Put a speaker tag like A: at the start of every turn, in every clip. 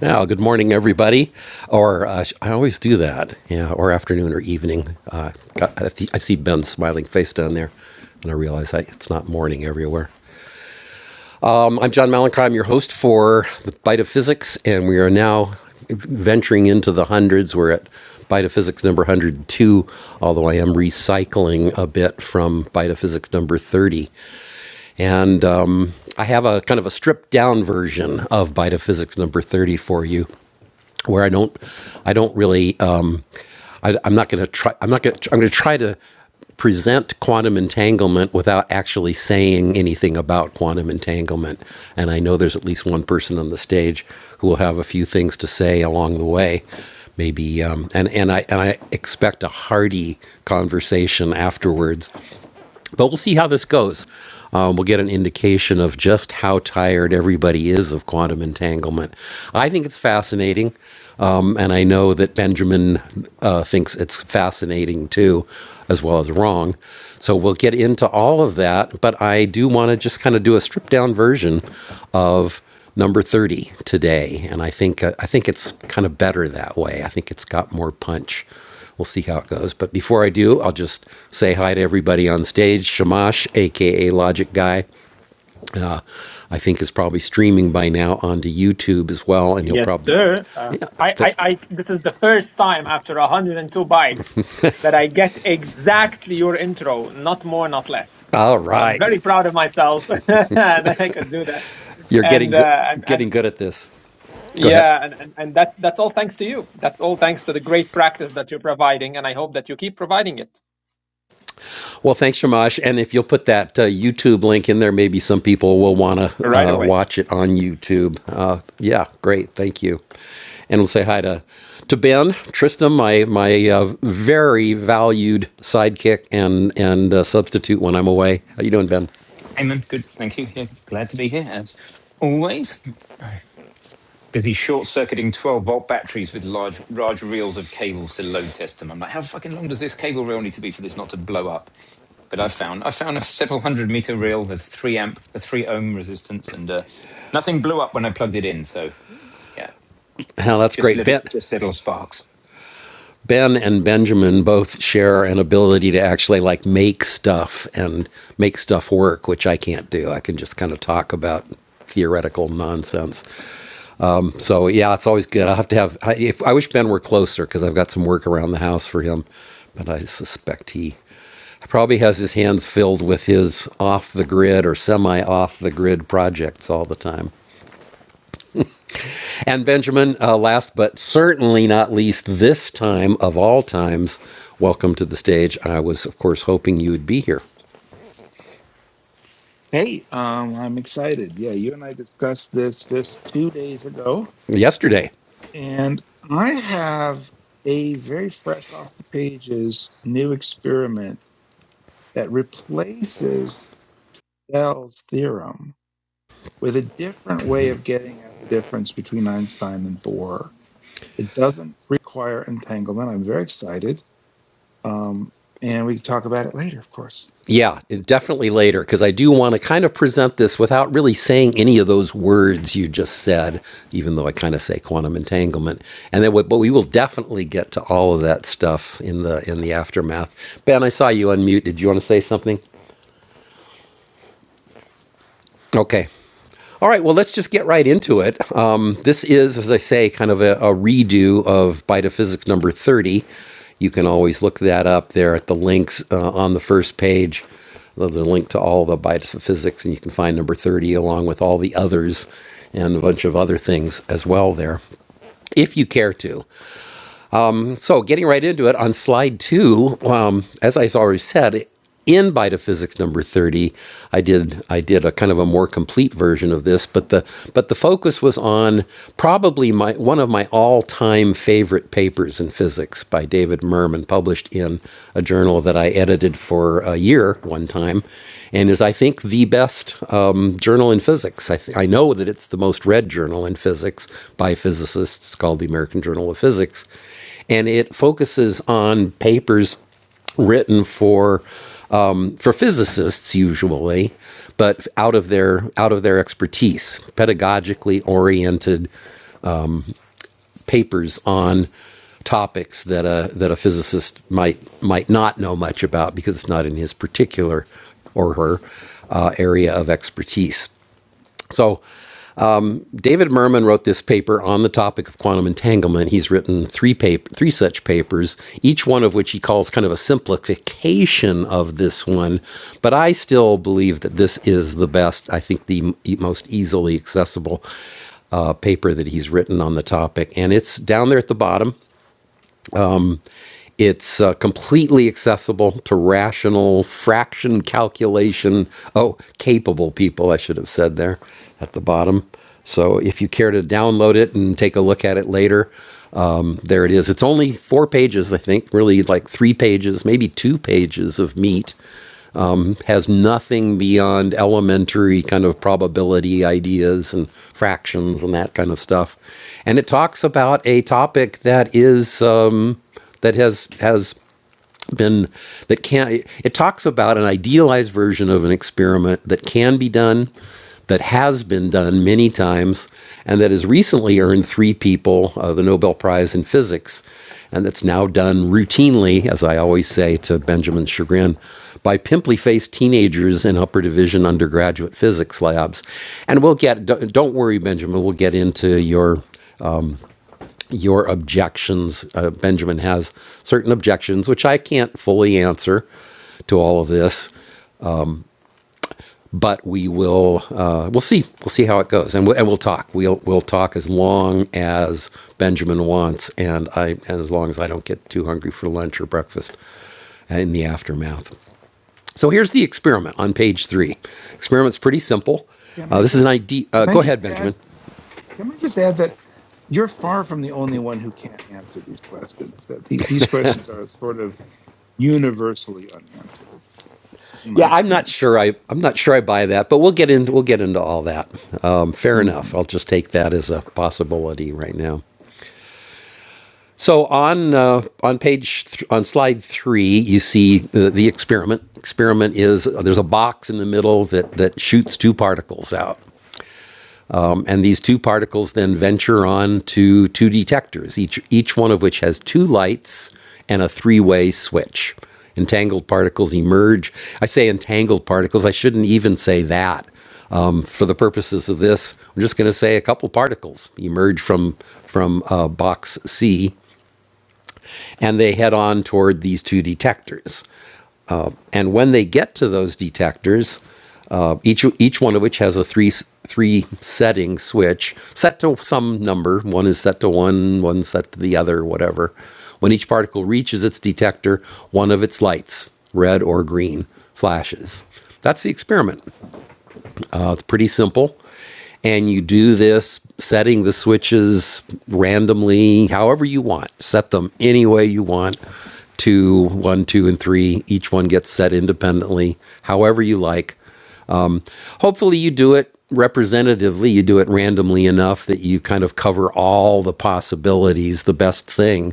A: Now, good morning, everybody. Or uh, I always do that, yeah, or afternoon or evening. Uh, I see Ben's smiling face down there, and I realize I, it's not morning everywhere. Um, I'm John Malenkov. I'm your host for the Bite of Physics, and we are now venturing into the hundreds. We're at Bite of Physics number 102, although I am recycling a bit from Bite of Physics number 30. And um, I have a kind of a stripped down version of Bite of Physics number 30 for you where I don't, I don't really, um, I, I'm not going to try. I'm not going. to I'm going to try to present quantum entanglement without actually saying anything about quantum entanglement. And I know there's at least one person on the stage who will have a few things to say along the way. Maybe, um, and and I and I expect a hearty conversation afterwards but we'll see how this goes. Um, we'll get an indication of just how tired everybody is of quantum entanglement. I think it's fascinating, um, and I know that Benjamin uh, thinks it's fascinating too, as well as wrong. So we'll get into all of that, but I do want to just kind of do a stripped down version of number 30 today and i think uh, i think it's kind of better that way i think it's got more punch we'll see how it goes. But before I do, I'll just say hi to everybody on stage. Shamash, aka Logic Guy, I think is probably streaming by now onto YouTube as well, and you'll
B: Yes,
A: probably.
B: sir. Uh, I,
A: Th-
B: I, I, this is the first time after 102 bytes that I get exactly your intro, not more, not less.
A: All
B: So I'm
A: right,
B: very proud of myself that I could do that.
A: you're
B: And,
A: getting
B: uh,
A: good,
B: and, and
A: getting good at this. Go ahead.
B: yeah, and, and, and that's, that's all thanks to you. That's all thanks to the great practice that you're providing. And I hope that you keep providing it
A: Well, thanks, Shamash. And if you'll put that uh, YouTube link in there, maybe some people will want to
B: right
A: uh,
B: away.
A: watch it on YouTube. Uh, yeah, great. Thank you. And we'll say hi to to Ben Tristram, my my uh, very valued sidekick and and uh, substitute when I'm away. How you doing, Ben?
C: Hey man, good, thank you. Yeah, glad to be here as always. Busy short circuiting 12 volt batteries with large, large reels of cables to load test them. I'm like, how fucking long does this cable reel need to be for this not to blow up? But I found I found a several hundred meter reel with three amp, a three ohm resistance, and uh, nothing blew up when I plugged it in. So yeah,
A: Oh, that's
C: just
A: great,
C: little,
A: Ben.
C: just little sparks.
A: Ben and Benjamin both share an ability to actually like make stuff and make stuff work, which I can't do. I can just kind of talk about theoretical nonsense. So yeah, it's always good. I have to have. I, if, I wish Ben were closer because I've got some work around the house for him, but I suspect he probably has his hands filled with his off the grid or semi off the grid projects all the time. And Benjamin, uh, last but certainly not least, this time of all times, welcome to the stage. I was of course hoping you would be here
D: Hey, um, I'm excited. Yeah, you and I discussed this just two days ago,
A: yesterday.
D: and I have a very fresh off the pages new experiment that replaces Bell's theorem with a different way of getting at the difference between Einstein and Bohr. It doesn't require entanglement. I'm very excited. Um, and we can talk about it later, of course.
A: Yeah, definitely later, because I do want to kind of present this without really saying any of those words you just said, even though I kind of say quantum entanglement. And then, what- but we will definitely get to all of that stuff in the in the aftermath. Ben, I saw you unmute. Did you want to say something? Okay. All right, well, let's just get right into it. Um, this is, as I say, kind of a, a redo of Bita number 30. You can always look that up there at the links uh, on the first page. There's a link to all the Bita and you can find number 30 along with all the others and a bunch of other things as well there, if you care to so getting right into it on slide two, um, as I already said, in Bita number 30, I did I did a kind of a more complete version of this, but the but the focus was on probably my one of my all-time favorite papers in physics by David Merman, published in a journal that I edited for a year one time, and is I think the best um, journal in physics. I, th- I know that it's the most read journal in physics by physicists, called the American Journal of Physics and it focuses on papers written for um, for physicists usually, but out of their out of their expertise, pedagogically oriented papers on topics that a that a physicist might might not know much about because it's not in his particular or her uh, area of expertise. So David Merman wrote this paper on the topic of quantum entanglement. He's written three paper, three such papers, each one of which he calls kind of a simplification of this one. But I still believe that this is the best. I think the e- most easily accessible uh, paper that he's written on the topic, and it's down there at the bottom. It's uh, completely accessible to rational fraction calculation. Oh, capable people, I should have said there at the bottom. So if you care to download it and take a look at it later, um, there it is. It's only four pages, I think, really like three pages, maybe two pages of meat. It Has nothing beyond elementary kind of probability ideas and fractions and that kind of stuff. And it talks about a topic that is. Um, that has has been that can it talks about an idealized version of an experiment that can be done that has been done many times and that has recently earned three people uh, the Nobel Prize in Physics and that's now done routinely as I always say to Benjamin's chagrin by pimply faced teenagers in upper division undergraduate physics labs and we'll get don't don't worry Benjamin we'll get into your your objections. Uh, Benjamin has certain objections, which I can't fully answer to all of this, but we will. Uh, we'll see. We'll see how it goes, and we'll, and we'll talk. We'll we'll talk as long as Benjamin wants, and I and as long as I don't get too hungry for lunch or breakfast in the aftermath. So here's the experiment on page three. Experiment's pretty simple.
D: Can
A: Uh,
D: I
A: this is an
D: just
A: idea. Uh,
D: can
A: go
D: I just
A: ahead,
D: add
A: Benjamin.
D: Let me just add that you're far from the only one who can't answer these questions. That the, these questions are sort of universally unanswered, in my
A: Yeah, I'm not
D: experience.
A: sure. I I'm not sure I buy that, but we'll get into we'll get into all that. Um, fair
D: hmm
A: enough. I'll just take that as a possibility right now. So on uh, on page th- on slide three, you see the, the experiment. Experiment is uh, there's a box in the middle that that shoots two particles out. And these two particles then venture on to two detectors, each, each one of which has two lights and a three way switch. Entangled particles emerge. I say entangled particles, I shouldn't even say that. Um, for the purposes of this, I'm just going to say a couple particles emerge from, from uh, box C and they head on toward these two detectors. And when they get to those detectors, uh, each each one of which has a three three setting switch set to some number. One is set to one, one set to the other, whatever. When each particle reaches its detector, one of its lights, red or green, flashes. That's the experiment. Uh, it's pretty simple. And you do this setting the switches randomly, however you want. Set them any way you want. Two, one, two, and three. Each one gets set independently, however you like. Hopefully, you do it representatively, you do it randomly enough that you kind of cover all the possibilities. The best thing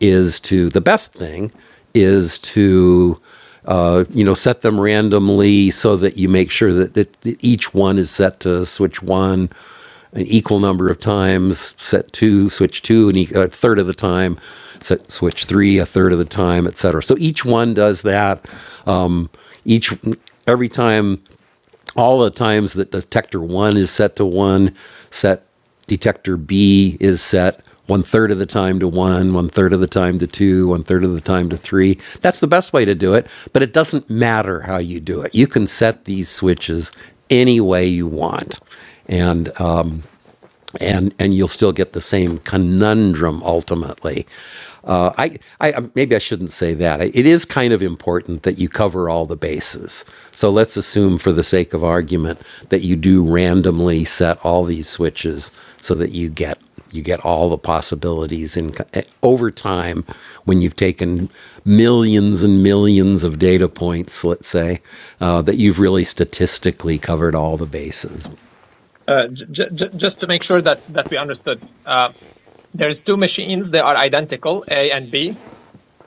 A: is to, the best thing is to, uh, you know, set them randomly so that you make sure that, that, that each one is set to switch one an equal number of times, set two, switch two, and e- a third of the time, set switch three, a third of the time, et cetera. So each one does that. Each every time all the times that detector one is set to one, set detector B is set one third of the time to one, one third of the time to two, one third of the time to three. That's the best way to do it, but it doesn't matter how you do it. You can set these switches any way you want. And, uh, and and you'll still get the same conundrum ultimately uh, I, I uh, maybe I shouldn't say that. It is kind of important that you cover all the bases. So let's assume, for the sake of argument, that you do randomly set all these switches so that you get you get all the possibilities in over time when you've taken millions and millions of data points, let's say, uh, that you've really statistically covered all the bases.
B: Uh, j- j- j- just to make sure that, that we understood, uh, there's two machines. They are identical, A and B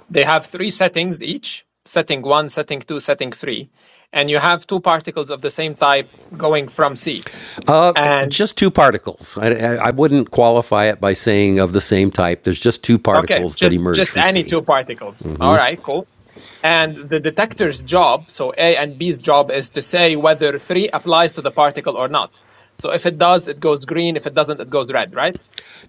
B: They have three settings each setting one, setting two, setting three. And you have two particles of the same type going from C.
A: Uh,
B: And
A: just two particles. I, I, wouldn't qualify it by saying of the same type. There's just two
B: okay,
A: particles that
B: just,
A: emerge
B: just
A: from
B: any
A: C.
B: two particles. All right, cool. And the detector's job, so A and B's job, is to say whether three applies to the particle or not. So if it does, it goes green. If it doesn't, it goes red, right?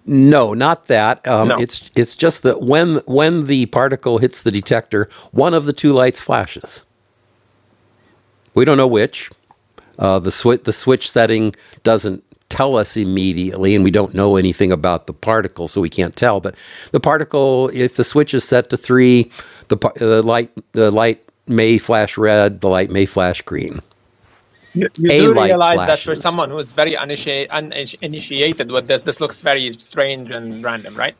A: No, not that. Um,
B: No.
A: it's it's just that when when the particle hits the detector, one of the two lights flashes. We don't know which. Uh, the switch the switch setting doesn't tell us immediately, and we don't know anything about the particle, so we can't tell. But the particle, if the switch is set to three, the, the light the light may flash red. The light may flash green.
B: You, you
A: A
B: do
A: light
B: realize that for
A: flashes.
B: someone who is very uninitiated, uninitiated with this, this looks very strange and random, right?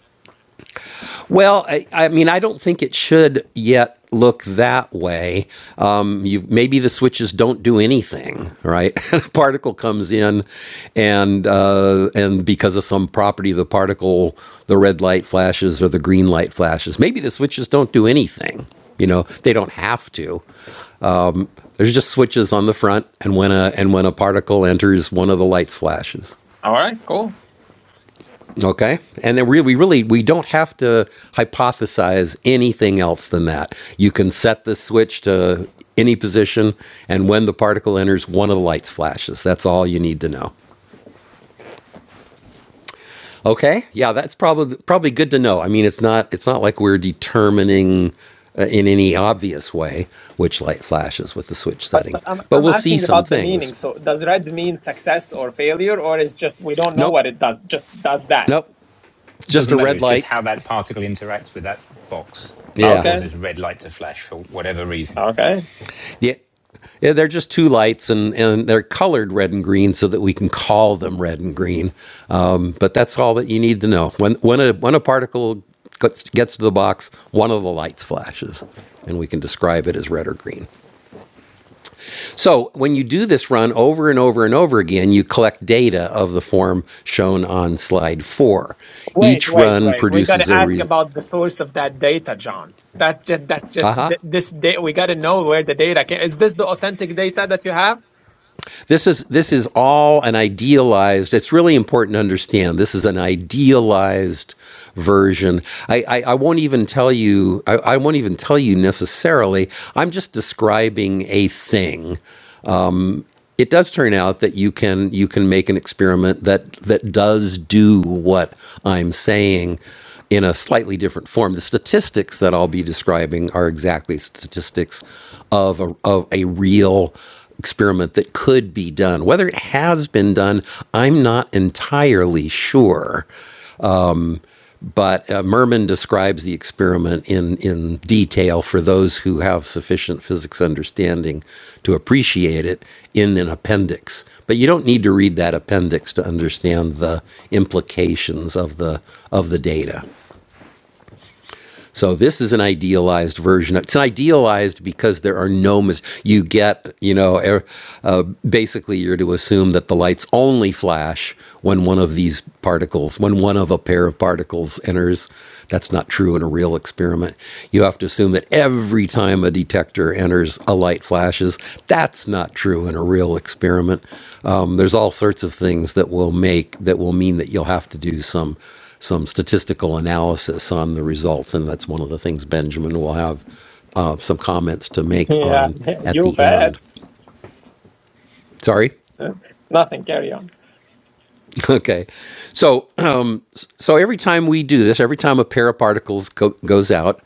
A: Well, I, I mean, I don't think it should yet look that way. Um, you maybe the switches don't do anything, right? a particle comes in, and uh, and because of some property, of the particle, the red light flashes or the green light flashes. Maybe the switches don't do anything. You know, they don't have to. There's just switches on the front, and when a and when a particle enters, one of the lights flashes.
B: All right, cool.
A: Okay. And then really, we really, we don't have to hypothesize anything else than that. You can set the switch to any position, and when the particle enters, one of the lights flashes. That's all you need to know. Okay. Yeah, that's probably probably good to know. I mean, it's not it's not like we're determining uh, in any obvious way which light flashes with the switch
B: But
A: setting,
B: but I'm
A: but
B: I'm
A: we'll see
B: asking
A: some
B: about the meaning.
A: things.
B: So does red mean success or failure, or is just we don't know
A: Nope.
B: what it does? Just does that?
A: Nope. It's
C: It
A: just a
C: doesn't matter.
A: red
C: It's just
A: light.
C: how that particle interacts with that box just
A: Yeah.
B: Okay,
C: causes red light to flash for whatever reason.
B: okay.
A: Yeah. Yeah, they're just two lights, and, and they're colored red and green so that we can call them red and green. Um, but that's all that you need to know. When when a when a particle gets, gets to the box, one of the lights flashes, and we can describe it as red or green. So when you do this run over and over and over again, you collect data of the form shown on slide four.
B: Wait,
A: Each
B: wait,
A: run
B: wait. We got
A: produces
B: to
A: a
B: ask
A: re-
B: about the source of that data, John. That just that's just th- this data. We got to know where the data came. Is this the authentic data that you have?
A: This is this is all an idealized. It's really important to understand. This is an idealized version. I, I, I won't even tell you. I, I won't even tell you necessarily. I'm just describing a thing it does turn out that you can you can make an experiment that that does do what I'm saying in a slightly different form. The statistics that I'll be describing are exactly statistics of a, of a real experiment that could be done. Whether it has been done, I'm not entirely sure. But uh, Merman describes the experiment in, in detail for those who have sufficient physics understanding to appreciate it in an appendix. But you don't need to read that appendix to understand the implications of the, of the data. So this is an idealized version. It's idealized because there are no mis- you get you know er, uh, basically you're to assume that the lights only flash when one of these particles when one of a pair of particles enters. That's not true in a real experiment. You have to assume that every time a detector enters, a light flashes. That's not true in a real experiment. Um, there's all sorts of things that will make that will mean that you'll have to do some some statistical analysis on the results, and that's one of the things Benjamin will have uh, some comments to make
B: Yeah,
A: on
B: yeah,
A: at
B: you
A: the
B: bet.
A: end. Sorry.
B: Nothing. Carry on.
A: Okay, so uh, so every time we do this, every time a pair of particles go, goes out,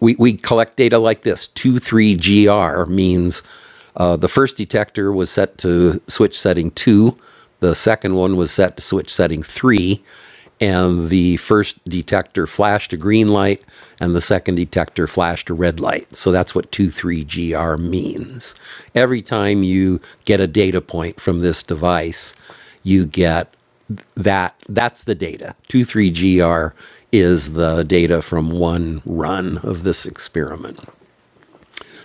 A: we, we collect data like this Two three gr means uh, the first detector was set to switch setting 2, the second one was set to switch setting 3, and the first detector flashed a green light, and the second detector flashed a red light. So that's what two three gr means. Every time you get a data point from this device, you get that that's the data. Two, three, gr is the data from one run of this experiment.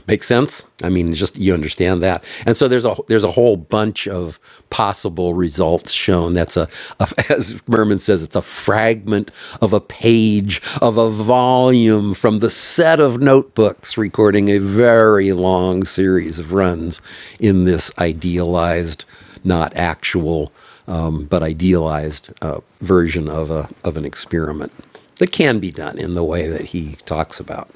A: Makes sense. I mean, just you understand that. And so there's a there's a whole bunch of possible results shown. That's a, a as Merman says, it's a fragment of a page of a volume from the set of notebooks recording a very long series of runs in this idealized, not actual, um, but idealized uh, version of a of an experiment that can be done in the way that he talks about.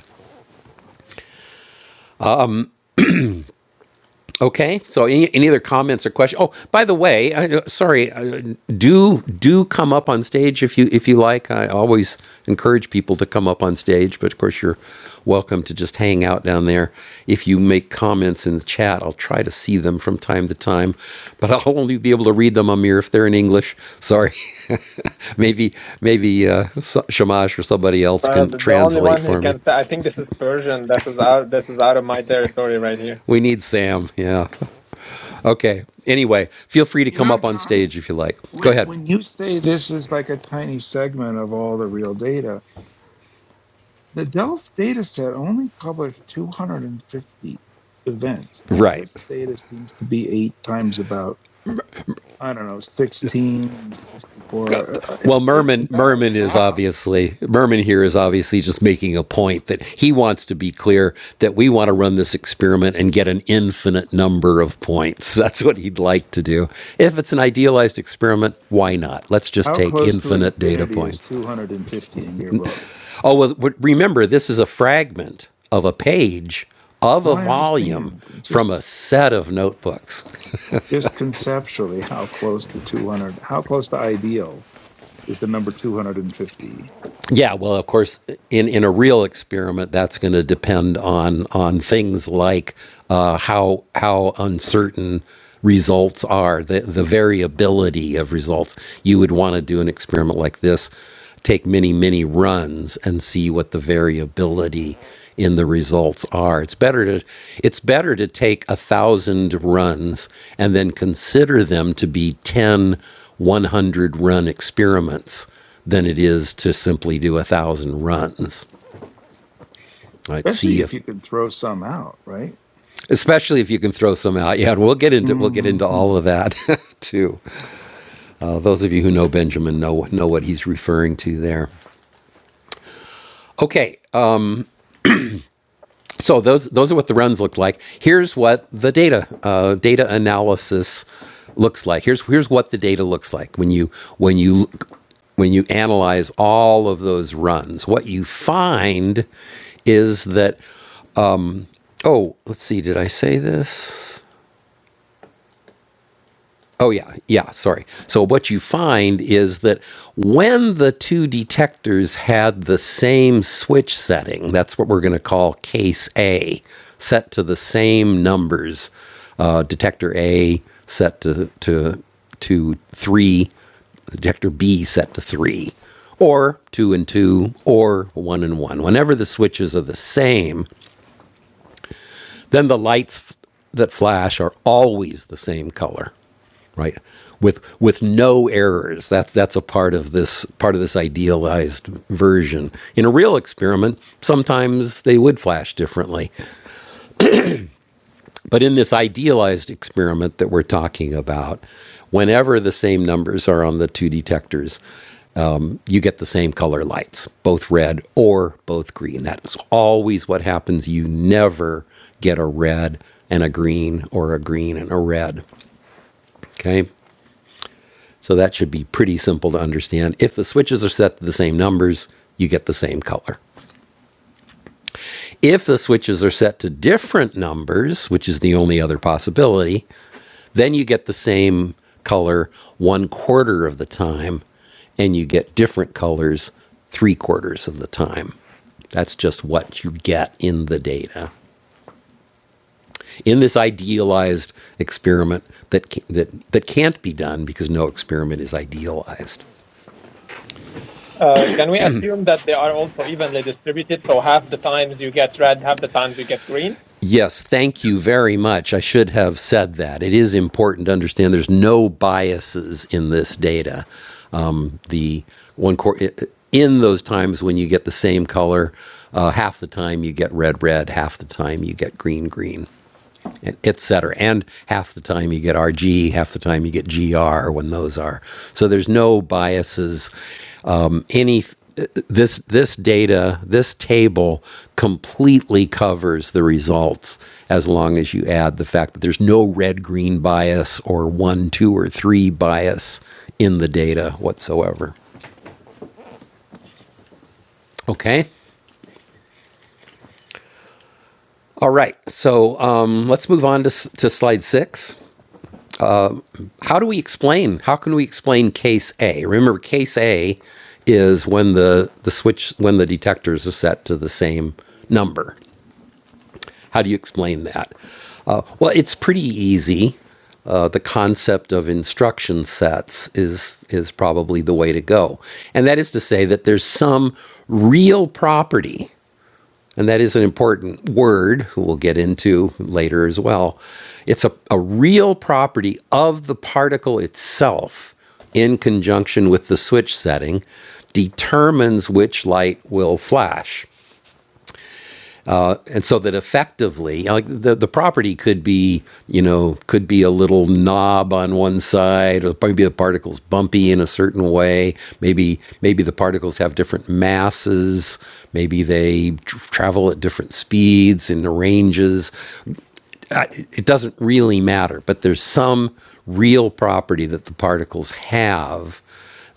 A: Okay. So, any, any other comments or questions? Oh, by the way, I, sorry. uh, Do do come up on stage if you if you like. I always encourage people to come up on stage, but of course you're welcome to just hang out down there. If you make comments in the chat, I'll try to see them from time to time, but I'll only be able to read them, Amir, if they're in English. Sorry. maybe maybe uh, so, Shamash or somebody else
B: Uh,
A: can
B: the the only
A: translate
B: one who
A: for me.
B: can say, I think this is Persian. This is out. This is out of my territory right here.
A: We need Sam. Yeah. Okay. Anyway, feel free to
D: You
A: come
D: know,
A: up on
D: John,
A: stage if you like. Go
D: when
A: ahead.
D: when you say this is like a tiny segment of all the real data, the Delft data set only published 250 events. Now,
A: Right.
D: this data seems to be eight times about I don't know 16, sixty-four. Uh,
A: Well,
D: It's it's
A: Merman
D: about
A: Merman is
D: half.
A: obviously Merman here is obviously just making a point that he wants to be clear that we want to run this experiment and get an infinite number of points. That's what he'd like to do. If it's an idealized experiment, why not? Let's just
D: How
A: take
D: close to
A: infinite data
D: infinity is
A: points.
D: 250 in your book?
A: Oh well, remember this is a fragment of a page of
D: Well,
A: a
D: I
A: volume
D: understand.
A: from a
D: Just
A: set of notebooks.
D: just conceptually, how close to 200, how close to ideal is the number 250?
A: Yeah, well, of course, in, in a real experiment, that's going to depend on on things like uh, how how uncertain results are, the the variability of results. You would want to do an experiment like this, take many many runs and see what the variability in the results are. It's better to it's better to take a thousand runs and then consider them to be 10, 100 run experiments than it is to simply do a thousand runs. Right? See
D: Especially
A: if,
D: if you can throw some out, right?
A: especially if you can throw some out. Yeah, and we'll get into we'll get into
D: hmm
A: all of that too. Uh, those of you who know Benjamin know know what he's referring to there. Okay, uh, so those those are what the runs look like. Here's what the data uh, data analysis looks like. Here's here's what the data looks like when you when you when you analyze all of those runs. What you find is that Oh, let's see. Did I say this? Oh, yeah. Yeah. Sorry. So, what you find is that when the two detectors had the same switch setting, that's what we're going to call case A, set to the same numbers, uh, detector A set to, to, to three, detector B set to three, or two and two, or one and one. Whenever the switches are the same, Then the lights f- that flash are always the same color, right? With with no errors. That's that's a part of this part of this idealized version. In a real experiment, sometimes they would flash differently, but in this idealized experiment that we're talking about, whenever the same numbers are on the two detectors, you get the same color lights, both red or both green. That is always what happens. You never get a red and a green or a green and a red. Okay? So that should be pretty simple to understand. If the switches are set to the same numbers, you get the same color. If the switches are set to different numbers, which is the only other possibility, then you get the same color one quarter of the time, and you get different colors three quarters of the time. That's just what you get in the data. In this idealized experiment that, that, that can't be done because no experiment is idealized.
B: Uh, can we assume that they are also evenly distributed? So half the times you get red, half the times you get green.
A: Yes, thank you very much. I should have said that. It is important to understand there's no biases in this data. Um, the one cor- in those times when you get the same color, uh, half the time you get red, red, half the time you get green, green et cetera. And half the time you get RG, half the time you get GR when those are. So there's no biases. Um, any this this data this table completely covers the results as long as you add the fact that there's no red green bias or one two or three bias in the data whatsoever. Okay. All right. So um, let's move on to to slide six. how do we explain? How can we explain case A? Remember, case A is when the the switch when the detectors are set to the same number. How do you explain that? Uh, well, it's pretty easy. Uh, the concept of instruction sets is is probably the way to go, and that is to say that there's some real property and that is an important word we'll get into later as well. It's a, a real property of the particle itself in conjunction with the switch setting determines which light will flash. Uh, and so that effectively like the, the property could be you know could be a little knob on one side or maybe the particles bumpy in a certain way maybe maybe the particles have different masses maybe they tr- travel at different speeds and ranges it, doesn't really matter, but there's some real property that the particles have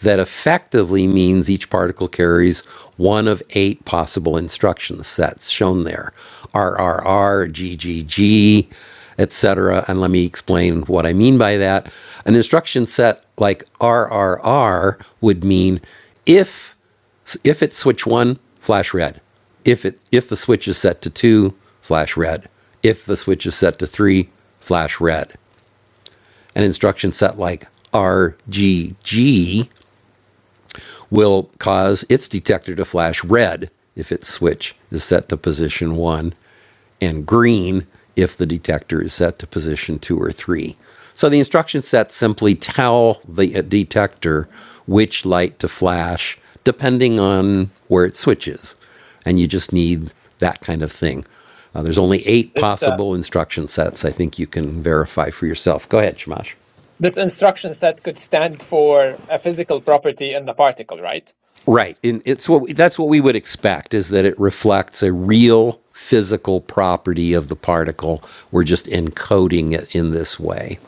A: that effectively means each particle carries one of eight possible instruction sets shown there RRR, GGG, etc. And let me explain what I mean by that. An instruction set like RRR would mean if if it's switch one, flash red. If it if the switch is set to two, flash red. If the switch is set to three, flash red. An instruction set like RGG will cause its detector to flash red if its switch is set to position one, and green if the detector is set to position two or three. So the instruction sets simply tell the uh, detector which light to flash depending on where it switches. And you just need that kind of thing. Uh, there's only eight
B: This uh,
A: possible instruction sets. I think you can verify for yourself. Go ahead, Shamash.
B: This instruction set could stand for a physical property in the particle, right?
A: Right. And it's what that's what we would expect is that it reflects a real physical property of the particle. We're just encoding it in this way.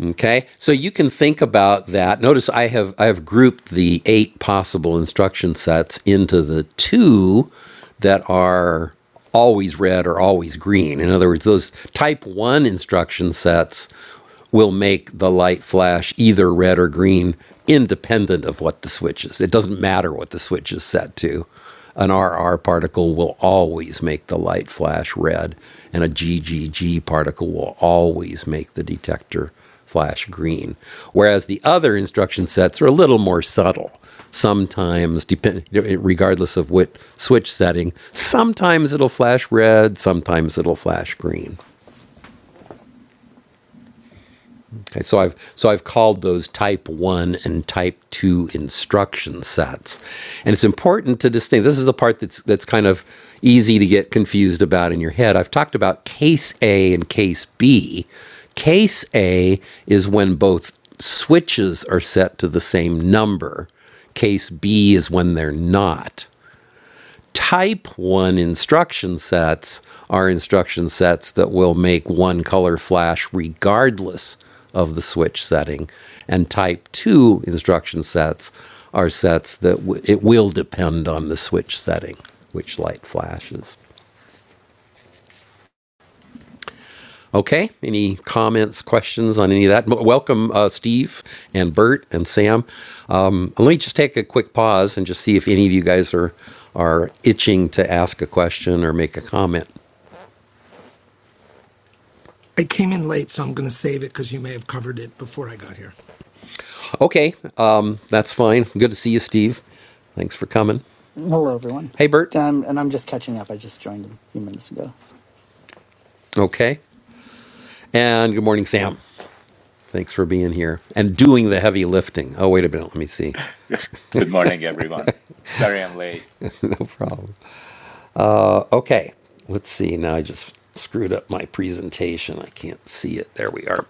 A: Okay, so you can think about that. Notice I have I have grouped the eight possible instruction sets into the two that are always red or always green. In other words, those type one instruction sets will make the light flash either red or green, independent of what the switch is. It doesn't matter what the switch is set to. An RR particle will always make the light flash red, and a GGG particle will always make the detector flash green. Whereas the other instruction sets are a little more subtle. Sometimes, depend, regardless of what switch setting, sometimes it'll flash red, sometimes it'll flash green. Okay, so I've so I've called those type one and type two instruction sets, and it's important to distinguish. This is the part that's that's kind of easy to get confused about in your head. I've talked about case A and case B. Case A is when both switches are set to the same number. Case B is when they're not type 1 instruction sets are instruction sets that will make one color flash regardless of the switch setting and type 2 instruction sets are sets that w- it will depend on the switch setting which light flashes okay any comments questions on any of that welcome uh, steve and bert and sam um, let me just take a quick pause and just see if any of you guys are are itching to ask a question or make a comment
E: I came in late, so I'm going to save it because you may have covered it before I got here.
A: Okay, um, that's fine. Good to see you, Steve. Thanks for coming.
F: Hello, everyone.
A: Hey, Bert.
F: Um, and I'm just catching up. I just joined a few minutes ago.
A: Okay. And good morning, Sam. Thanks for being here and doing the heavy lifting. Oh, wait a minute. Let me see.
G: Good morning, everyone. Sorry I'm late.
A: Uh, okay. Let's see. Now I just screwed up my presentation. I can't see it. There we are.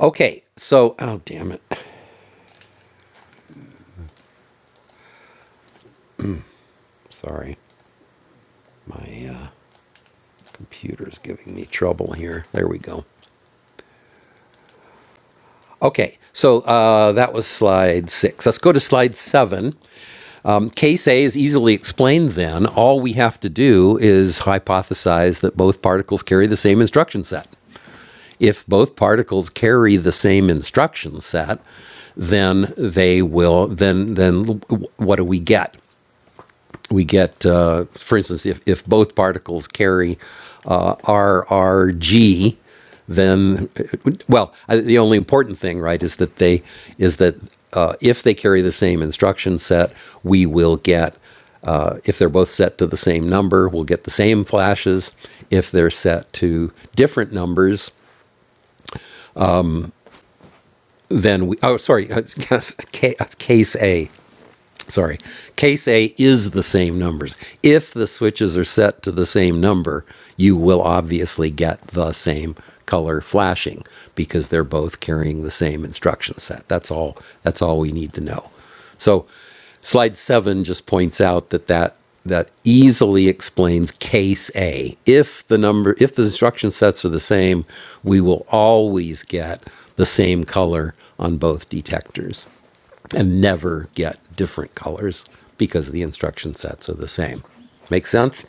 A: Okay. So, oh, damn it. Sorry. My uh, computer's giving me trouble here. There we go. Okay, so uh, that was slide six. Let's go to slide seven. Um, case A is easily explained then. All we have to do is hypothesize that both particles carry the same instruction set. If both particles carry the same instruction set, then they will, then, then what do we get? we get, uh, for instance, if, if both particles carry uh, RRG, then uh, well, the only important thing, right, is that they is that uh, if they carry the same instruction set, we will get. Uh, if they're both set to the same number, we'll get the same flashes. If they're set to different numbers, then we oh sorry, case A sorry, case A is the same numbers. If the switches are set to the same number, you will obviously get the same color flashing because they're both carrying the same instruction set. That's all that's all we need to know. So slide 7 just points out that that that easily explains case A. If the number if the instruction sets are the same, we will always get the same color on both detectors and never get different colors because the instruction sets are the same. Make sense?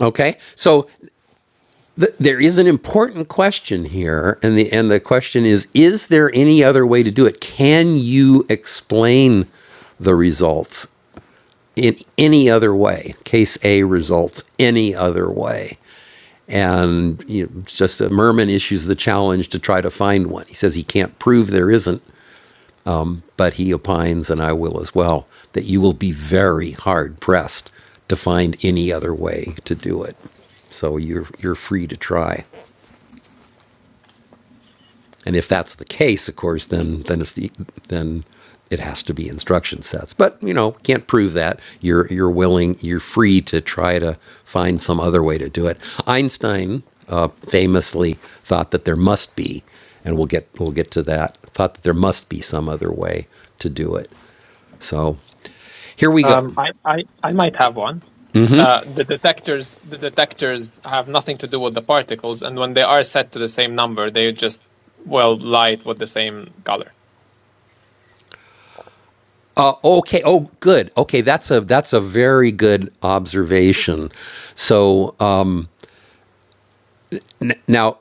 A: Okay. So th- there is an important question here, and the and the question is: Is there any other way to do it? Can you explain the results in any other way? Case A results any other way, and you know, just that Merman issues the challenge to try to find one. He says he can't prove there isn't, but he opines, and I will as well, that you will be very hard pressed to find any other way to do it. So you're you're free to try, and if that's the case, of course, then then it's the then it has to be instruction sets. But you know, can't prove that. You're you're willing, you're free to try to find some other way to do it. Einstein uh, famously thought that there must be, and we'll get we'll get to that. Thought that there must be some other way to do it. So Here we go.
B: Um, I, I, I might have one. Uh, the detectors the detectors have nothing to do with the particles, and when they are set to the same number, they just well light with the same color.
A: Uh, okay. Oh, good. Okay, that's a that's a very good observation. So uh, now,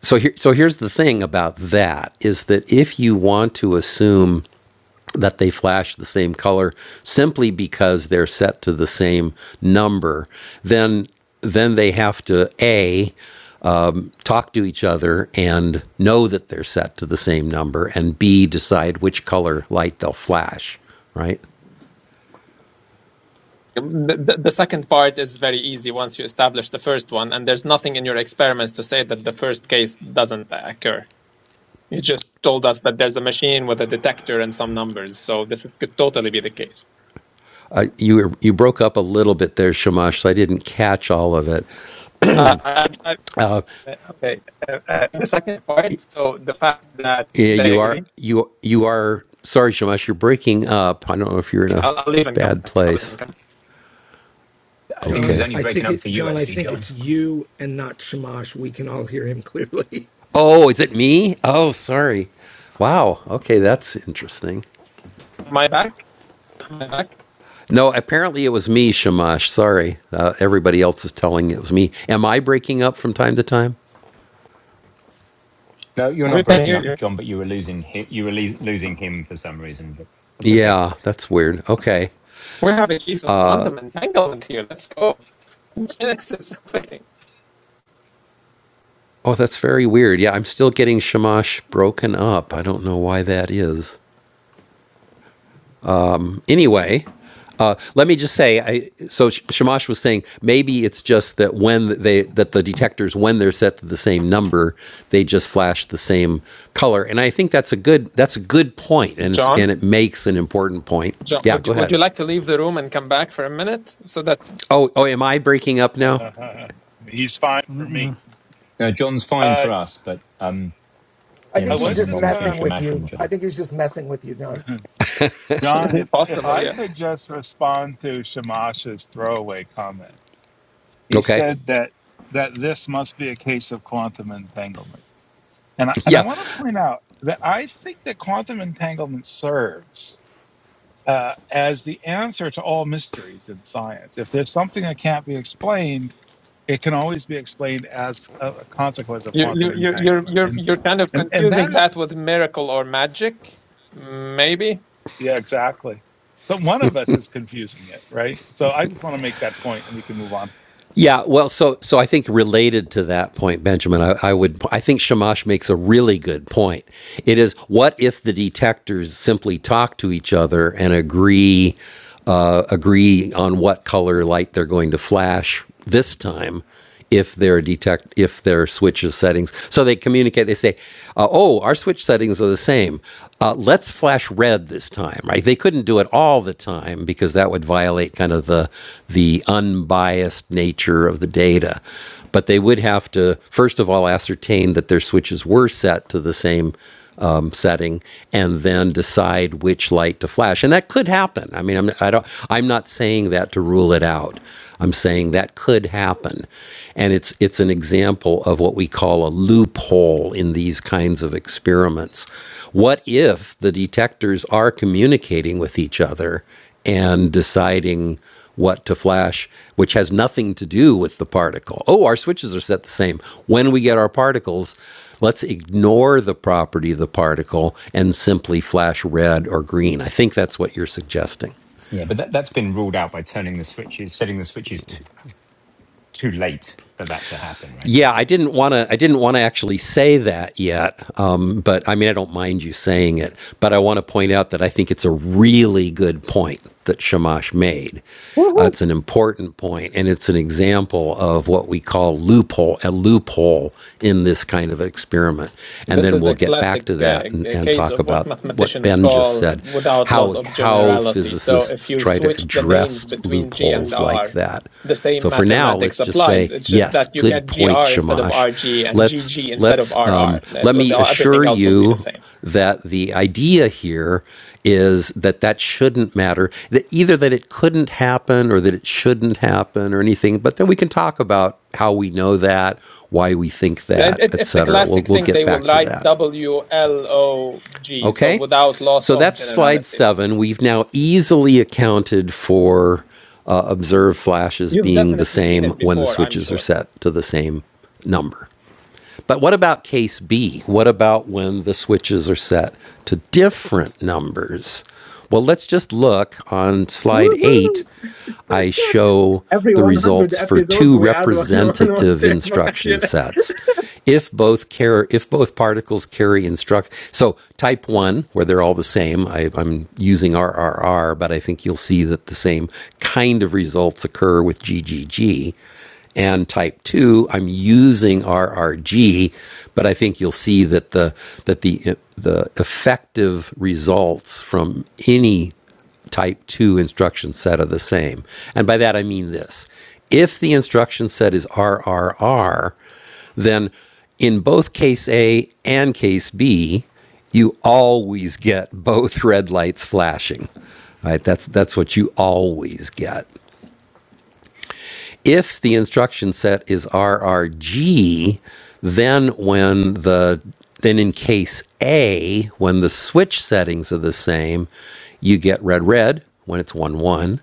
A: so here, so here's the thing about that is that if you want to assume that they flash the same color simply because they're set to the same number, then then they have to a talk to each other and know that they're set to the same number, and b decide which color light they'll flash. Right.
B: The, the the second part is very easy once you establish the first one, and there's nothing in your experiments to say that the first case doesn't occur. You just told us that there's a machine with a detector and some numbers, so this is, could totally be the case.
A: Uh, you you broke up a little bit there, Shamash. So I didn't catch all of it.
B: Uh, I, I,
A: Uh,
B: okay, uh, uh, the second part, so the fact that
A: yeah, you
B: they
A: are
B: agree.
A: you you are sorry, Shamash. You're breaking up. I don't know if you're in
B: Okay,
A: a
B: I'll, I'll leave and come
A: bad
B: back. I'll leave and
A: place.
B: come back.
C: I think it was
E: John,
A: Okay.
C: only
E: I
C: breaking
E: think
C: up
E: it.
C: for you
E: John, I
C: actually,
E: think
C: John.
E: it's you and not Shamash. We can all hear him clearly.
A: Oh, is it me? Oh, sorry. Wow. Okay, that's interesting.
B: Am I back? Am I back?
A: No, apparently it was me, Shamash. Sorry. Uh, everybody else is telling it was me. Am I breaking up from time to time?
C: No, you're not
B: We can
C: breaking
B: hear
C: up,
B: you.
C: John, but you were losing hi- you were le- losing him for some reason. But that's okay.
A: Yeah, that's weird. Okay.
B: We have a case of quantum entanglement here. Let's go. this is exciting.
A: Oh, that's very weird. Yeah, I'm still getting Shamash broken up. I don't know why that is. anyway, uh, let me just say, I, so Sh- Shamash was saying maybe it's just that when they that the detectors when they're set to the same number, they just flash the same color, and I think that's a good that's a good point, and it's
B: John?
A: and it makes an important point.
B: John,
A: Yeah,
B: would
A: go
B: you, would
A: ahead.
B: you like to leave the room and come back for a minute so that
A: Oh, oh, am I breaking up now?
D: He's fine for me.
F: Mm-mm.
C: No, John's fine for
D: Uh,
C: us, but um,
E: I
C: yeah,
D: I
E: think
C: there's
E: he's
D: was
C: something
E: just
C: wrong
D: just
C: between
D: gonna,
E: messing with
C: Shamash and
E: you. I
C: John.
E: think he's just messing with you, John.
D: John, if if
B: possible?
D: I
B: Yeah,
D: could just respond to Shamash's throwaway comment. He
A: Okay.
D: said that that this must be a case of quantum entanglement. And I, and
A: Yeah,
D: I want to point out that I think that quantum entanglement serves uh, as the answer to all mysteries in science. If there's something that can't be explained, it can always be explained as a, a consequence of
B: you you
D: quantum
B: you you're
D: entanglement.
B: you're
D: And,
B: you're kind of
D: and and
B: confusing
D: that is
B: that with miracle or magic, maybe.
D: yeah exactly. So one of us is confusing it, right? So I just want to make that point, and we can move on.
A: Yeah, well, so so I think related to that point, Benjamin, I, I would I think Shamash makes a really good point. It is what if the detectors simply talk to each other and agree uh, agree on what color light they're going to flash this time, if their detect if their switches settings. So they communicate. They say, uh, "Oh, our switch settings are the same. Uh, let's flash red this time." Right? They couldn't do it all the time because that would violate kind of the the unbiased nature of the data. But they would have to first of all ascertain that their switches were set to the same um, setting and then decide which light to flash. And that could happen. I mean, I'm, I don't, I'm not saying that to rule it out. I'm saying that could happen. And it's, it's an example of what we call a loophole in these kinds of experiments. What if the detectors are communicating with each other and deciding? what to flash, which has nothing to do with the particle. Oh, our switches are set the same. When we get our particles, let's ignore the property of the particle and simply flash red or green. I think that's what you're suggesting.
C: Yeah, but that that's been ruled out by turning the switches, setting the switches too, too late for that to happen, right?
A: Yeah, I didn't want to. I didn't want to actually say that yet. Um, but I mean, I don't mind you saying it. But I want to point out that I think it's a really good point that Shamash made. Uh, it's an important point, and it's an example of what we call loophole a loophole in this kind of experiment. And
B: This
A: then
B: is
A: we'll
B: a
A: get back
B: classic
A: to
B: uh,
A: that and,
B: g-
A: and
B: case
A: talk
B: of what
A: about what
B: mathematicians
A: Ben just
B: call
A: said,
B: without loss
A: how
B: of
A: how
B: generality. So if
A: physicists
B: you
A: try to
B: switch the names
A: address
B: between G and
A: loopholes like
B: R,
A: that.
B: the same
A: So for now, let's
B: mathematics
A: just
B: applies.
A: say
B: It's just
A: yes.
B: that you
A: Good
B: get
A: point,
B: GR instead of
A: Shamash.
B: RG and
A: Let's
B: GG instead of
A: let's um,
B: RR. That,
A: let
B: will-
A: me
B: everything
A: assure
B: else will be the
A: you
B: same.
A: that the idea here is that that shouldn't matter. That either that it couldn't happen or that it shouldn't happen or anything. But then we can talk about how we know that, why we think
B: It,
A: that,
B: it- it's a
A: etc. We'll
B: classic
A: we'll
B: thing.
A: get
B: They will
A: back to
B: write
A: that.
B: W L O G, so
A: Okay?
B: without loss
A: So
B: of
A: that's slide
B: generality.
A: seven. We've now easily accounted for uh, observed flashes
B: You've
A: being the
B: definitely seen
A: same
B: it
A: when the
B: before, I'm
A: switches are
B: sure.
A: set to the same number. But what about case B? What about when the switches are set to different numbers? Well, let's just look on slide
B: Woohoo!
A: eight. I show
B: Every
A: the
B: 100
A: results for
B: episodes,
A: two
B: we add one one one
A: representative
B: to
A: instruction
B: vocabulary.
A: sets. If both care, if both particles carry instruct, so type one, where they're all the same, I, I'm using RRR, but I think you'll see that the same kind of results occur with GGG and type 2 i'm using rrg but i think you'll see that the that the the effective results from any type 2 instruction set are the same and by that i mean this if the instruction set is rrr then in both case a and case b you always get both red lights flashing right that's that's what you always get if the instruction set is RRG, then when the then in case A, when the switch settings are the same, you get red red when it's 1 1,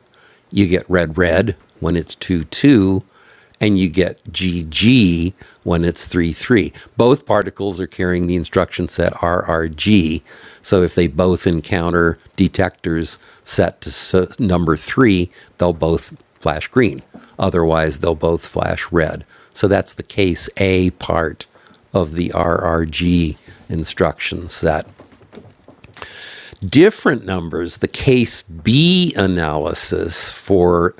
A: you get red red when it's 2 2, and you get GG when it's 3 3. Both particles are carrying the instruction set RRG. So if they both encounter detectors set to number 3, they'll both flash green. Otherwise, they'll both flash red. So that's the case A part of the RRG instruction set different numbers, the case B analysis for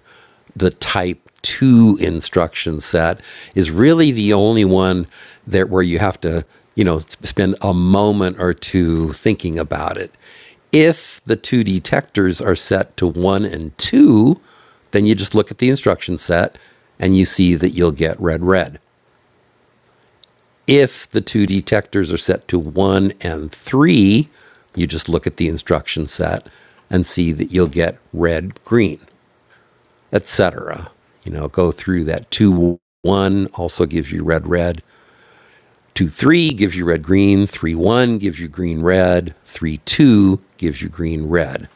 A: the type 2 instruction set is really the only one that where you have to, you know, spend a moment or two thinking about it. If the two detectors are set to 1 and 2, then you just look at the instruction set and you see that you'll get red red. If the two detectors are set to one and three, you just look at the instruction set and see that you'll get red, green, etc. You know, go through that two one also gives you red, red. Two three gives you red, green. Three one gives you green, red. Three two gives you green, red.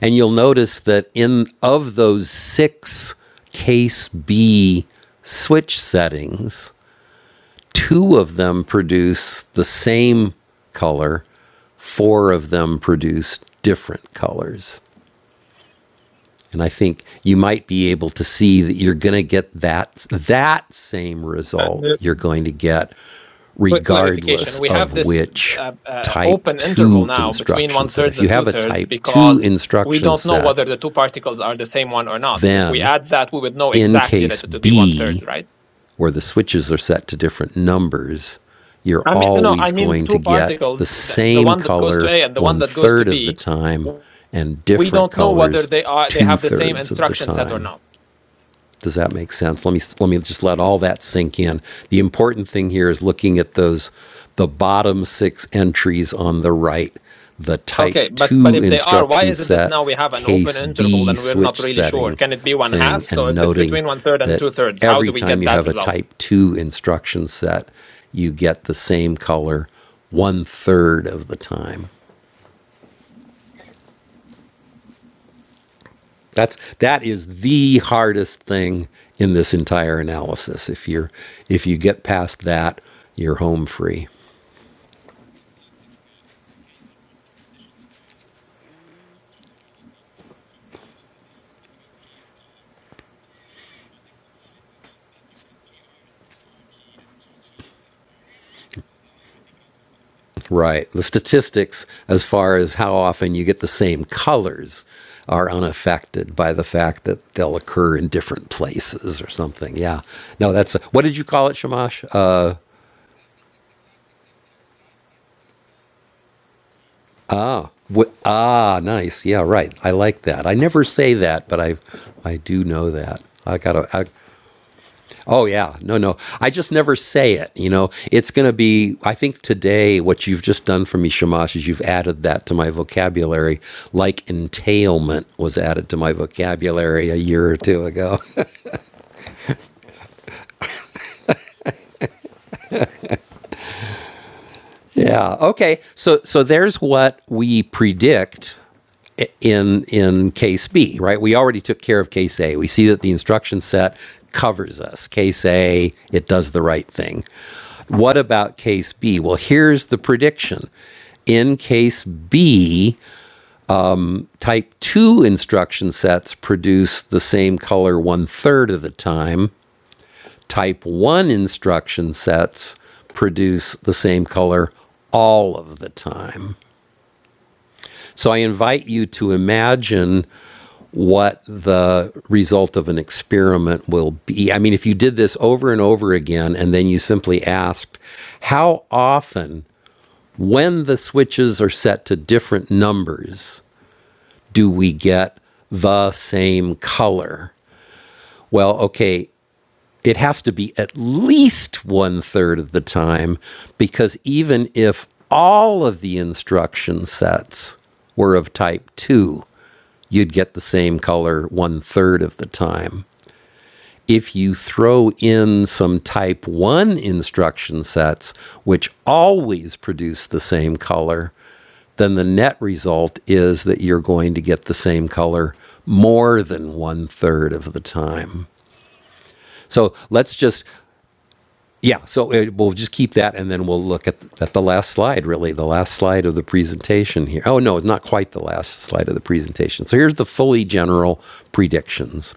A: And you'll notice that in of those six case B switch settings, two of them produce the same color, four of them produce different colors. And I think you might be able to see that you're going to get that that same
B: Uh,
A: result
B: the-
A: you're going to get
B: Quick
A: regardless
B: clarification: We
A: of
B: have this
A: which
B: uh, uh,
A: type
B: open interval
A: 2
B: now between
A: instruction
B: one
A: set.
B: thirds
A: If you
B: and
A: have
B: two
A: a
B: thirds
A: type 2
B: because we
A: instruction
B: don't know
A: set,
B: whether the two particles are the same one or not. If we
A: then
B: add that, we would know
A: in
B: exactly
A: case
B: that it would be one
A: B,
B: third, right?
A: where the switches are set to different numbers, you're
B: I mean, no, I
A: always
B: mean the
A: going to
B: two
A: get the
B: particles, the, the
A: same
B: one that goes to
A: color
B: A and the one
A: one
B: that goes to
A: third of the
B: b
A: time and
B: we
A: different
B: don't know whether
A: colors
B: they are they
A: two
B: have the same
A: thirds of the
B: instruction set or
A: time.
B: not.
A: Does that make sense? Let me let me just let all that sink in. The important thing here is looking at those the bottom six entries on the right, the type
B: Okay, but but
A: 2
B: if they are, why
A: instruction
B: is it that
A: set,
B: now we have an open
A: case
B: interval
A: B
B: and we're not
A: switch
B: really sure?
A: setting
B: Can it be one
A: thing
B: half? So
A: and
B: if it's
A: noting
B: between one third and
A: that
B: two thirds, how
A: every
B: do we
A: time
B: get
A: you
B: that
A: have a
B: result?
A: type 2 instruction set, you get the same color one third of the time. That's that is the hardest thing in this entire analysis. If you're if you get past that, you're home free. Right. The statistics as far as how often you get the same colors are unaffected by the fact that they'll occur in different places or something. Yeah. No, that's a, what did you call it, Shamash? Uh, wh- ah, nice. Yeah, right. I like that. I never say that, but I I do know that. I gotta. I, Oh yeah, no, no. I just never say it. You know, it's going to be. I think today, what you've just done for me, Shamash, is you've added that to my vocabulary, like entailment was added to my vocabulary a year or two ago. yeah. Okay. So, so there's what we predict in in case B, right? We already took care of case A. We see that the instruction set covers us. Case A, it does the right thing. What about case B? Well, here's the prediction. In case B, type 2 instruction sets produce the same color one third of the time. Type 1 instruction sets produce the same color all of the time. So I invite you to imagine what the result of an experiment will be. I mean, if you did this over and over again and then you simply asked, how often, when the switches are set to different numbers, do we get the same color? Well, okay, it has to be at least one third of the time because even if all of the instruction sets were of type 2, you'd get the same color one third of the time. If you throw in some type 1 instruction sets, which always produce the same color, then the net result is that you're going to get the same color more than one third of the time. So let's just yeah, so uh we'll just keep that, and then we'll look at the, at the last slide. Really, the last slide of the presentation here. Oh no, it's not quite the last slide of the presentation. So here's the fully general predictions.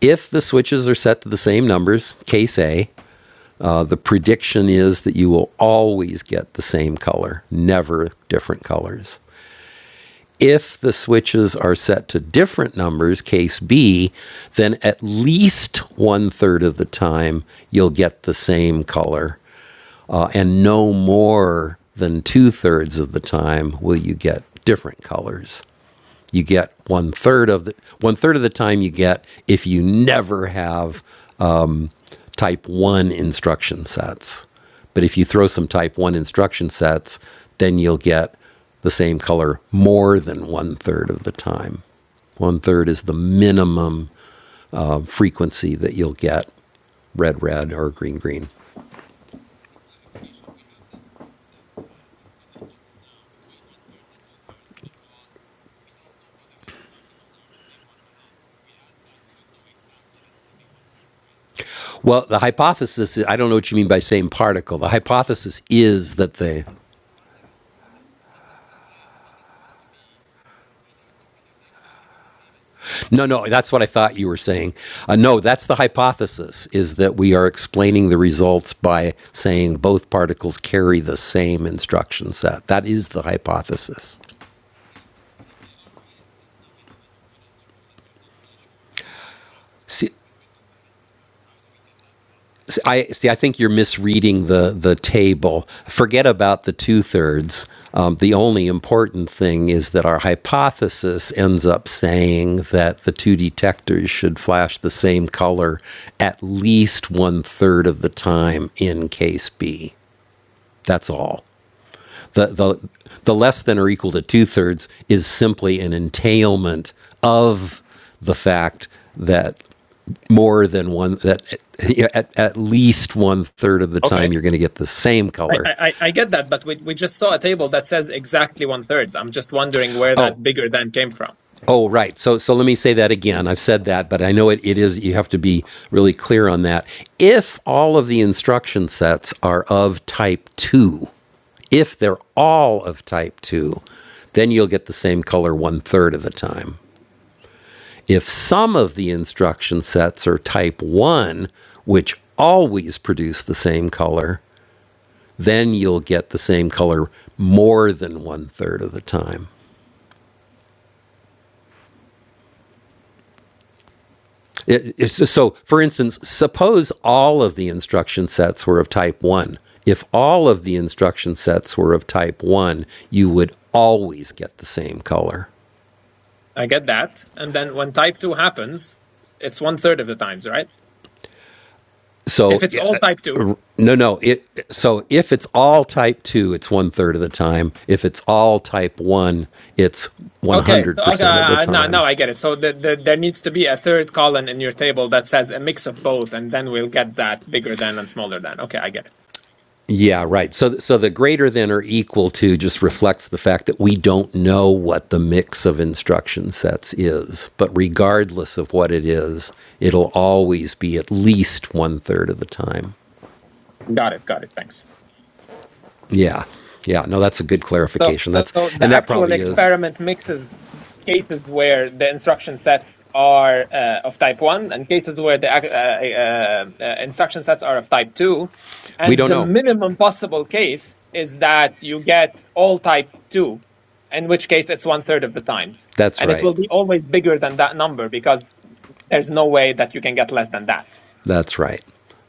A: If the switches are set to the same numbers, case A, uh, the prediction is that you will always get the same color, never different colors. If the switches are set to different numbers, case B, then at least one third of the time you'll get the same color uh, and no more than two thirds of the time will you get different colors. You get one third of the one third of the time you get if you never have type one instruction sets. But if you throw some type one instruction sets, then you'll get the same color more than one third of the time. One third is the minimum um, frequency that you'll get red, red, or green, green. Well, the hypothesis is, I don't know what you mean by same particle. The hypothesis is that they, no, no, that's what I thought you were saying. Uh, no, that's the hypothesis is that we are explaining the results by saying both particles carry the same instruction set. That is the hypothesis. See. S- I see. I think you're misreading the the table. Forget about the two thirds. Um, the only important thing is that our hypothesis ends up saying that the two detectors should flash the same color at least one third of the time in case B. That's all. The the the less than or equal to two thirds is simply an entailment of the fact that more than one that yeah, at, at least one third of the
B: Okay.
A: time you're going to get the same
B: I,
A: color
B: I, I get that, but we, we just saw a table that says exactly one thirds. I'm just wondering where
A: oh
B: that bigger than came from.
A: oh right so so let me say that again i've said that but i know it, it is you have to be really clear on that if all of the instruction sets are of type 2 if they're all of type 2 then you'll get the same color one third of the time if some of the instruction sets are type 1 which always produce the same color then you'll get the same color more than one third of the time. It, it's just- so, for instance, suppose all of the instruction sets were of type 1. If all of the instruction sets were of type 1, you would always get the same color.
B: I get that. And then when type 2 happens, it's one third of the times, right? If
A: So,
B: it's all
A: uh,
B: type 2,
A: no, no. It, so, if it's all type 2, it's one third of the time. If it's all type 1, it's
B: Okay, so okay,
A: 100% of the
B: uh, now now
A: time.
B: I get it. So the, the, there needs to be a third column in your table that says a mix of both, and then we'll get that bigger than and smaller than. Okay, I get it.
A: Yeah, right. So, so the greater than or equal to just reflects the fact that we don't know what the mix of instruction sets is. But regardless of what it is, it'll always be at least one third of the time.
B: Got it. Got it. Thanks.
A: Yeah, yeah. No, that's a good
B: So,
A: clarification.
B: so
A: That's
B: the
A: and that
B: actual
A: probably is.
B: experiment mixes cases where the instruction sets are uh, of type one and cases where the ac- uh, uh, uh, instruction sets are of type two.
A: We
B: And
A: don't
B: the
A: know.
B: minimum possible case is that you get all type two, in which case it's one third of the times.
A: That's
B: And it
A: right.
B: will be always bigger than that number because there's no way that you can get less than that.
A: That's right.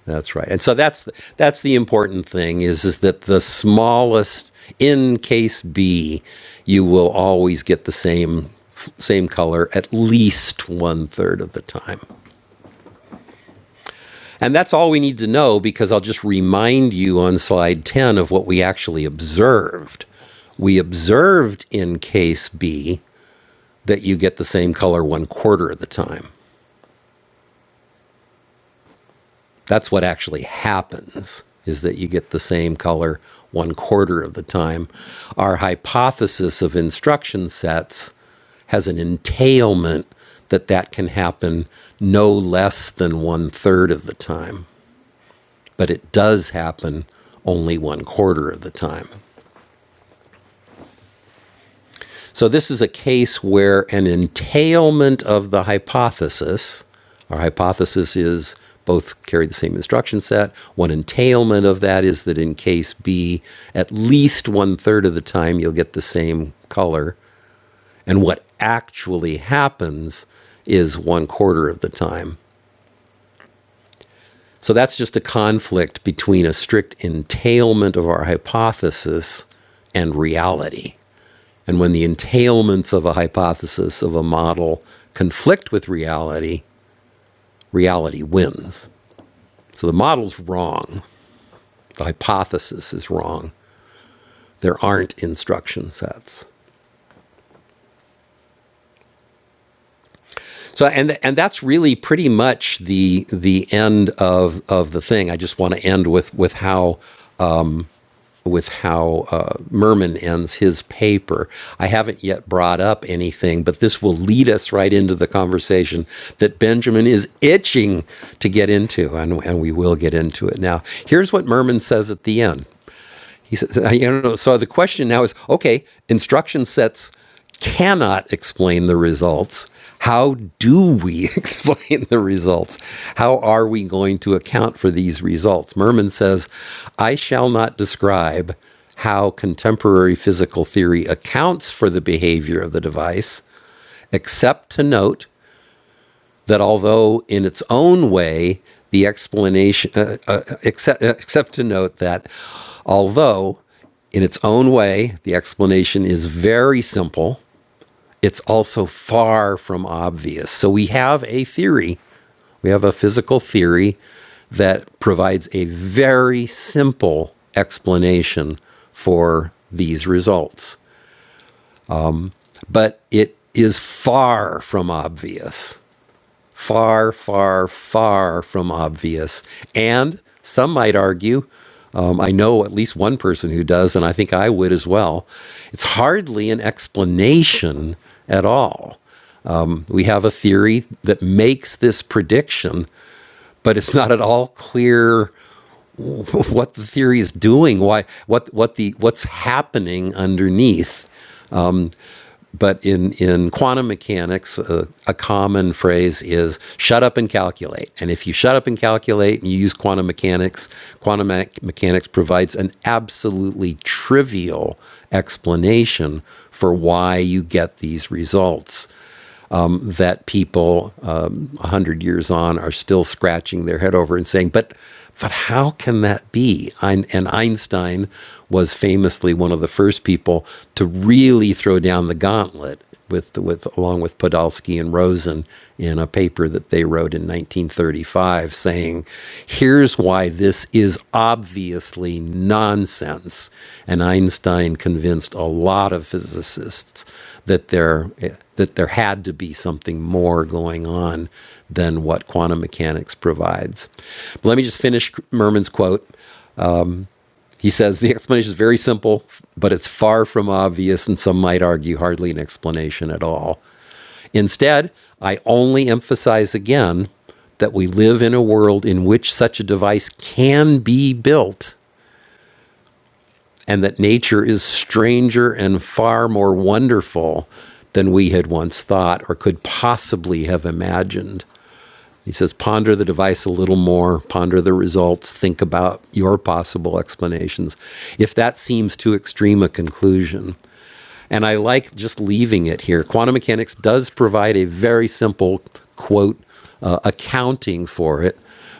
A: That's right. And so that's the, that's the important thing is is that the smallest in case B, you will always get the same same color at least one third of the time. And that's all we need to know because I'll just remind you on slide 10 of what we actually observed. We observed in case B that you get the same color one quarter of the time. That's what actually happens is that you get the same color one quarter of the time. Our hypothesis of instruction sets has an entailment that that can happen no less than one third of the time, but it does happen only one quarter of the time. So this is a case where an entailment of the hypothesis, our hypothesis is both carry the same instruction set. One entailment of that is that in case B, at least one third of the time you'll get the same color. And what actually happens is one quarter of the time. So that's just a conflict between a strict entailment of our hypothesis and reality. And when the entailments of a hypothesis, of a model, conflict with reality, reality wins. So the model's wrong. The hypothesis is wrong. There aren't instruction sets. So and and that's really pretty much the the end of of the thing. I just want to end with with how with how uh, Merman ends his paper. I haven't yet brought up anything, but this will lead us right into the conversation that Benjamin is itching to get into, and, and we will get into it. Now, here's what Merman says at the end he says, I don't know. So the question now is okay, instruction sets cannot explain the results. How do we explain the results? How are we going to account for these results? Merman says, I shall not describe how contemporary physical theory accounts for the behavior of the device, except to note that although in its own way the explanation uh, uh, except, uh, except to note that although in its own way the explanation is very simple it's also far from obvious so we have a theory we have a physical theory that provides a very simple explanation for these results but it is far from obvious far, far, far from obvious. And some might argue, um, I know at least one person who does, and I think I would as well, it's hardly an explanation at all. We have a theory that makes this prediction, but it's not at all clear what the theory is doing, why what what the what's happening underneath but in, in quantum mechanics, uh, a common phrase is shut up and calculate. And if you shut up and calculate and you use quantum mechanics, quantum me- mechanics provides an absolutely trivial explanation for why you get these results that people um, 100 years on are still scratching their head over and saying, but, but how can that be? Ein- and Einstein was famously one of the first people to really throw down the gauntlet with, with along with Podolsky and Rosen in a paper that they wrote in 1935 saying, here's why this is obviously nonsense. And Einstein convinced a lot of physicists that there eh, that there had to be something more going on than what quantum mechanics provides. But let me just finish Merman's quote. He says the explanation is very simple, but it's far from obvious, and some might argue hardly an explanation at all. Instead, I only emphasize again that we live in a world in which such a device can be built and that nature is stranger and far more wonderful than we had once thought or could possibly have imagined. He says, ponder the device a little more, ponder the results, think about your possible explanations. If that seems too extreme a conclusion, and I like just leaving it here. Quantum mechanics does provide a very simple quote uh, accounting for it,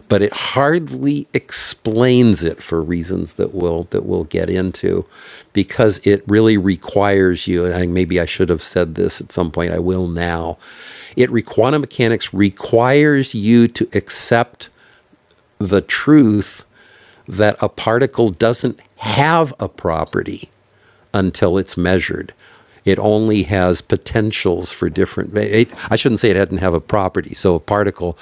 A: but it hardly explains it for reasons that we'll that we'll get into, because it really requires you. And I, maybe I should have said this at some point. I will now. It re- quantum mechanics requires you to accept the truth that a particle doesn't have a property until it's measured. It only has potentials for different. It, I shouldn't say it doesn't have a property. So a particle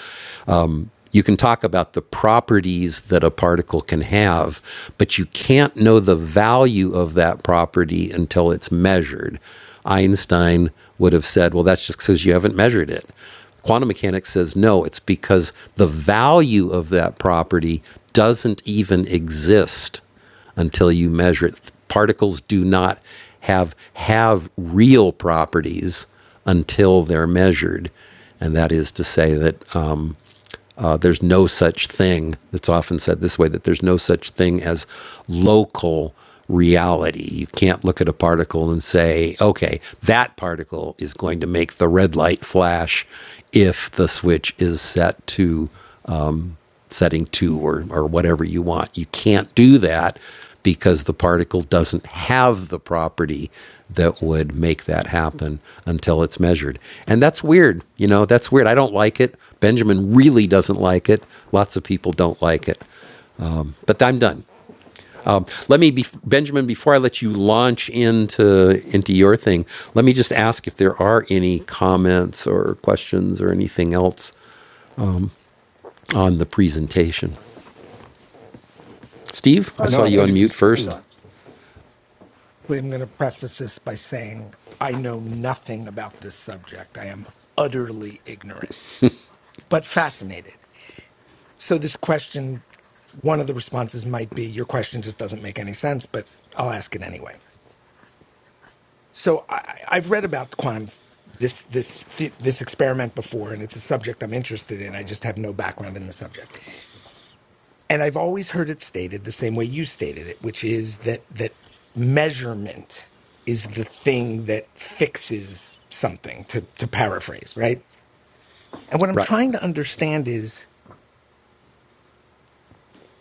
A: um, you can talk about the properties that a particle can have, but you can't know the value of that property until it's measured. Einstein would have said, well, that's just because you haven't measured it. Quantum mechanics says, no, it's because the value of that property doesn't even exist until you measure it. Particles do not have have real properties until they're measured, and that is to say that um, uh, there's no such thing that's often said this way that there's no such thing as local reality. You can't look at a particle and say, okay, that particle is going to make the red light flash if the switch is set to setting two or, or whatever you want. You can't do that because the particle doesn't have the property that would make that happen until it's measured. And that's weird. You know, that's weird. I don't like it. Benjamin really doesn't like it. Lots of people don't like it. But I'm done. Um, let me, be, Benjamin, before I let you launch into into your thing, let me just ask if there are any comments or questions or anything else on the presentation. Steve, I saw
C: No, I
A: you
F: Okay.
C: thought it
A: unmute
C: was
F: I
A: first.
C: good.
F: got it.
E: I'm going to preface this by saying I know nothing about this subject. I am utterly ignorant. but fascinated. So this question, one of the responses might be, your question just doesn't make any sense, but I'll ask it anyway. So I, I- I've read about quantum f- this this th- this experiment before, and it's a subject I'm interested in. I just have no background in the subject, and I've always heard it stated the same way you stated it, which is that that measurement is the thing that fixes something. To to paraphrase, right? And what I'm
A: Right.
E: trying to understand is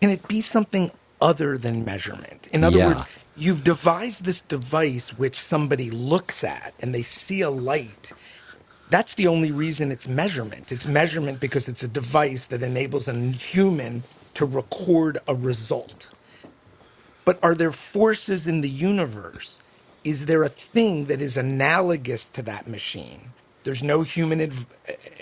E: Can it be something other than measurement? In other words,
A: Yeah.
E: you've devised this device which somebody looks at and they see a light. That's the only reason it's measurement. It's measurement because it's a device that enables a human to record a result but are there forces in the universe? Is there a thing that is analogous to that machine? There's no human adv-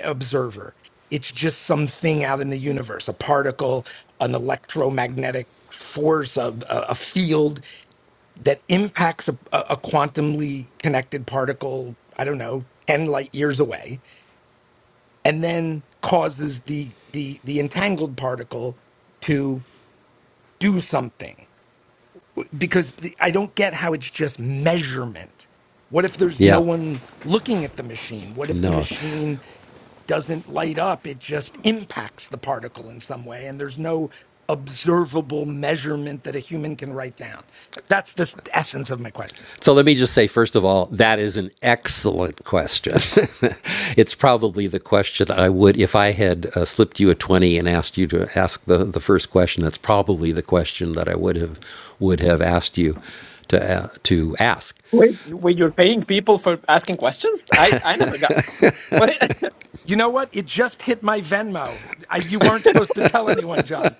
E: observer. It's just something out in the universe, a particle, an electromagnetic force, a, a a field that impacts a, a a quantumly connected particle, I don't know, 10 light years away, and then causes the, the, the entangled particle to do something because the- I don't get how it's just measurement. What if there's no
A: Yeah.
E: one looking at the machine? What if the
A: No.
E: machine doesn't light up? It just impacts the particle in some way, and there's no observable measurement that a human can write down. That's the s- essence of my question.
A: So let me just say, first of all, that is an excellent question. it's probably the question I would, if I had uh, slipped you a 20 and asked you to ask the, the first question, that's probably the question that I would have, would have asked you to, uh, to ask.
B: Wait, you- wait, you're paying people for asking questions? I, I never got. What is
E: You know what? It just hit my Venmo. I, you weren't supposed to tell anyone, John.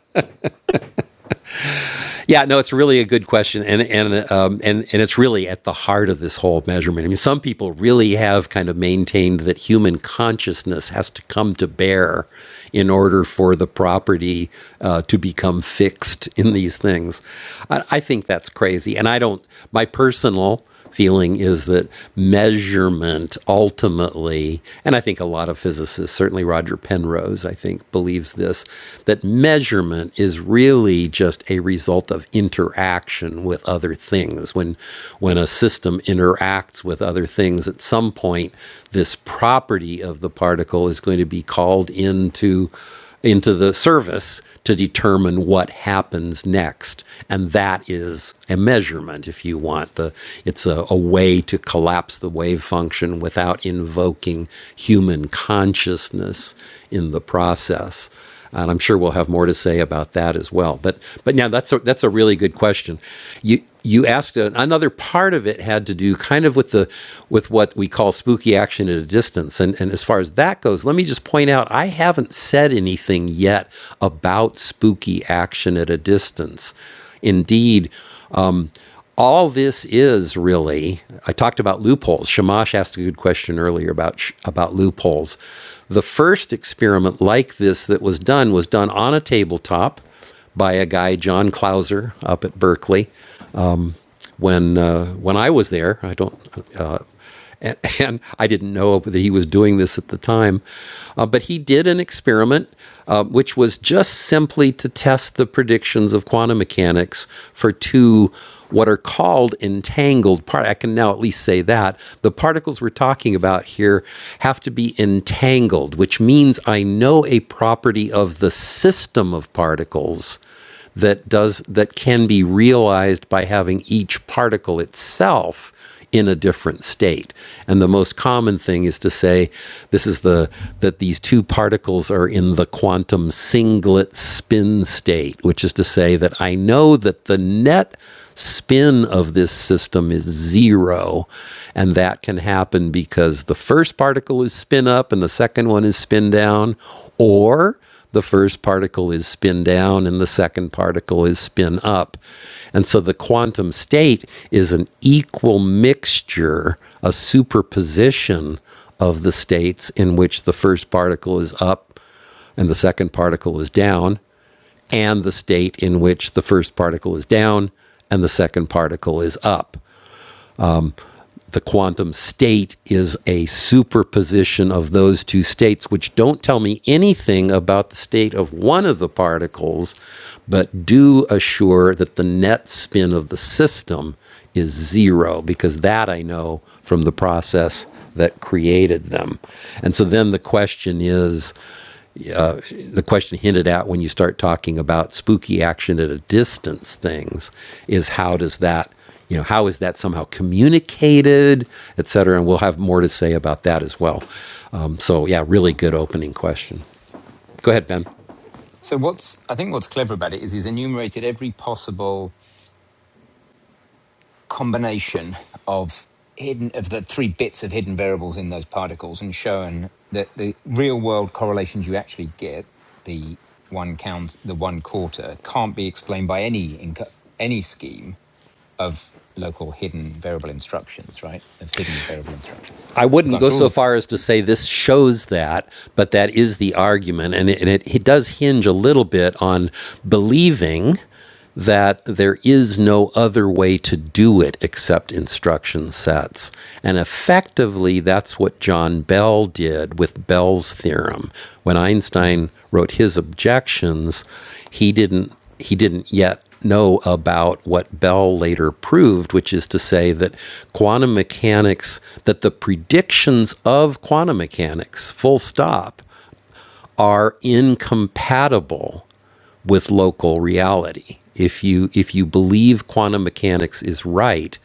A: Yeah, no, it's really a good question, and and um, and and it's really at the heart of this whole measurement. I mean, some people really have kind of maintained that human consciousness has to come to bear in order for the property uh, to become fixed in these things. I, I think that's crazy, and I don't. My personal feeling is that measurement ultimately, and I think a lot of physicists, certainly Roger Penrose, I think, believes this, that measurement is really just a result of interaction with other things. When when a system interacts with other things, at some point, this property of the particle is going to be called into into the service to determine what happens next and that is a measurement if you want the it's a, a way to collapse the wave function without invoking human consciousness in the process and I'm sure we'll have more to say about that as well. But but yeah, that's a, that's a really good question. You you asked uh, another part of it had to do kind of with the with what we call spooky action at a distance, and and as far as that goes, let me just point out I haven't said anything yet about spooky action at a distance. Indeed, all this is really i talked about loopholes shamash asked a good question earlier about about loopholes the first experiment like this that was done was done on a tabletop by a guy john clauser up at berkeley when uh, when I was there. I don't. Uh, and, and I didn't know that he was doing this at the time, uh, but he did an experiment uh, which was just simply to test the predictions of quantum mechanics for two what are called entangled part. I can now at least say that the particles we're talking about here have to be entangled, which means I know a property of the system of particles that does that can be realized by having each particle itself in a different state. And the most common thing is to say this is the that these two particles are in the quantum singlet spin state, which is to say that I know that the net spin of this system is zero. And that can happen because the first particle is spin up and the second one is spin down, or the first particle is spin down and the second particle is spin up. And so the quantum state is an equal mixture, a superposition of the states in which the first particle is up and the second particle is down, and the state in which the first particle is down and the second particle is up the quantum state is a superposition of those two states, which don't tell me anything about the state of one of the particles, but do assure that the net spin of the system is zero, because that I know from the process that created them. And so then the question is the question hinted at when you start talking about spooky action at a distance things is how does that you know how is that somehow communicated et cetera and we'll have more to say about that as well um, so yeah really good opening question go ahead ben
C: So what's I think what's clever about it is he's enumerated every possible combination of hidden of the three bits of hidden variables in those particles and shown that the real world correlations you actually get the one count the one quarter can't be explained by any inco- any scheme of local hidden variable instructions right of hidden variable instructions
A: I
C: you've
A: wouldn't
C: gone
A: go
C: through all
A: so
C: the po-
A: far as to say this shows that, but that is the argument, and it, and it, it does hinge a little bit on believing that there is no other way to do it except instruction sets. And effectively, that's what John Bell did with Bell's theorem. When Einstein wrote his objections, he didn't he didn't yet know about what Bell later proved, which is to say that quantum mechanics, that the predictions of quantum mechanics, full stop, are incompatible with local reality. If you if you believe quantum mechanics is right,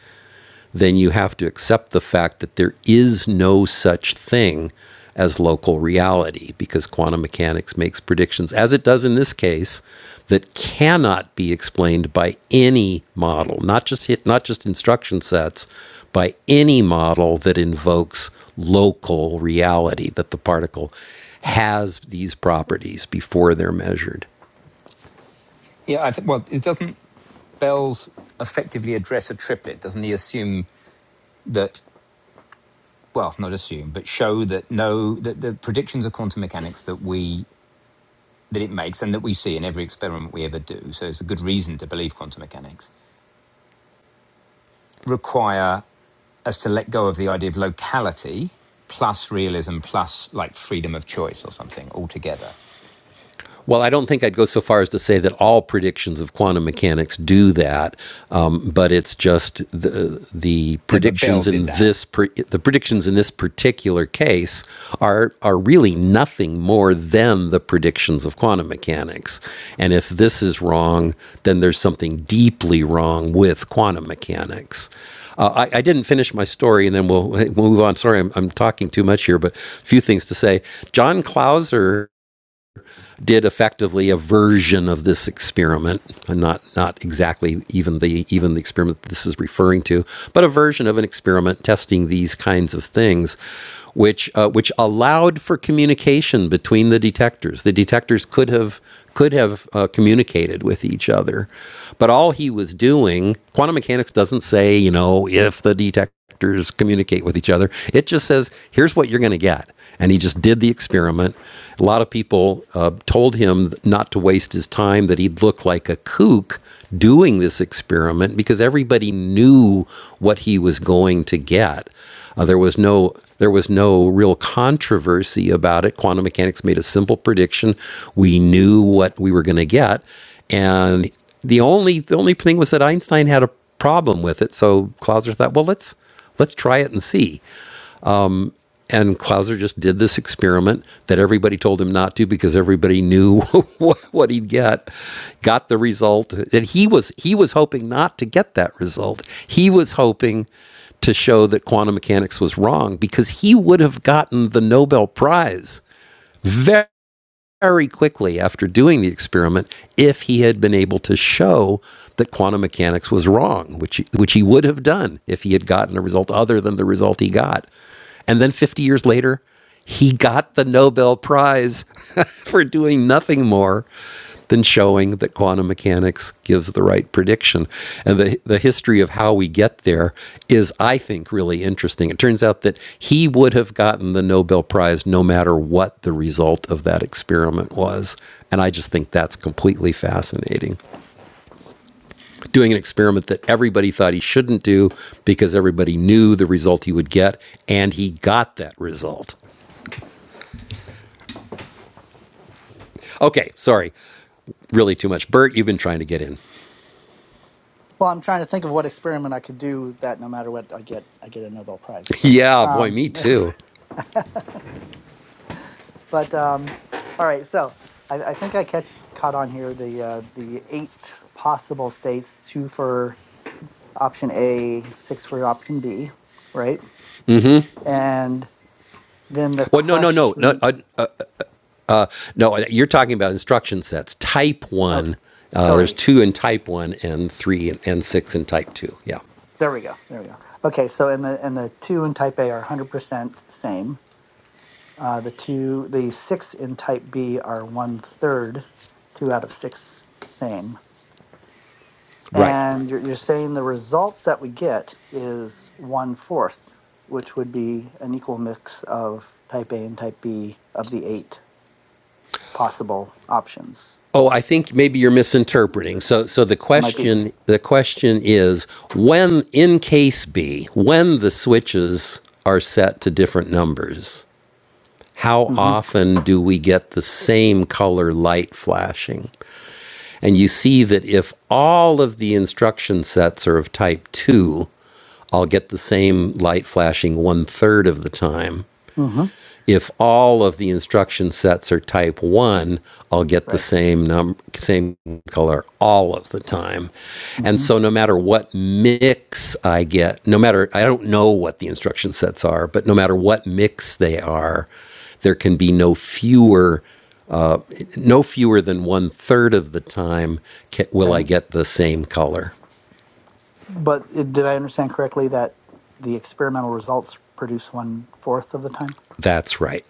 A: then you have to accept the fact that there is no such thing as local reality because quantum mechanics makes predictions, as it does in this case, that cannot be explained by any model, not just hit, not just instruction sets, by any model that invokes local reality that the particle has these properties before they're measured.
C: yeah I think well it doesn't Bell's effectively address a triplet doesn't he assume that well, not assume, but show that no, that the predictions of quantum mechanics that we that it makes and that we see in every experiment we ever do. So it's a good reason to believe quantum mechanics require us to let go of the idea of locality plus realism plus like freedom of choice or something altogether.
A: Well, I don't think I'd go so far as to say that all predictions of quantum mechanics do that, um, but it's just the the
C: No, but Bell
A: predictions
C: did
A: in
C: that
A: this pre- the predictions in this particular case are are really nothing more than the predictions of quantum mechanics. And if this is wrong, then there's something deeply wrong with quantum mechanics. Uh, I, I didn't finish my story, and then we'll, we'll move on. Sorry, I'm, I'm talking too much here, but a few things to say. John Clauser did effectively a version of this experiment, and not not exactly even the even the experiment that this is referring to, but a version of an experiment testing these kinds of things, which uh, which allowed for communication between the detectors. The detectors could have could have uh, communicated with each other, but all he was doing, quantum mechanics doesn't say you know if the detector actors communicate with each other. It just says, here's what you're going to get. And he just did the experiment. A lot of people uh, told him not to waste his time, that he'd look like a kook doing this experiment because everybody knew what he was going to get. Uh, there was no there was no real controversy about it. Quantum mechanics made a simple prediction. We knew what we were going to get, and the only the only thing was that Einstein had a problem with it. So Clauser thought, well, let's Let's try it and see. And Clouser just did this experiment that everybody told him not to because everybody knew what, he'd get. Got the result and he was he was hoping not to get that result. He was hoping to show that quantum mechanics was wrong because he would have gotten the Nobel Prize very, very quickly after doing the experiment if he had been able to show that quantum mechanics was wrong, which which he would have done if he had gotten a result other than the result he got. And then 50 years later, he got the Nobel Prize for doing nothing more than showing that quantum mechanics gives the right prediction. And the, the history of how we get there is, I think, really interesting. It turns out that he would have gotten the Nobel Prize no matter what the result of that experiment was. And I just think that's completely fascinating. Doing an experiment that everybody thought he shouldn't do because everybody knew the result he would get, and he got that result. Okay, sorry. Really too much. Bert, you've been trying to get in.
F: Well, I'm trying to think of what experiment I could do that no matter what I get, I get a Nobel Prize.
A: yeah, boy,
F: Um,
A: me too.
F: but um, all right, so I, I think I catch caught on here the uh, the eight possible states: two for option A, six for option B, right? And then the
A: Well, no, no, no, no,
F: question.
A: uh, uh, no. uh, You're talking about instruction sets. Type
F: Oh,
A: one. Uh, there's
F: sorry.
A: two in type one and three and, and six in type two. Yeah,
F: There we go. There we go. Okay, so and the and the two in type A are 100% same. Uh, the two, the six in type B are one third, two out of six same.
A: right.
F: And you're, you're saying the results that we get is one fourth, which would be an equal mix of type A and type B of the eight possible options.
A: Oh, I think maybe you're misinterpreting. So, so the
F: That might be.
A: question the question is when in case B, when the switches are set to different numbers, how
F: Mm-hmm.
A: often do we get the same color light flashing? And you see that if all of the instruction sets are of type 2, I'll get the same light flashing one third of the time.
F: Mm-hmm.
A: If all of the instruction sets are type 1, I'll get the
F: Right.
A: same num- same color all of the time. And
F: Mm-hmm.
A: so no matter what mix I get, no matter I don't know what the instruction sets are, but no matter what mix they are, there can be no fewer no fewer than one third of the time ca will I
F: Okay.
A: get the same color.
F: But it, did I understand correctly that the experimental results produce one fourth of the time?
A: That's right.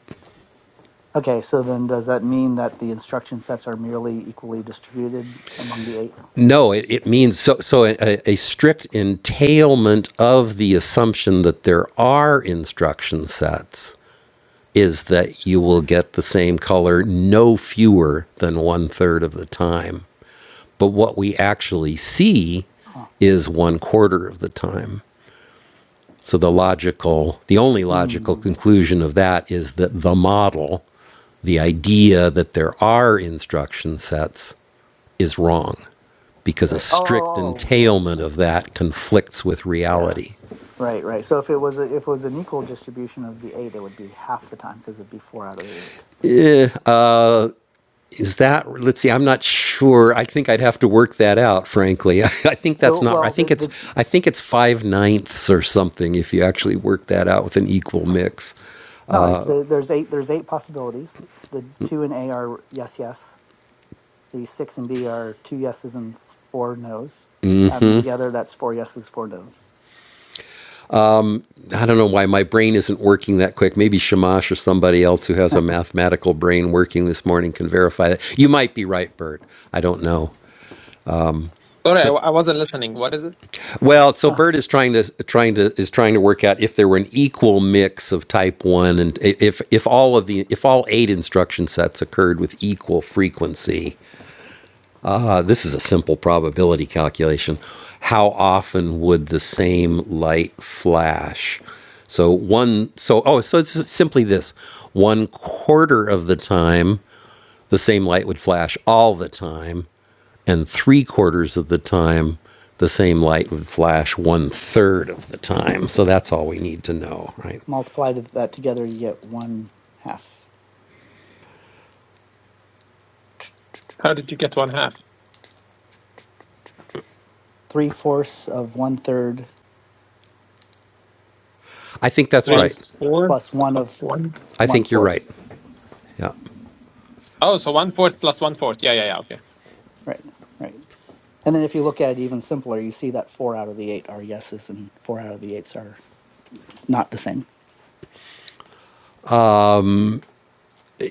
F: Okay, so then does that mean that the instruction sets are merely equally distributed among the eight?
A: No, it, it means so, so a a strict entailment of the assumption that there are instruction sets is that you will get the same color no fewer than one third of the time. But what we actually see
F: Huh.
A: is one quarter of the time. So the logical, the only logical
F: Hmm.
A: conclusion of that is that the model, the idea that there are instruction sets, is wrong because a
F: Right. Oh,
A: strict
F: oh, oh, oh, yeah.
A: entailment of that conflicts with reality.
F: Yes. Right, right. So if it was a, if it was an equal distribution of the eight, it would be half the time because it'd be four out of the eight.
A: Is that, let's see, I'm not sure. I think I'd have to work that out, frankly. I think that's
F: Though,
A: not, I
F: well, the,
A: think it's,
F: the
A: I think it's five ninths or something if you actually work that out with an equal mix.
F: No, it's the, there's eight there's eight possibilities. The two and A are yes, yes. The six and B are two yeses and four nos. Add them together, that's four yeses, four nos.
A: I don't know why my brain isn't working that quick. Maybe Shamash or somebody else who has a mathematical brain working this morning can verify that. You might be right, Bert. I don't know.
B: Sorry, I,
A: But
B: I wasn't listening. What is it?
A: well, so
F: Ah,
A: Bert is trying to trying to is trying to work out if there were an equal mix of type 1 and if if all of the if all 8 instruction sets occurred with equal frequency. Uh, This is a simple probability calculation. How often would the same light flash? So one, so oh, so it's simply this: one quarter of the time, the same light would flash all the time, and three quarters of the time, the same light would flash one third of the time. So that's all we need to know, right?
F: multiply to- that together, you get one half,
B: How did you get one half?
F: three fourths of one third
A: I think that's
B: Three
A: right.
F: plus plus
B: fourths
F: one
B: of
F: of
B: one?
A: I
F: one
A: think you're right.
F: fourth.
A: Yeah.
B: Oh, so one fourth plus one fourth. Yeah, yeah, yeah. Okay.
F: Right, right. And then if you look at it even simpler, you see that four out of the eight are yeses and four out of the eights are not the same.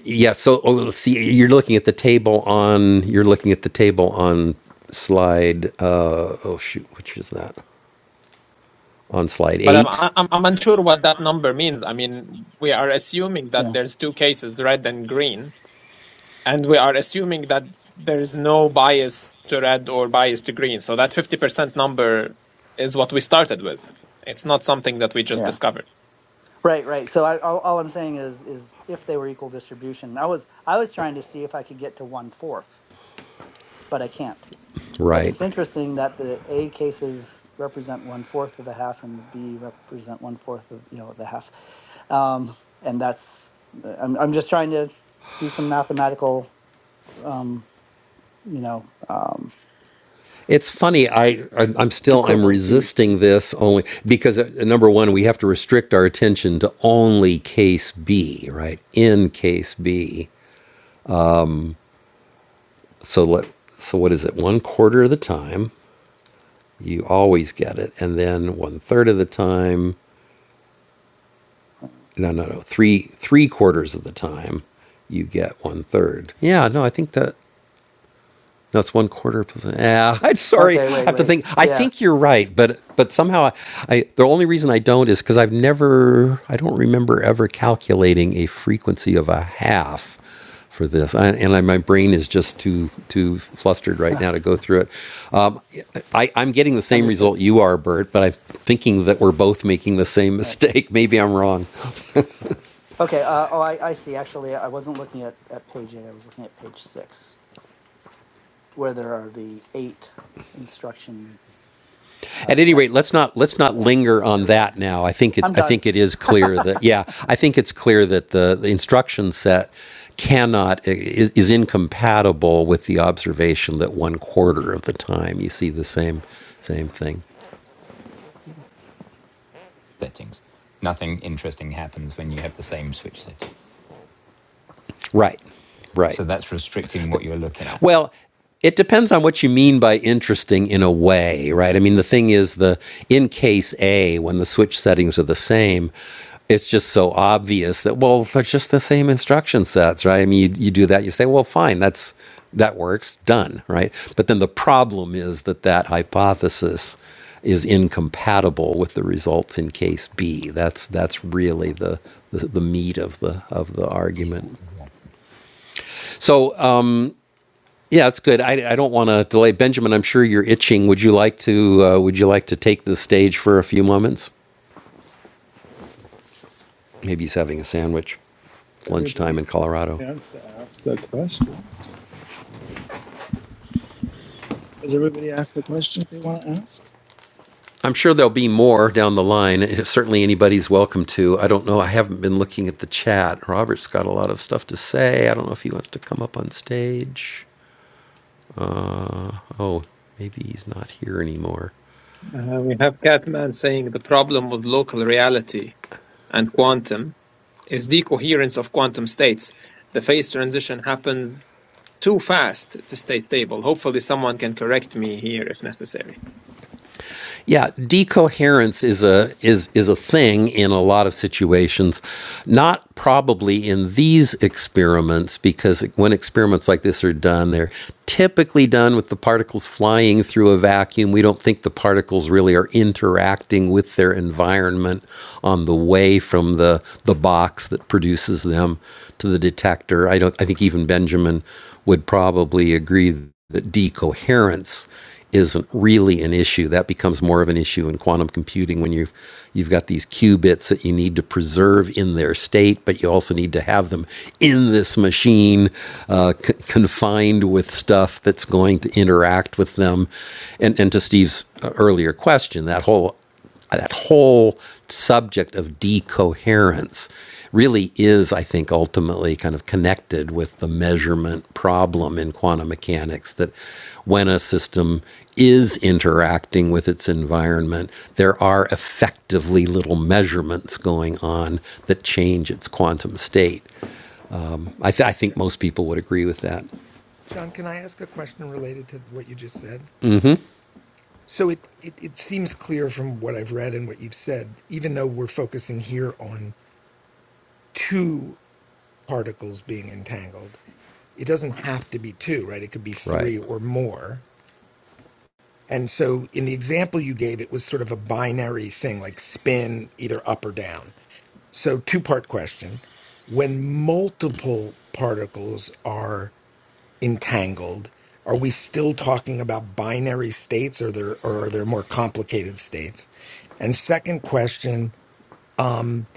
A: Yeah. So oh, see, you're looking at the table on you're looking at the table on slide. Uh, oh shoot, which is that? On slide
B: But I'm
A: eight,
B: I'm I'm unsure what that number means. I mean, we are assuming that
F: Yeah,
B: there's two cases, red and green, and we are assuming that there's no bias to red or bias to green. So that 50% number is what we started with. It's not something that we just
F: yeah.
B: discovered.
F: Right, right. So I, all, all I'm saying is, is if they were equal distribution, I was, I was trying to see if I could get to one fourth, but I can't. But
A: right?
F: it's interesting that the A cases represent one fourth of the half, and the B represent one fourth of you know the half. Um, and that's, uh, I'm, I'm just trying to do some mathematical, um, you know, um,
A: It's funny. I I'm I'm still I'm
F: equivalency.
A: resisting this only because uh, number one, we have to restrict our attention to only case B, right? In case B. So let so what is it? One quarter of the time, you always get it, and then one third of the time no no no three three quarters of the time you get one third yeah no i think that no it's one quarter plus yeah i'm sorry
F: Okay,
A: i
F: wait,
A: have to
F: wait.
A: think i
F: Yeah,
A: think you're right but but somehow i, I the only reason i don't is because i've never i don't remember ever calculating a frequency of a half for this I, and I, my brain is just too too flustered right now to go through it um, I, i'm getting the same
F: understood.
A: result you are bert but i'm thinking that we're both making the same
F: All Right.
A: mistake maybe i'm wrong
F: Okay. Uh, oh, I, I see. Actually, I wasn't looking at, at page eight. I was looking at page six, where there are the eight instruction uh,
A: At any rate, let's
F: sets.
A: not let's not
F: Yeah.
A: linger
F: There
A: on
F: we go.
A: that now. I think it
F: I'm
A: I
F: done.
A: think it is clear
F: I,
A: that yeah, I think it's clear that the, the instruction set cannot is, is incompatible with the observation that one quarter of the time you see the same same thing.
C: settings. Nothing interesting happens when you have the same switch setting.
A: Right. Right.
C: So that's restricting what you're looking at.
A: Well, it depends on what you mean by interesting in a way, right? I mean, the thing is, the in case A, when the switch settings are the same, it's just so obvious that well, they're just the same instruction sets, right? I mean, you, you do that, you say, well, fine, that's that works, done, right? But then the problem is that that hypothesis is incompatible with the results in case B. That's that's really the the, the meat of the of the
C: Yeah,
A: argument.
C: exactly.
A: So. Yeah, it's good. I, I don't want to delay. Benjamin, I'm sure you're itching. Would you like to uh, Would you like to take the stage for a few moments? Maybe he's having a sandwich. It's lunchtime in
D: Everybody's had
A: Colorado.
D: a chance to ask their questions. Has everybody asked the questions they want to ask?
A: I'm sure there'll be more down the line. Certainly, anybody's welcome to. I don't know. I haven't been looking at the chat. Robert's got a lot of stuff to say. I don't know if he wants to come up on stage. Uh, oh, maybe he's not here anymore.
B: Uh, we have Catman saying the problem with local reality and quantum is decoherence of quantum states. The phase transition happened too fast to stay stable. Hopefully, someone can correct me here if necessary.
A: Yeah, decoherence is a is is a thing in a lot of situations. Not probably in these experiments because when experiments like this are done, they're typically done with the particles flying through a vacuum. We don't think the particles really are interacting with their environment on the way from the the box that produces them to the detector. I don't I think even Benjamin would probably agree that decoherence isn't really an issue. That becomes more of an issue in quantum computing when you you've got these qubits that you need to preserve in their state, but you also need to have them in this machine, uh, c- confined with stuff that's going to interact with them. And and to Steve's uh, earlier question, that whole that whole subject of decoherence really is, I think, ultimately kind of connected with the measurement problem in quantum mechanics that when a system is interacting with its environment, there are effectively little measurements going on that change its quantum state. I, th- I think
E: Sure.
A: most people would agree with that.
E: John, can I ask a question related to what you just said? So it, it it seems clear from what I've read and what you've said, even though we're focusing here on two particles being entangled, it doesn't have to be two, right? It could be
A: Right.
E: three or more. And so in the example you gave, it was sort of a binary thing, like spin either up or down. So two part question. When multiple particles are entangled? Are we still talking about binary states or there or are there more complicated states? And second question um,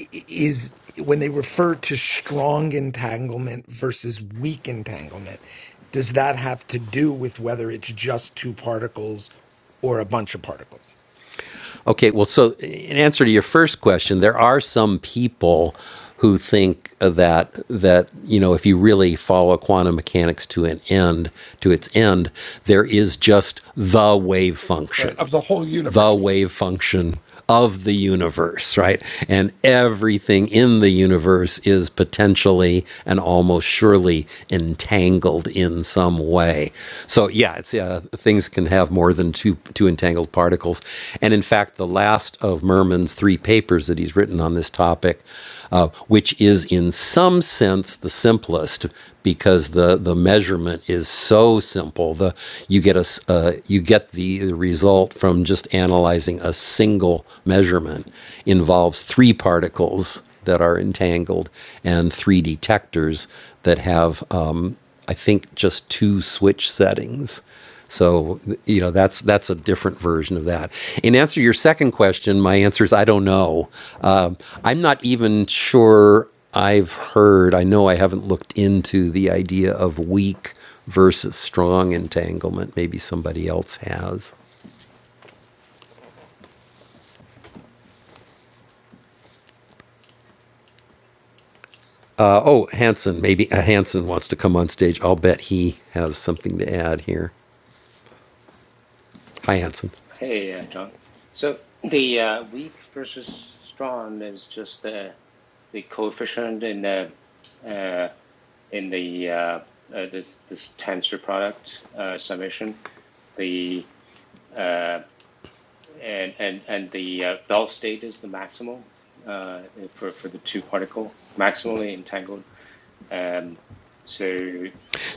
E: i- i- is when they refer to strong entanglement versus weak entanglement, does that have to do with whether it's just two particles or a bunch of particles?
A: Okay, well, so in answer to your first question, there are some people who think that that you know if you really follow quantum mechanics to an end to its end, there is just the wave
E: Right,
A: function
E: of the whole
A: the
E: universe.
A: wave function of the universe, right? And everything in the universe is potentially and almost surely entangled in some way. So yeah, it's uh, things can have more than two two entangled particles. And in fact, the last of Merman's three papers that he's written on this topic, uh, which is in some sense the simplest because the the measurement is so simple. The you get a uh, you get the, the result result from just analyzing a single measurement involves three particles that are entangled and three detectors that have, um, I think, just two switch settings. So you know that's that's a different version of that. In answer to your second question, my answer is I don't know. Um, I'm not even sure I've heard. I know I haven't looked into the idea of weak versus strong entanglement. Maybe somebody else has. Uh, oh, Hanson, maybe uh, Hanson wants to come on stage. I'll bet he has something to add here. Hi, Hanson.
H: Hey, uh, John. So the uh, weak versus strong is just the the coefficient in the uh, in the uh, uh, this this tensor product uh, summation. The uh, and and and the uh, Bell state is the maximal uh, for for the two particle maximally entangled. Um, so.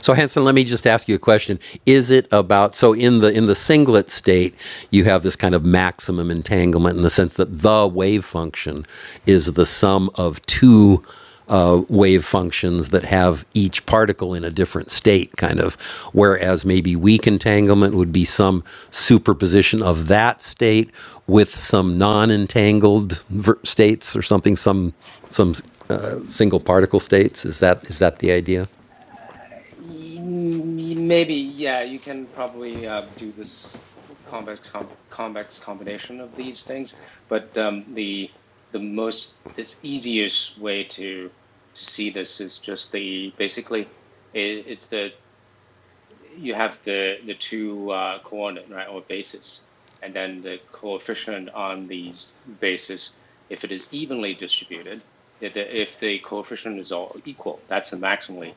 A: So Hanson, let me just ask you a question. Is it about so in the in the singlet state, you have this kind of maximum entanglement in the sense that the wave function is the sum of two uh, wave functions that have each particle in a different state, kind of. Whereas maybe weak entanglement would be some superposition of that state with some non-entangled ver- states or something, some some uh, single particle states. Is that is that the idea?
H: Mm, Maybe, yeah, you can probably uh, do this convex com convex combination of these things, but um, the the most this easiest way to to see this is just the basically it, it's the you have the the two uh, coordinate right or bases, and then the coefficient on these bases. If it is evenly distributed, if the, if the coefficient is all equal, that's the maximally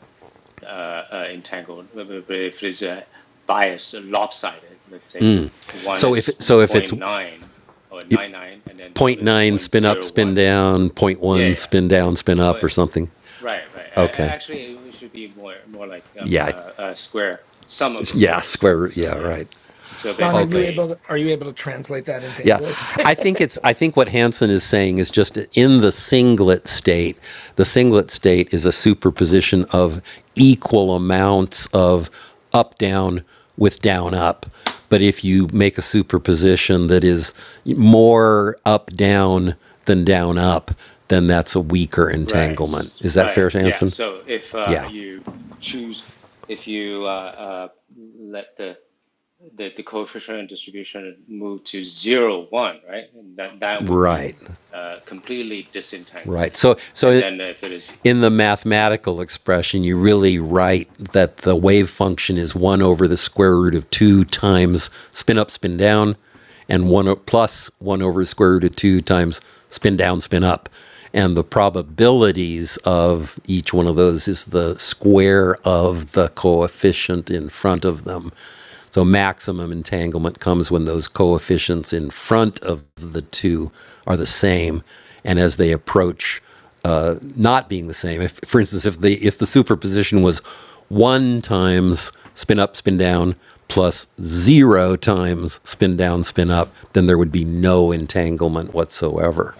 H: uh, uh, entangled. If it is a bias, lopsided, let's say one
A: So if
H: is zero
A: so if it's
H: point
A: zero
H: 0.9 or 99, and then the
A: point
H: other is zero
A: 0.9
H: point
A: spin up,
H: zero
A: spin
H: 0.01.
A: down, zero point
H: Yeah,
A: 0.1
H: yeah.
A: spin down, spin up
H: Oh,
A: or something.
H: Right, right. I, I-
A: Okay.
H: actually, it should be more more like a,
A: Yeah.
H: a, a square, sum of the
A: Yeah,
H: square.
A: square
H: So,
A: root.
H: so
A: Yeah,
H: yeah.
A: right.
H: So
E: John, are you
A: Okay.
H: basically,
E: able to, are you able to translate that into
A: Yeah,
E: English?
A: I think it's. I think what Hansen is saying is just in the singlet state. The singlet state is a superposition of equal amounts of up down with down up. But if you make a superposition that is more up down than down up, then that's a weaker
H: right,
A: entanglement.
H: s-
A: Is that
H: right.
A: fair,
H: Yeah.
A: Hansen?
H: So if uh,
A: Yeah.
H: you choose, if you uh, uh, let the the, the coefficient of distribution moved to zero one, right? And that, that would be
A: Right.
H: uh, completely disentangled.
A: Right. So
H: And
A: so
H: then if it is
A: in the mathematical expression, you really write that the wave function is 1 over the square root of 2 times spin up, spin down, and one plus plus 1 over the square root of 2 times spin down, spin up. And the probabilities of each one of those is the square of the coefficient in front of them. So maximum entanglement comes when those coefficients in front of the two are the same. And as they approach uh, not being the same. If, for instance, if the if the superposition was one times spin up, spin down plus zero times spin down, spin up, then there would be no entanglement whatsoever.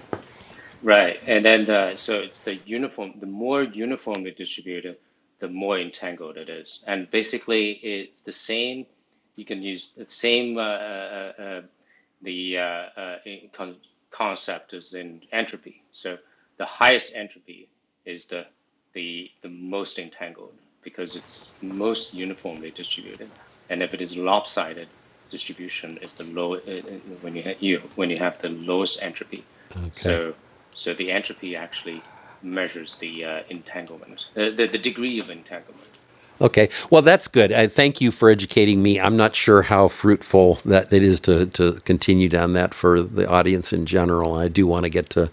H: Right. And then uh, so it's the uniform, the more uniformly distributed, the more entangled it is. And basically, it's the same. You can use the same uh, uh, uh, the uh, uh, con concept as in entropy. So the highest entropy is the the the most entangled because it's most uniformly distributed. And if it is lopsided distribution, is the low uh, uh, when you you when you have the lowest entropy.
A: Okay.
H: So, so the entropy actually measures the uh, entanglement, uh, the, the degree of entanglement.
A: Okay. Well, that's good. I thank you for educating me. I'm not sure how fruitful that it is to to continue down that for the audience in general. I do want to get to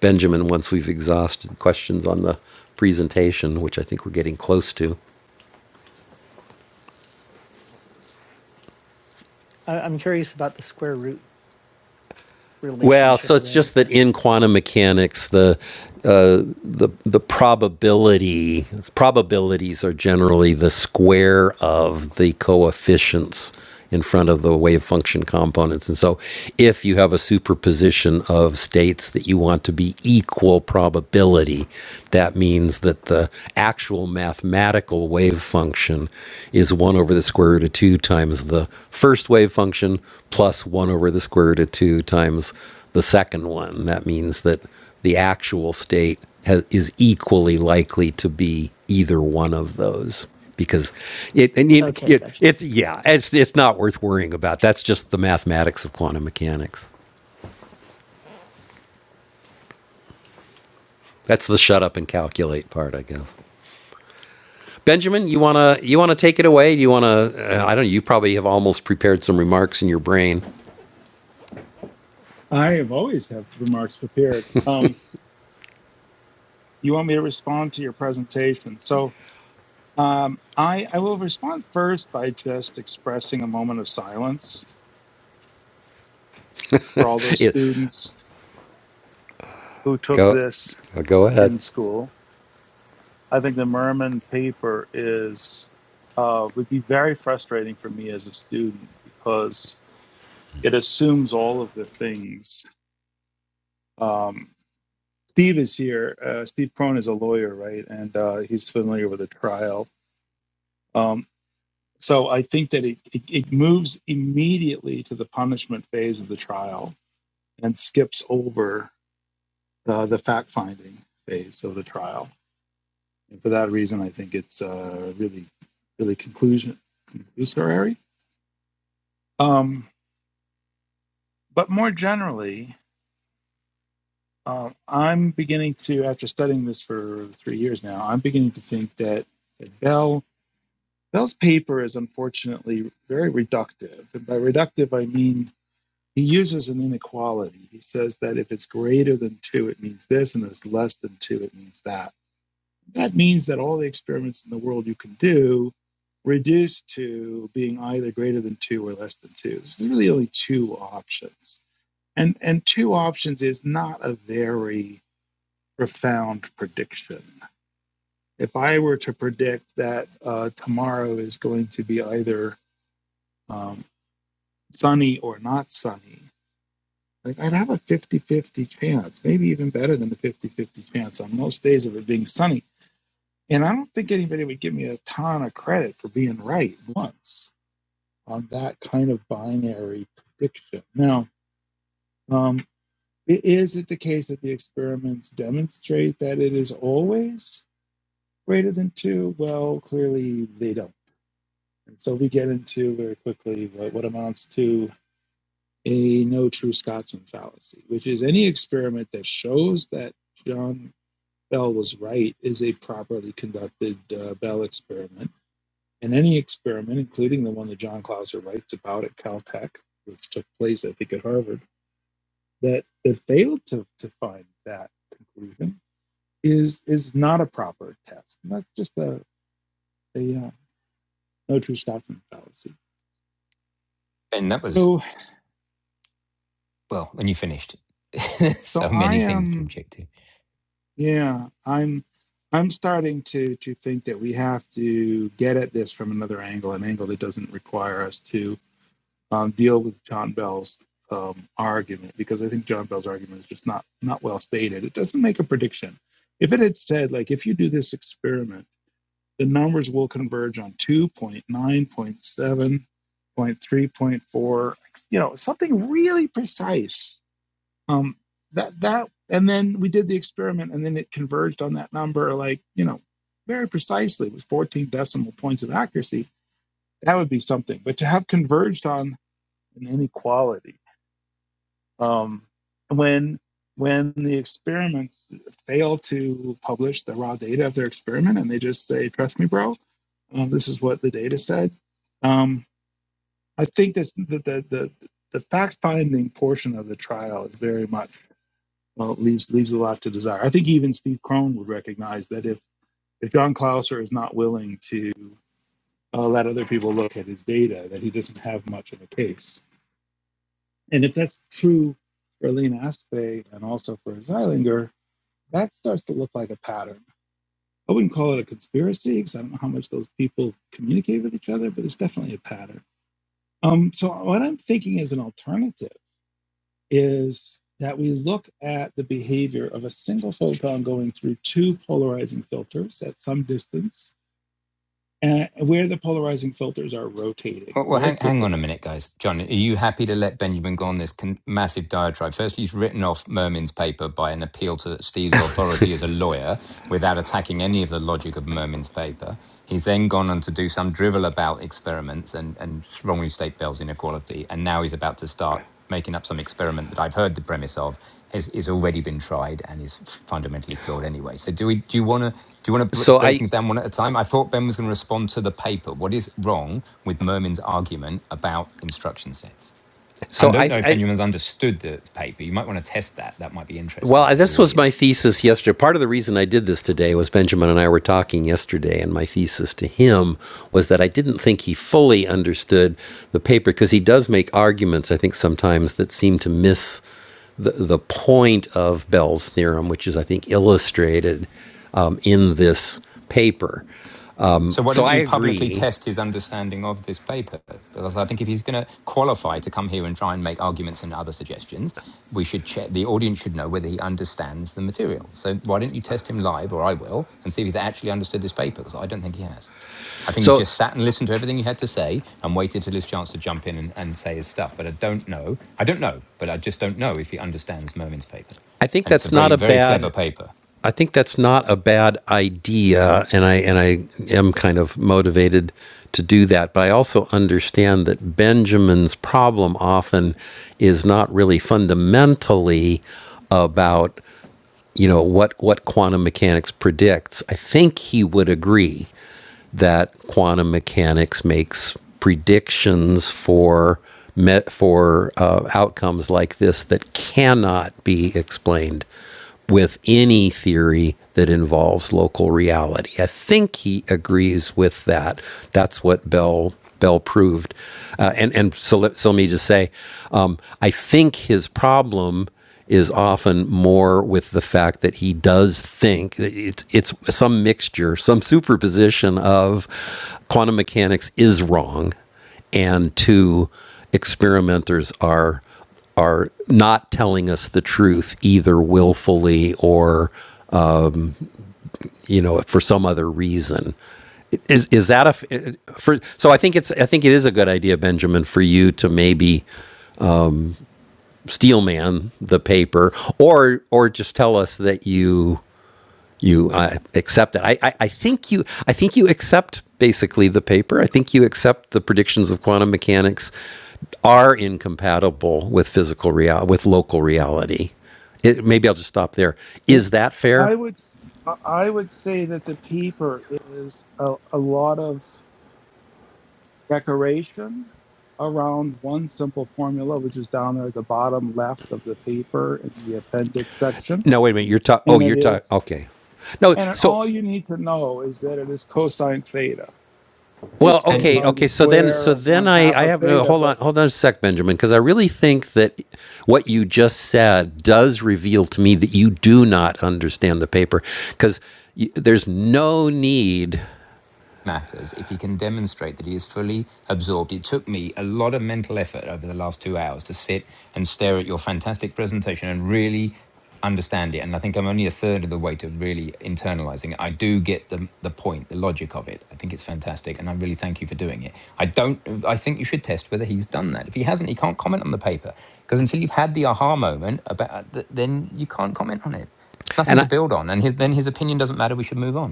A: Benjamin once we've exhausted questions on the presentation, which I think we're getting close to.
F: I'm curious about the square root
A: Well,
F: relationship
A: so it's
F: there.
A: just that in quantum mechanics, the uh, the the probability probabilities are generally the square of the coefficients in front of the wave function components and so if you have a superposition of states that you want to be equal probability that means that the actual mathematical wave function is 1 over the square root of 2 times the first wave function plus 1 over the square root of 2 times the second one that means that the actual state has, is equally likely to be either one of those because it and it,
F: Okay.
A: it
F: Gotcha.
A: it's yeah it's it's not worth worrying about that's just the mathematics of quantum mechanics that's the shut up and calculate part i guess benjamin you want to you want to take it away you want to uh, i don't know you probably have almost prepared some remarks in your brain
D: I have always have remarks prepared. Um, you want me to respond to your presentation. So um, I, I will respond first by just expressing a moment of silence for all those
A: it,
D: students who took
A: go
D: this
A: go ahead
D: in school. I think the Merman paper is uh, would be very frustrating for me as a student because it assumes all of the things. Um, Steve is here. Uh, Steve Crone is a lawyer, right? And uh, he's familiar with the trial. Um, So I think that it, it, it moves immediately to the punishment phase of the trial and skips over uh, the fact finding phase of the trial. And for that reason, I think it's uh, really, really conclusion conclusory. Um, but more generally, uh, I'm beginning to, after studying this for three years now, I'm beginning to think that, that Bell Bell's paper is unfortunately very reductive. And by reductive, I mean He uses an inequality. He says that if it's greater than two, it means this, and if it's less than two, it means that. That means that all the experiments in the world you can do reduce to being either greater than two or less than two. There's really only two options. And and two options is not a very profound prediction. If I were to predict that uh, tomorrow is going to be either um, sunny or not sunny, like I'd have a fifty-fifty chance, maybe even better than the fifty-fifty chance on most days of it being sunny. And I don't think anybody would give me a ton of credit for being right once on that kind of binary prediction. Now, um, is it the case that the experiments demonstrate that it is always greater than two? Well, clearly they don't. And so we get into very quickly what, what amounts to a no true Scotsman fallacy, which is any experiment that shows that John Bell was right is a properly conducted uh, Bell experiment, and any experiment, including the one that John Clauser writes about at Caltech, which took place, I think, at Harvard, that that failed to to find that conclusion is is not a proper test. And that's just a a uh, no true Scotsman fallacy.
C: And that was
D: So
C: well when you finished.
D: so
C: so
D: I
C: many things to
D: am
C: object to.
D: yeah I'm. I'm starting to, to think that we have to get at this from another angle, an angle that doesn't require us to um, deal with John Bell's um, argument because I think John Bell's argument is just not not well stated. It doesn't make a prediction. If it had said like if you do this experiment, the numbers will converge on two point nine point seven point three point four, you know, something really precise. Um, that that and then we did the experiment and then it converged on that number like you know very precisely with 14 decimal points of accuracy that would be something but to have converged on an inequality um, when when the experiments fail to publish the raw data of their experiment and they just say, "Trust me, bro, um, this is what the data said," um, I think that's the the, the the fact finding portion of the trial is very much well leaves leaves a lot to desire. I think even Steve Krohn would recognize that if if John Clauser is not willing to uh, let other people look at his data, that he doesn't have much of a case. And if that's true for Lena Aspe and also for Zeilinger, that starts to look like a pattern. I wouldn't call it a conspiracy because I don't know how much those people communicate with each other, but there's definitely a pattern. Um, so what I'm thinking as an alternative is that we look at the behavior of a single photon going through two polarizing filters at some distance, and where the polarizing filters are rotating
C: Well, well
D: very
C: hang, hang
D: quickly.
C: on a minute, guys. John, are you happy to let Benjamin go on this con- massive diatribe? Firstly, he's written off Mermin's paper by an appeal to Steve's authority as a lawyer without attacking any of the logic of Mermin's paper. He's then gone on to do some drivel about experiments and, and strongly state Bell's inequality. And now he's about to start making up some experiment that I've heard the premise of has, is already been tried and is fundamentally flawed anyway. So do we do you want to do you want to
A: so
C: break
A: i
C: things down one at a time? I thought Ben was going to respond to the paper. What is wrong with Mermin's argument about instruction sets? I
A: so
C: don't
A: i
C: know if
A: i
C: Benjamin's understood the paper. You might want to test that. That might be interesting
A: Well,
C: for the
A: this was my
C: audience.
A: thesis yesterday. Part of the reason I did this today was Benjamin and I were talking yesterday, and my thesis to him was that I didn't think he fully understood the paper because he does make arguments, I think, sometimes that seem to miss the, the point of Bell's theorem, which is, I think, illustrated um, in this paper.
C: So why
A: So
C: don't
A: I
C: you publicly
A: agree.
C: test his understanding of this paper? Because I think if he's going to qualify to come here and try and make arguments and other suggestions, we should check. The audience should know whether he understands the material. So why don't you test him live, or I will, and see if he's actually understood this paper? Because I don't think he has. I think he's
A: So
C: just sat and listened to everything you had to say and waited till his chance to jump in and, and say his stuff. But I don't know. I don't know, but I just don't know if he understands Mermin's paper.
A: I think
C: And it's a
A: that's not
C: very,
A: a
C: very clever
A: bad
C: paper.
A: I think that's not a bad idea, and I and I am kind of motivated to do that. But I also understand that Benjamin's problem often is not really fundamentally about you know what what quantum mechanics predicts. I think he would agree that quantum mechanics makes predictions for met for uh, outcomes like this that cannot be explained with any theory that involves local reality. I think he agrees with that. That's what Bell Bell proved. Uh, and and so let, so let me just say, um, I think his problem is often more with the fact that he does think it's it's some mixture, some superposition of quantum mechanics is wrong, and two experimenters are are not telling us the truth either willfully or you know for some other reason. Is is that a? for? So I think it's I think it is a good idea, Benjamin, for you to maybe steelman the paper or or just tell us that you you uh, accept it. I, I, I think you I think you accept basically the paper. I think you accept the predictions of quantum mechanics are incompatible with physical real with local reality. It, maybe I'll just stop there.
D: Well,
A: Is that
D: I
A: fair?
D: would s- I I would say that the paper is a, a lot of decoration around one simple formula, which is down there at the bottom left of the paper in the appendix section,
A: No, wait a minute. You're talking. Oh,
D: and
A: you're
D: it
A: talking.
D: is
A: Okay. No.
D: and it,
A: So
D: all you need to know is that it is cosine theta.
A: Well,
D: It's
C: And it,
A: okay,
D: cosine the
A: okay. So then,
D: square
A: so
D: of
A: then
D: one
A: I,
D: half
A: I
D: of
A: have uh,
D: theta,
A: hold
D: but
A: on, hold on a sec, Benjamin, because I really think that what you just said does reveal to me that you do not understand the paper, because y- there's no need,
C: matters if he can demonstrate that he is fully absorbed. It took me a lot of mental effort over the last two hours to sit and stare at your fantastic presentation and really understand it. And I think I'm only a third of the way to really internalizing it. I do get the the point, the logic of it. I think it's fantastic, and I really thank you for doing it. I don't. I think you should test whether he's done that. If he hasn't, he can't comment on the paper because until you've had the aha moment about, th- then you can't comment on it. It's nothing
A: and
C: to
A: I,
C: build on, and his, then his opinion doesn't matter. We should move on.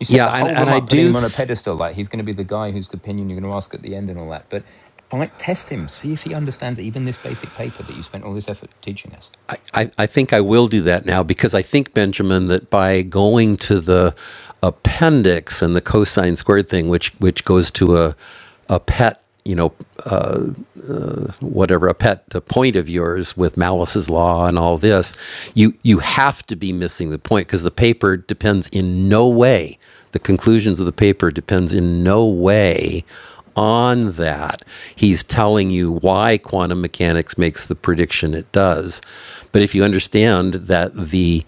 C: You set
A: yeah,
C: the
A: and
C: whole
A: and
C: room
A: I
C: up, putting
A: do.
C: him on a
A: Th-
C: pedestal, like he's going to be the guy whose opinion you're going to ask at the end and all that. But try, test him, see if he understands even this basic paper that you spent all this effort teaching us.
A: I I think I will do that now because I think, Benjamin, that by going to the appendix and the cosine squared thing, which which goes to a a pet, you know, whatever a pet uh, point of yours with Malice's Law and all this, you you have to be missing the point because the paper depends in no way. The conclusions of the paper depends in no way on that. He's telling you why quantum mechanics makes the prediction it does. But if you understand that the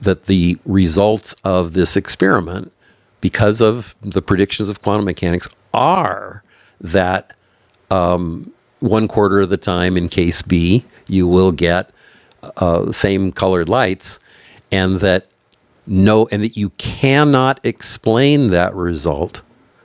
A: that the results of this experiment because of the predictions of quantum mechanics are that one quarter of the time in case B, you will get uh, the same colored lights, and that no, and that you cannot explain that result.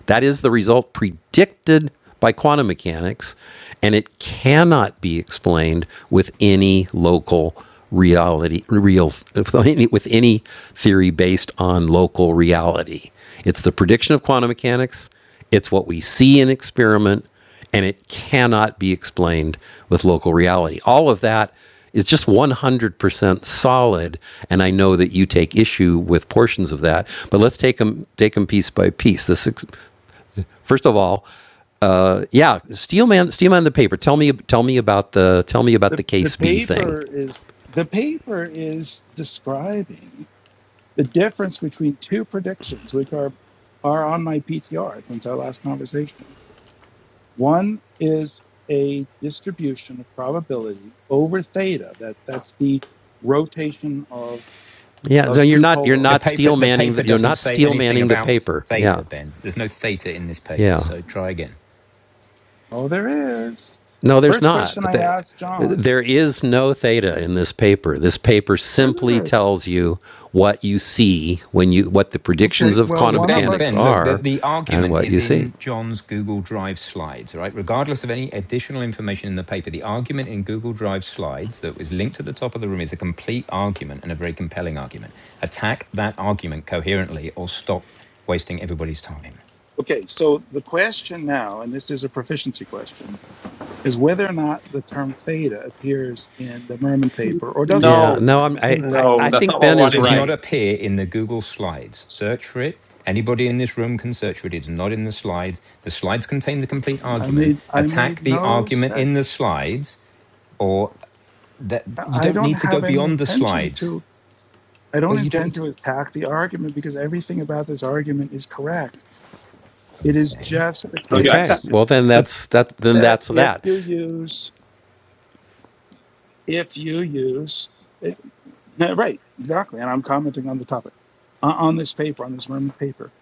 A: That is the result predicted by quantum mechanics, and it cannot be explained with any local reality, real, with any- with any theory based on local reality. It's the prediction of quantum mechanics. It's what we see in experiment and it cannot be explained with local reality. All of that is just 100% solid, and I know that you take issue with portions of that. But let's take them take them piece by piece. This first of all, uh, yeah, Steelman, Steelman the paper. Tell me, tell me about the tell me about the
D: the the
A: case B thing.
D: paper is the paper is describing. the difference between two predictions, which are are on my PTR since our last conversation. One is a distribution of probability over theta. That that's the rotation of
A: Yeah, so
D: of
A: you're
D: two
A: not you're
C: The
A: not
C: paper,
A: steel
D: polarizers.
C: the
A: manning
C: paper
A: the, you're
C: doesn't
A: not
C: say
A: steel
C: anything
A: manning the
C: about
A: paper. Yeah,
C: theta, Ben. There's no theta in this paper,
A: yeah.
C: so try again.
D: Oh, there is.
A: No,
D: The
A: there's
D: first
A: not.
D: question I asked John.
A: There is no theta in this paper. This paper
D: Sure,
A: simply
D: there is.
A: tells you what you see when you what the predictions
D: Okay.
A: of
D: Well,
C: So
A: quantum
D: one of
C: Ben,
A: mechanics
D: us.
C: Ben, look, the,
A: are,
C: the
A: and
C: argument
A: what
C: is
A: you see.
C: in John's Google Drive slides, right? Regardless of any additional information in the paper, the argument in Google Drive slides that was linked at the top of the room is a complete argument and a very compelling argument. Attack that argument coherently or stop wasting everybody's time.
D: Okay. So the question now, and this is a proficiency question, is whether or not the term theta appears in the Merman paper or doesn't
A: Yeah.
D: appear
B: No,
D: in the
A: No, I'm,
D: Merman
A: I,
D: paper.
A: I
B: no,
A: I
B: that's not
A: think
B: what I
A: Ben
B: want
A: is
C: It
B: to
C: Does not
B: hear.
A: right.
C: appear in the Google slides. Search for it. Anybody in this room can search for it. It's not in the slides. The slides contain the complete
D: I
C: argument.
D: made I
C: Attack
D: made
C: the
D: no
C: argument in the
D: such.
C: slides or that you
D: I I
C: don't
D: don't
C: need to go
D: have any
C: beyond the
D: intention
C: slides.
D: to. I don't
C: Well, you don't need
D: intend
C: to.
D: to attack the argument because everything about this argument is correct. It is
C: Okay,
D: just the
B: So you
A: Okay.
B: accept it.
D: case
A: Well, then
C: that's the.
A: that's that. Then
D: that
A: that's
D: if
A: that.
D: you use if you use it, yeah, right exactly, and I'm commenting on the topic on on this paper on this Roman paper.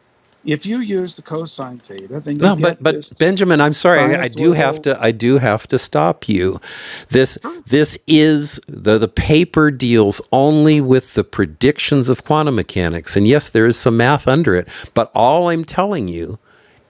D: If you use the cosine theta, then you
A: No,
D: get
A: but but
D: this
A: Benjamin, I'm sorry, I, I do have
D: sinusoidal.
A: to I do have to stop you. This
D: curve.
A: this is the the paper deals only with the predictions of quantum mechanics, and yes, there is some math under it. But all I'm telling you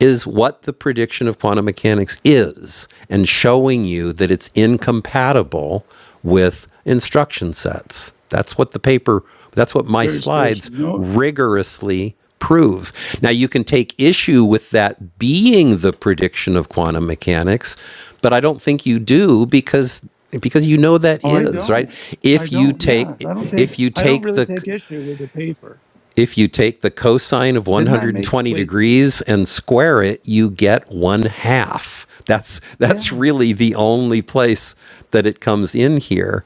A: is what the prediction of quantum mechanics is, and showing you that it's incompatible with instruction sets. That's what the paper, that's what my
D: There's there's
A: slides
D: no
A: rigorously prove. Now, you can take issue with that being the prediction of quantum mechanics, but I don't think you do because because you know that
D: Oh, I
A: is right
D: don't. I
A: if you
D: don't. Yeah,
A: take
D: I don't take.
A: if you
D: I don't
A: take
D: really
A: the
D: take issue with the paper.
A: if you take the cosine of
D: Didn't I make?
A: 120
D: Wait.
A: degrees and square it, you get one half. That's that's
D: Yeah.
A: really the only place that it comes in here.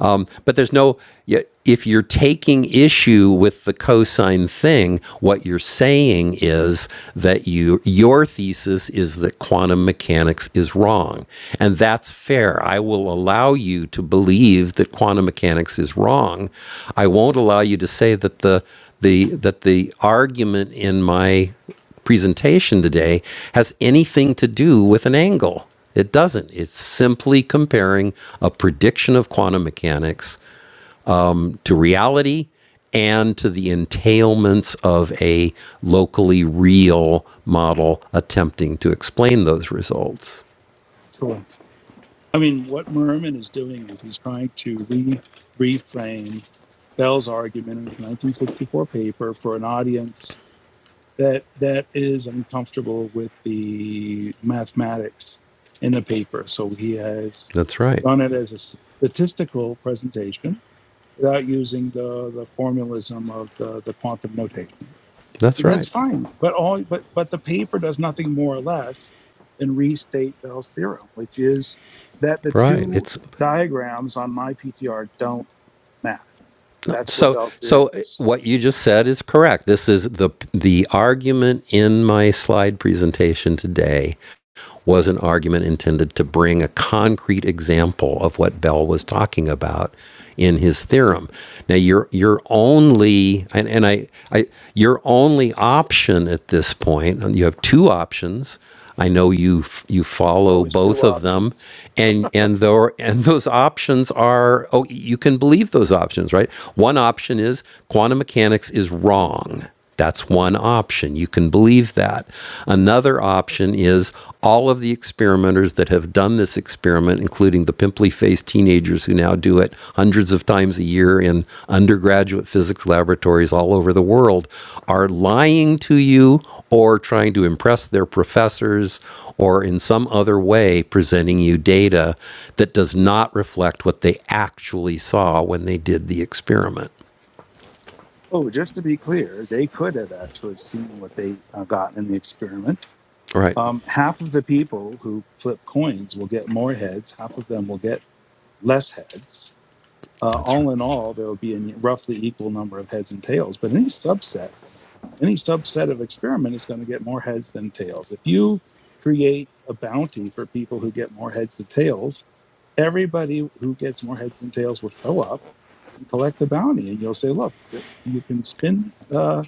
A: Um, but there's no if you're taking issue with the cosine thing, what you're saying is that you your thesis is that quantum mechanics is wrong, and that's fair. I will allow you to believe that quantum mechanics is wrong. I won't allow you to say that the the that the argument in my presentation today has anything to do with an angle. It doesn't. It's simply comparing a prediction of quantum mechanics to reality and to the entailments of a locally real model attempting to explain those results.
D: Sure. I mean, what Merman is doing is he's trying to re reframe Bell's argument in his 1964 paper for an audience that that is uncomfortable with the mathematics in the paper. So he has
A: That's right.
D: done it as a statistical presentation without using the the formalism of the the quantum notation.
A: That's
D: That's
A: right.
D: fine. But all but but the paper does nothing more or less than restate Bell's theorem, which is that the
A: Right.
D: two
A: It's
D: diagrams on my PTR don't match.
A: No,
D: That's what
A: So,
D: Bell's
A: so
D: theorem
A: eh,
D: is.
A: what you just said is correct. This is the the argument in my slide presentation today was an argument intended to bring a concrete example of what Bell was talking about in his theorem. Now your your only and, and I, I your only option at this point, and you have two options. I know you f- you follow
D: Always two
A: both of them,
D: options.
A: and and though and those options are oh you can believe those options right. One option is quantum mechanics is wrong that's one option. You can believe that. Another option is all of the experimenters that have done this experiment, including the pimply faced teenagers who now do it hundreds of times a year in undergraduate physics laboratories all over the world, are lying to you or trying to impress their professors or in some other way presenting you data that does not reflect what they actually saw when they did the experiment.
D: Oh, just to be clear, they could have actually seen what they uh, got in the experiment.
A: Right.
D: Um, half of the people who flip coins will get more heads. Half of them will get less heads. Uh,
A: That's right.
D: all in all, there will be a roughly equal number of heads and tails. But any subset any subset of experiment is going to get more heads than tails. If you create a bounty for people who get more heads than tails, everybody who gets more heads than tails will show up and collect the bounty, and you'll say, "Look, you can spin uh,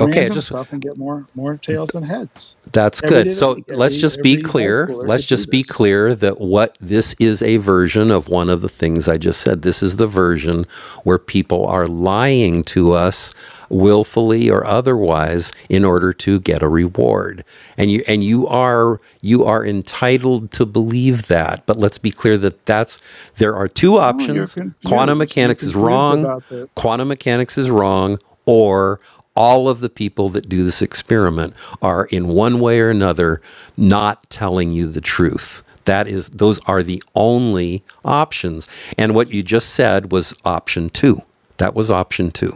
A: Okay, I just
D: stuff and get more more tails than heads
A: That's
D: every day
A: good.
D: of the
A: So
D: week.
A: let's
D: Every
A: just be
D: every high
A: clear.
D: schooler
A: Let's
D: could do
A: just be
D: this."
A: clear that what this is a version of one of the things I just said. This is the version where people are lying to us willfully or otherwise in order to get a reward. And you and you are you are entitled to believe that. But let's be clear that that's there are two
D: No, you're
A: options. Quantum
D: confused. You're
A: mechanics is
D: confused
A: wrong
D: about the
A: quantum mechanics is wrong, or all of the people that do this experiment are in one way or another not telling you the truth. That is, those are the only options. And what you just said was option two. That was option two.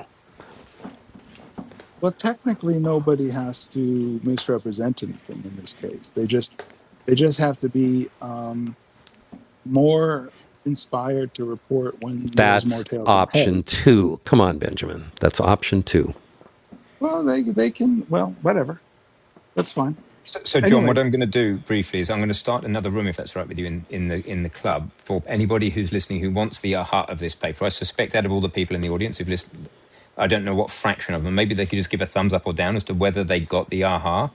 D: Well, technically, nobody has to misrepresent anything in this case. They just they just have to be um, more inspired to report when there's more
A: That's
D: tails than
A: option
D: heads.
A: two. Come on, Benjamin. That's option two.
D: Well, they they can well whatever that's fine.
C: So, so John, what
D: Anyway,
C: I'm going to do briefly is I'm going to start another room, if that's all right with you, in, in the in the club for anybody who's listening who wants the aha of this paper. I suspect out of all the people in the audience who've listened, I don't know what fraction of them. Maybe they could just give a thumbs up or down as to whether they got the aha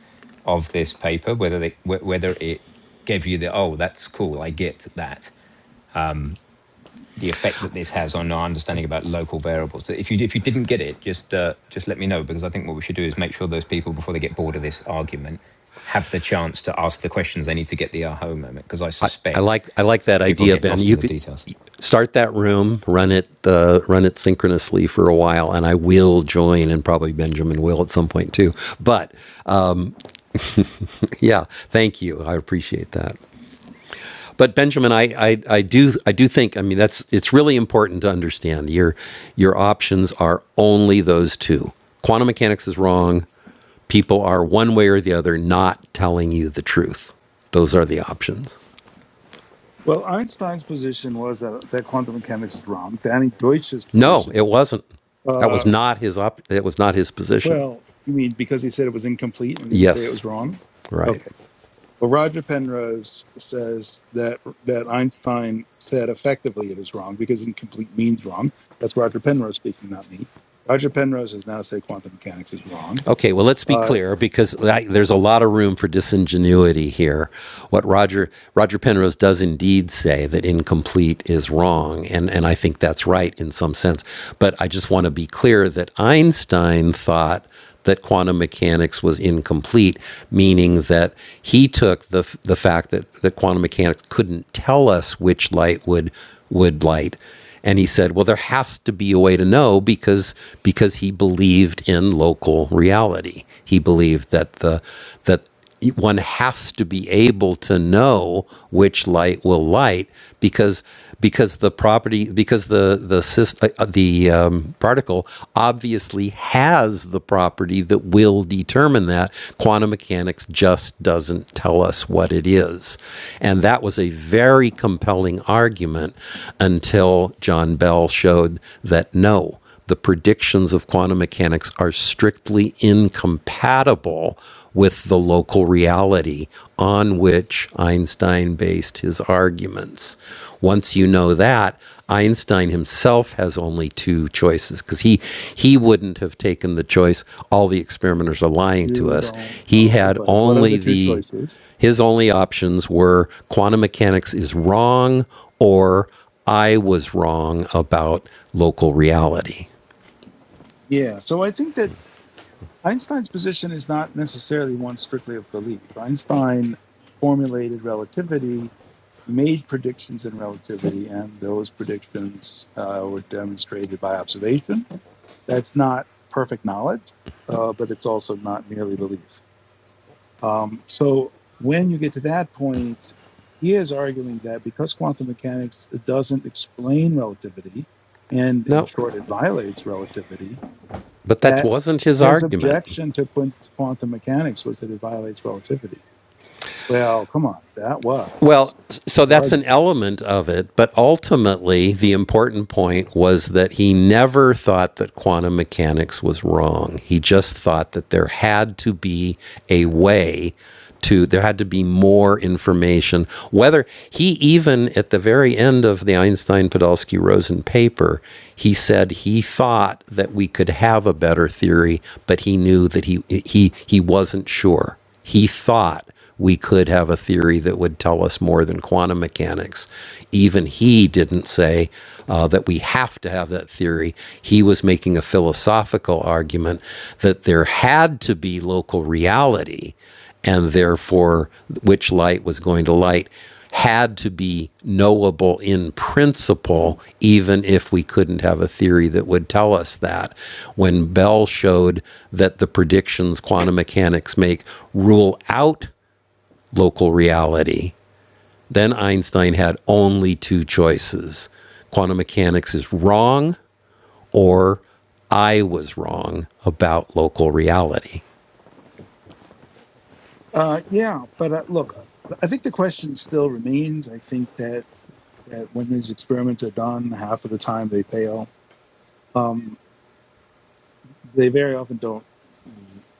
C: of this paper, whether they wh- whether it gave you the oh that's cool, I get that. Um, the effect that this has on our understanding about local variables. So If you if you didn't get it, just uh, just let me know because I think what we should do is make sure those people before they get bored of this argument have the chance to ask the questions they need to get the aha moment because I
A: I, I
C: suspect
A: like I like that
C: people
A: idea,
C: get
A: Ben.
C: lost in
A: You
C: the
A: could
C: details.
A: start that room, run it uh, run it synchronously for a while, and I will join, and probably Benjamin will at some point too. But yeah, thank you. I appreciate that. But Benjamin, I, I, I do I do think I mean that's it's really important to understand your your options are only those two. Quantum mechanics is wrong. People are one way or the other not telling you the truth. Those are the options.
D: well Einstein's position was that that quantum mechanics is wrong. Danny Deutsch's
A: No, it
D: position,
A: wasn't. That
D: uh,
A: was not his op- it was not his position.
D: well, you mean because he said it was incomplete and didn't say it was
A: Yes.
D: wrong?
A: Right.
D: Okay. Well, Roger Penrose says that that Einstein said effectively it is wrong because incomplete means wrong. That's Roger Penrose speaking, not me. Roger Penrose has now said quantum mechanics is wrong.
A: Okay, well, let's be
D: Uh,
A: clear because I, there's a lot of room for disingenuity here. What Roger Roger Penrose does indeed say that incomplete is wrong, and and I think that's right in some sense. But I just want to be clear that Einstein thought that quantum mechanics was incomplete, meaning that he took the the fact that that quantum mechanics couldn't tell us which light would would light and he said, "Well, there has to be a way to know because because he believed in local reality. He believed that the that one has to be able to know which light will light because because the property because the the uh, the um, particle obviously has the property that will." will determine that. Quantum mechanics just doesn't tell us what it is. And that was a very compelling argument until John Bell showed that no, the predictions of quantum mechanics are strictly incompatible with the local reality on which Einstein based his arguments. Once you know that, Einstein himself has only two choices because he, he wouldn't have taken the choice, all the experimenters are lying to
D: you
A: us.
D: don't
A: He
D: know,
A: had
D: but what are
A: only
D: the two
A: the,
D: choices?
A: his only options were quantum mechanics is wrong or I was wrong about local reality.
D: Yeah, so I think that Einstein's position is not necessarily one strictly of belief. Einstein formulated relativity, made predictions in relativity, and those predictions uh, were demonstrated by observation That's not perfect knowledge, uh, but it's also not merely belief. Um, so when you get to that point, he is arguing that because quantum mechanics doesn't explain relativity, and in
A: No,
D: short, it violates relativity,
A: but that
D: that
A: wasn't his
D: his
A: argument.
D: objection to quantum mechanics was that it violates relativity. Well, come on, that
A: Well,
D: was
A: so
D: his
A: that's an
D: argument.
A: element of it, but ultimately the important point was that he never thought that quantum mechanics was wrong. He just thought that there had to be a way to there had to be more information. Whether he even at the very end of the Einstein Podolsky Rosen paper, he said he thought that we could have a better theory, but he knew that he he he wasn't sure. He thought we could have a theory that would tell us more than quantum mechanics. Even he didn't say uh, that we have to have that theory. He was making a philosophical argument that there had to be local reality, and therefore, which light was going to light had to be knowable in principle, even if we couldn't have a theory that would tell us that. When Bell showed that the predictions quantum mechanics make rule out local reality. Then Einstein had only two choices quantum mechanics is wrong, or I was wrong about local reality.
D: Uh, yeah, but uh, look, I think the question still remains. I think that that when these experiments are done, half of the time they fail. Um, they very often don't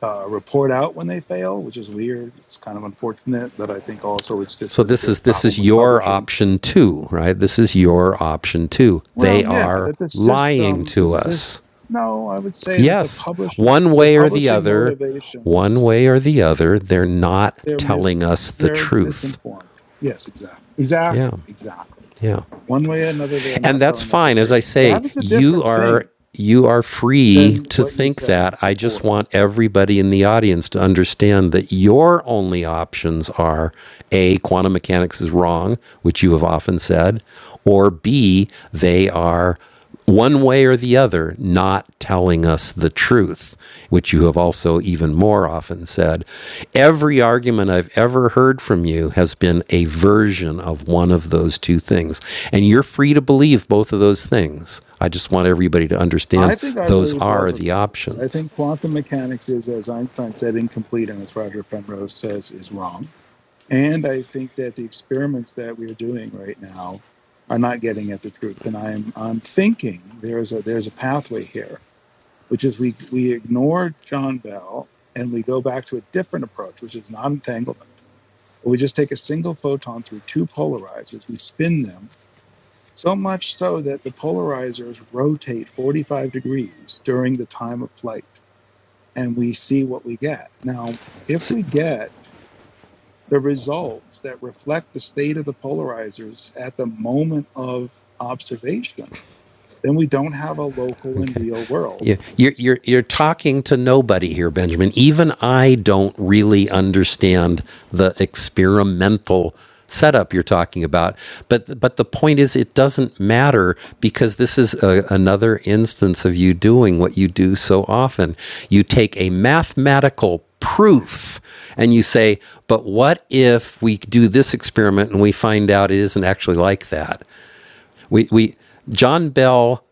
D: uh, report out when they fail, which is weird. It's kind of unfortunate, but I think also it's just
A: So
D: the,
A: this
D: the
A: is this
D: problem
A: is
D: with
A: your
D: publishing.
A: option too, right? This is your option too. They
D: Well, yeah,
A: are
D: that the
A: lying
D: system, the
A: to
D: system.
A: us.
D: No, I would say that the
A: Yes,
D: publishing,
A: one
D: the
A: way or the
D: publishing
A: other, one
D: motivations,
A: way or the other, they're not
D: they're
A: telling
D: mis,
A: us the
D: they're
A: truth.
D: misinformed. Yes, exactly,
A: Yeah.
D: exactly, exactly.
A: Yeah.
D: One way or another, they're
A: and
D: not
A: that's
D: telling us the
A: fine. As I
D: truth.
A: say,
D: That is a
A: you
D: different
A: are
D: thing
A: you are free
D: than
A: to
D: what you
A: think
D: said
A: that. I just
D: before.
A: want everybody in the audience to understand that your only options are A, quantum mechanics is wrong, which you have often said, or B, they are one way or the other, not telling us the truth, which you have also even more often said. Every argument I've ever heard from you has been a version of one of those two things. And you're free to believe both of those things. I just want everybody to
D: I
A: understand
D: think I
A: those
D: believe
A: are
D: both of
A: the
D: those things. I
A: options.
D: think quantum mechanics is, as Einstein said, incomplete, and as Roger Penrose says, is wrong. And I think that the experiments that we are doing right now are not getting at the truth. And I'm I'm thinking there's a there's a pathway here, which is we we ignore John Bell and we go back to a different approach, which is non entanglement. We just take a single photon through two polarizers, we spin them, so much so that the polarizers rotate 45 degrees during the time of flight, and we see what we get. Now, if we get the results that reflect the state of the polarizers at the moment of observation, then we don't have a local and
A: Okay.
D: real world.
A: You- are you're, you're talking to nobody here, Benjamin. Even I don't really understand the experimental setup you're talking about. But, but the point is, it doesn't matter because this is a, another instance of you doing what you do so often. You take a mathematical proof and you say, but what if we do this experiment and we find out it isn't actually like that? we, we John Bell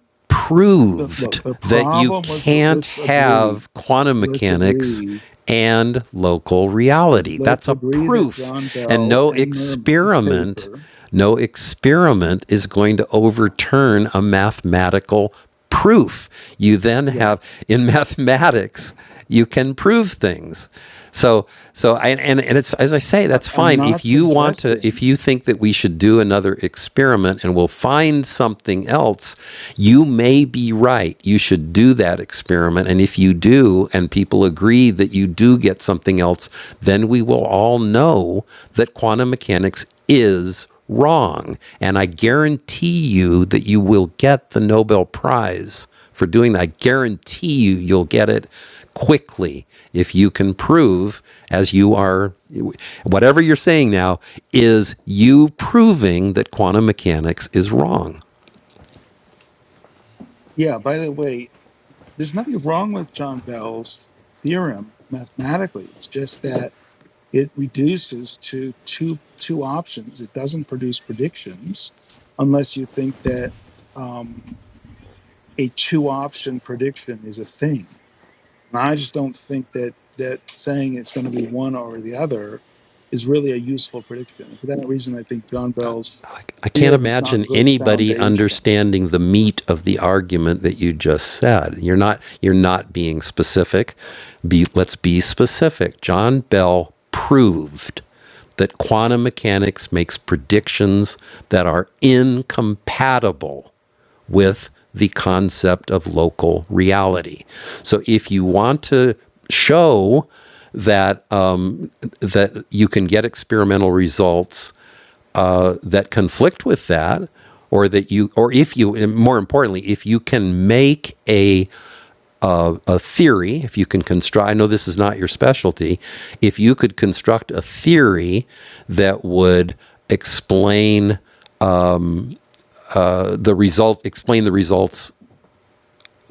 D: But
A: proved
D: look, the
A: that you
D: problem with the,
A: can't
D: let's agree,
A: have quantum
D: let's
A: mechanics
D: agree,
A: and local reality. That's
D: let's
A: a
D: agree that
A: proof.
D: John
A: And
D: Bell
A: no
D: and Merman's
A: experiment,
D: paper,
A: no experiment is going to overturn a mathematical proof. You then
D: correct.
A: have in mathematics, you can prove things. So, so I, and and it's as I say,
D: I,
A: that's
D: I'm
A: fine. If
D: not
A: you want to, if
D: suggesting
A: you think that we should do another experiment and we'll find something else, you may be right. You should do that experiment, and if you do, and people agree that you do get something else, then we will all know that quantum mechanics is wrong. And I guarantee you that you will get the Nobel Prize for doing that. I guarantee you you'll get it quickly if you can prove, as you are, whatever you're saying now, is you proving that quantum mechanics is wrong.
D: yeah, by the way, there's nothing wrong with John Bell's theorem mathematically. It's just that it reduces to two two options. It doesn't produce predictions unless you think that um, a two option prediction is a thing. And I just don't think that that saying it's going to be one or the other is really a useful prediction. And for that reason, I think John Bell's
A: I can't
D: theorem is not
A: imagine
D: good
A: anybody
D: foundation.
A: understanding the meat of the argument that you just said. You're not you're not being specific. Be let's be specific. John Bell proved that quantum mechanics makes predictions that are incompatible with the concept of local reality. So if you want to show that uh, that you can get experimental results that conflict with that or that you or if you and more importantly if you can make a a theory if you can construct I know this is not your specialty if you could construct a theory that would explain uh, the result explain the results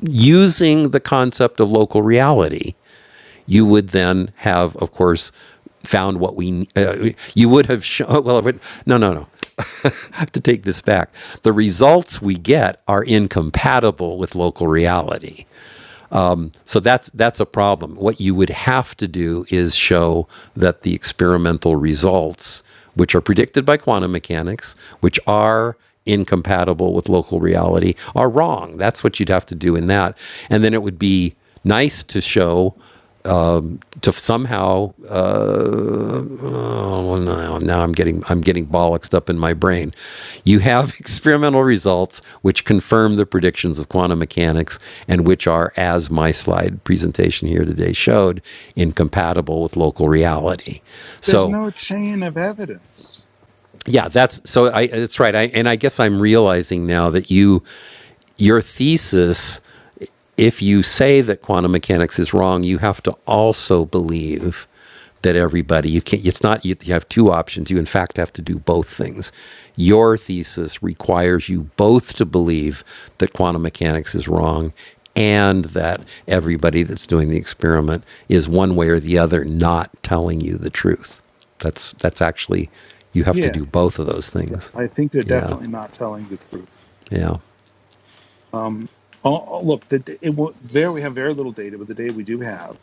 A: using the concept of local reality you would then have of course found what we uh, you would have shown well no no no I have to take this back. The results we get are incompatible with local reality. So that's that's a problem. What you would have to do is show that the experimental results, which are predicted by quantum mechanics, which are incompatible with local reality, are wrong. That's what you'd have to do in that. And then it would be nice to show to somehow Oh, well, now, now I'm getting I'm getting bollocksed up in my brain. You have experimental results which confirm the predictions of quantum mechanics and which are, as my slide presentation here today showed, incompatible with local reality.
D: There's
A: So
D: no chain of evidence.
A: yeah, that's so I that's right. I and I guess I'm realizing now that you your thesis if you say that quantum mechanics is wrong, you have to also believe that everybody you can't. It's not you, have two options. You in fact have to do both things. Your thesis requires you both to believe that quantum mechanics is wrong and that everybody that's doing the experiment is one way or the other not telling you the truth. That's that's actually you have to
D: Yeah,
A: do
D: yeah.
A: both of those
D: Yeah,
A: things.
D: I think they're
A: Yeah.
D: definitely not telling the truth.
A: Yeah.
D: Um, all, all- look, the, it, will- there we have very little data, but the data we do have,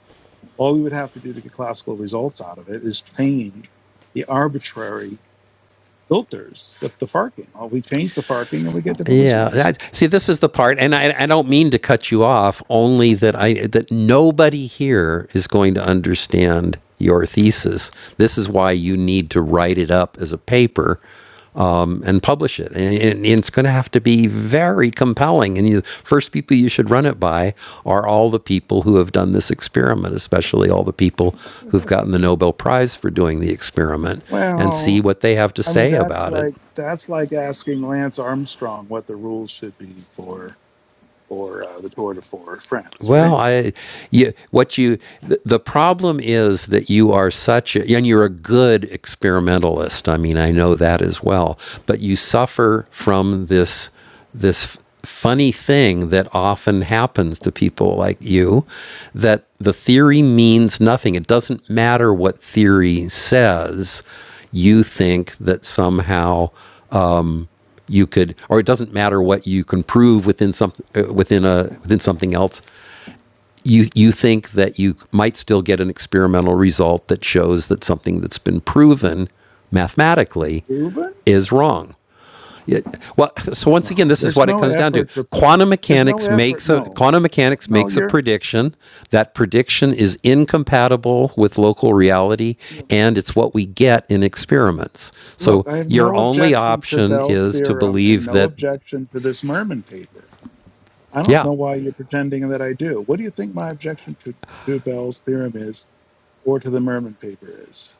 D: all we would have to do to get classical results out of it is change the arbitrary filters of the farking. Well, we change the farking and we get different
A: Yeah,
D: results.
A: I, see, this is the part, and I, I don't mean to cut you off. Only that I that nobody here is going to understand your thesis. This is why you need to write it up as a paper um, and publish it, and, and it's going to have to be very compelling. And the first people you should run it by are all the people who have done this experiment, especially all the people who've gotten the Nobel Prize for doing the experiment, and see
D: Well,
A: what they have to
D: I mean
A: say
D: that's
A: about it.
D: like that's like asking Lance Armstrong what the rules should be for for uh, the Tour de for France, right?
A: Well, I, you, what you, the problem is that you are such a, and you're a good experimentalist. I mean, I know that as well, but you suffer from this, this funny thing that often happens to people like you, that the theory means nothing. It doesn't matter what theory says. You think that somehow you could, or it doesn't matter what you can prove within some, uh, within a, within something else you you think that you might still get an experimental result that shows that something that's been proven mathematically
D: Proven?
A: is wrong. Well, so once
D: No,
A: again, this is
D: there's
A: what it
D: no
A: comes down to.
D: effort to.
A: Quantum
D: There's no
A: mechanics
D: effort.
A: makes a
D: No,
A: quantum mechanics
D: no,
A: makes a
D: you're.
A: prediction. That prediction is incompatible with local reality, and it's what we get in experiments.
D: Look,
A: So
D: I have
A: your
D: no
A: only
D: objection to
A: option
D: Bell's
A: is to
D: theorem and
A: believe
D: no
A: that,
D: objection to this Merman paper. I don't
A: yeah,
D: know why you're pretending that I do. What do you think my objection to, to Bell's theorem is or to the Merman paper is?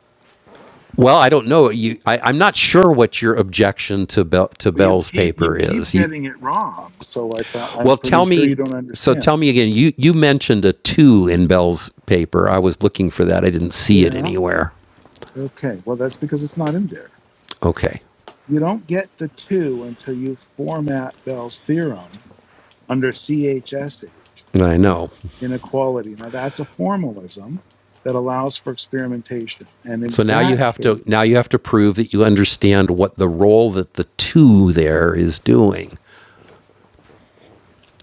A: Well, I don't know. You, I, I'm not sure what your objection to Bell, to
D: Well, you
A: Bell's
D: keep
A: paper
D: you keep
A: is. You,
D: getting it wrong. So I thought I'm
A: well,
D: pretty
A: tell
D: sure you
A: me.
D: don't
A: So
D: understand.
A: tell me again. You you mentioned a two in Bell's paper. I was looking for that. I didn't see it
D: Yeah.
A: anywhere.
D: Okay. Well, that's because it's not in there.
A: Okay,
D: You don't get the two until you format Bell's theorem under CHSH.
A: I know.
D: inequality. Now, that's a formalism that allows for experimentation. And in
A: So now you
D: that
A: have to now
D: case,
A: you have to prove that you understand what the role that the two there is doing.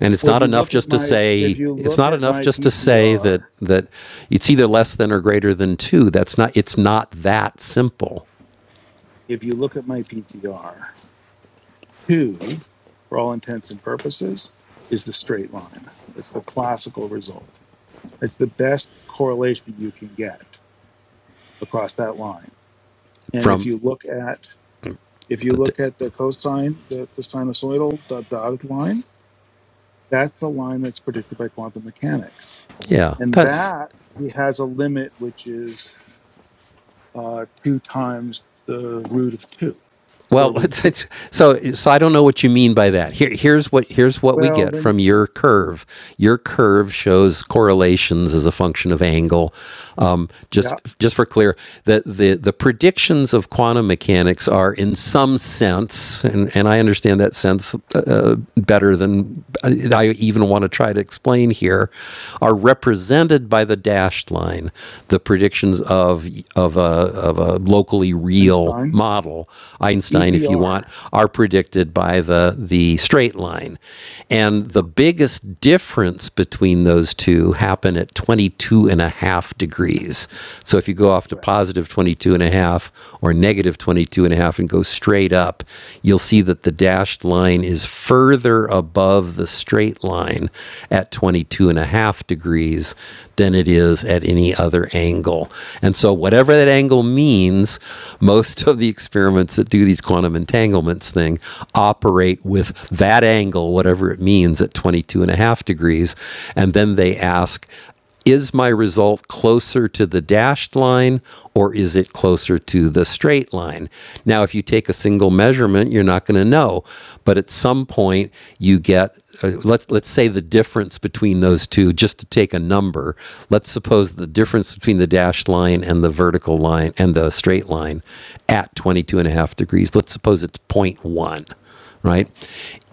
A: And it's
D: well, if
A: not
D: you
A: enough
D: look at
A: just to
D: my if
A: say
D: you
A: it's
D: look
A: not
D: at
A: enough
D: my
A: just to say that
D: PTR,
A: that it's either less than or greater than two. That's not it's not that simple.
D: if you look at my PTR, two, for all intents and purposes, is the straight line. It's the classical result. It's the best correlation you can get across that line. And if
A: from
D: you look at if you
A: the
D: look at the cosine, the, the sinusoidal dotted line, that's the line that's predicted by quantum mechanics
A: yeah
D: and
A: that
D: that has a limit which is uh, two times the root of two, square
A: well
D: root of
A: it's,
D: two.
A: it's, so so i don't know what you mean by that here here's what here's what we
D: Well,
A: get
D: then,
A: from your curve your curve shows correlations as a function of angle um,
D: yeah,
A: just just for clear that the the predictions of quantum mechanics are in some sense and and i understand that sense uh, uh, better than I even want to try to explain here are represented by the dashed line the predictions of of of a, of a locally real
D: Einstein
A: model, Einstein, if you want,
D: EPR,
A: are predicted by the, the straight line. And
D: yeah,
A: the biggest difference between those two happen at 22 and a half degrees. So if you go off to
D: correct.
A: positive positive 22 and a half or negative negative 22 and a half and go straight up, you'll see that the dashed line is further above the straight line at 22 and a half degrees than it is at any other angle. And so, whatever that angle means, most of the experiments that do these quantum entanglements thing operate with that angle, whatever it means, at 22 and a half degrees. And then they ask, is my result closer to the dashed line or is it closer to the straight line? Now, if you take a single measurement, you're not going to know. But at some point, you get, uh, let's let's let's say the difference between those two just to take a number let's suppose the difference between the dashed line and the vertical line and the straight line at 22 and a half degrees let's suppose it's zero point 0.1 right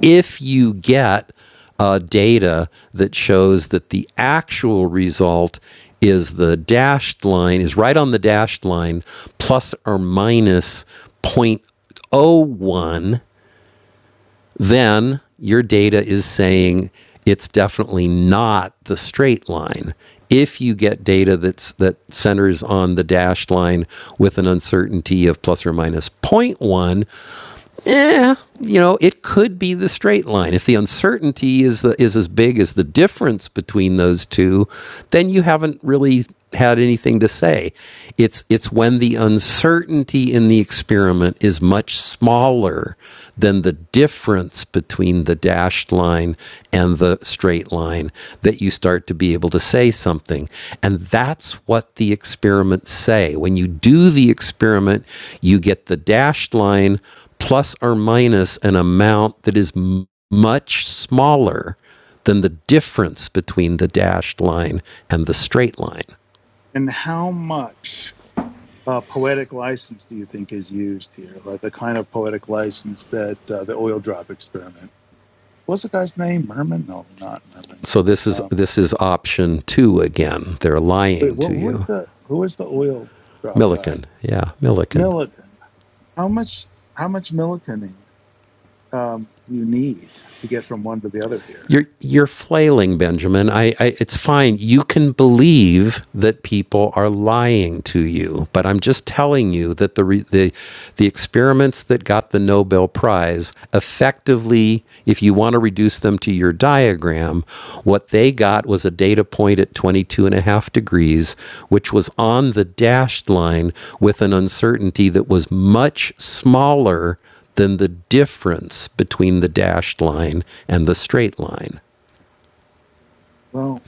A: if you get uh, data that shows that the actual result is the dashed line is right on the dashed line plus or minus zero point zero 0.01 then your data is saying it's definitely not the straight line. If you get data that's that centers on the dashed line with an uncertainty of plus or minus zero point 0.1, eh, you know, it could be the straight line. If the uncertainty is the, is as big as the difference between those two, then you haven't really had anything to say. It's it's when the uncertainty in the experiment is much smaller than the difference between the dashed line and the straight line that you start to be able to say something. And that's what the experiments say. When you do the experiment, you get the dashed line plus or minus an amount that is m- much smaller than the difference between the dashed line and the straight line.
D: And how much uh, poetic license do you think is used here? Like the kind of poetic license that uh, the oil drop experiment. What's the guy's name? Merman? No, not Merman.
A: So this is
D: Um,
A: this is option 2 again. They're
D: wait,
A: lying
D: what,
A: to
D: was
A: you.
D: the who was the oil drop guy?
A: Millikan. Yeah, Millikan.
D: Millikan. How much? How much Millikaning? um, you need to get from one to the other here?
A: You're you're flailing, Benjamin. I, I it's fine. You can believe that people are lying to you, but I'm just telling you that the re, the the experiments that got the Nobel Prize effectively, if you want to reduce them to your diagram, what they got was a data point at 22 and a half degrees, which was on the dashed line with an uncertainty that was much smaller than the difference between the dashed line and the straight line.
D: Well,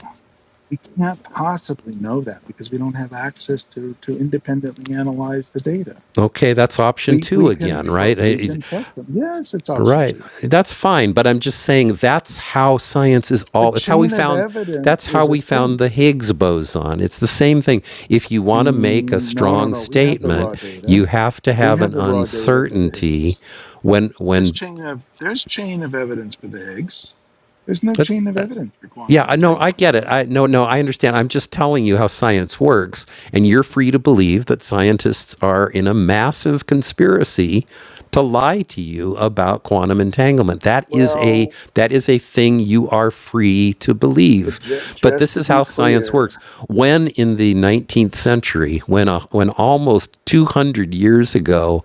D: we can't possibly know that because we don't have access to to independently analyze the data.
A: Okay, that's option
D: We
A: two
D: we can
A: again,
D: tr-
A: right? Eh,
D: we
A: eh,
D: can trust them. Yes, it's option
A: Right.
D: two.
A: That's fine, but I'm just saying that's how science is
D: The
A: all. It's how we
D: chain of
A: found. That's
D: evidence
A: how
D: is a
A: we found
D: thing.
A: the Higgs boson. It's the same thing. If you want to make a
D: Mm, no, no,
A: strong
D: no. We have the
A: statement,
D: raw
A: you
D: data.
A: have to
D: We
A: have an
D: have the raw data for the
A: uncertainty
D: Higgs.
A: when
D: There's
A: when.
D: chain of there's chain of evidence for the Higgs. There's no chain of evidence for
A: Yeah,
D: quantum
A: no, I
D: entanglement.
A: get it. I no, no, I understand. I'm just telling you how science works, and you're free to believe that scientists are in a massive conspiracy to lie to you about quantum entanglement. That is a
D: Well,
A: that is a thing you are free to believe.
D: but ju-
A: But
D: just
A: this
D: to
A: is
D: be
A: how science
D: clear,
A: works. When in the 19th century, when a, when almost 200 years ago,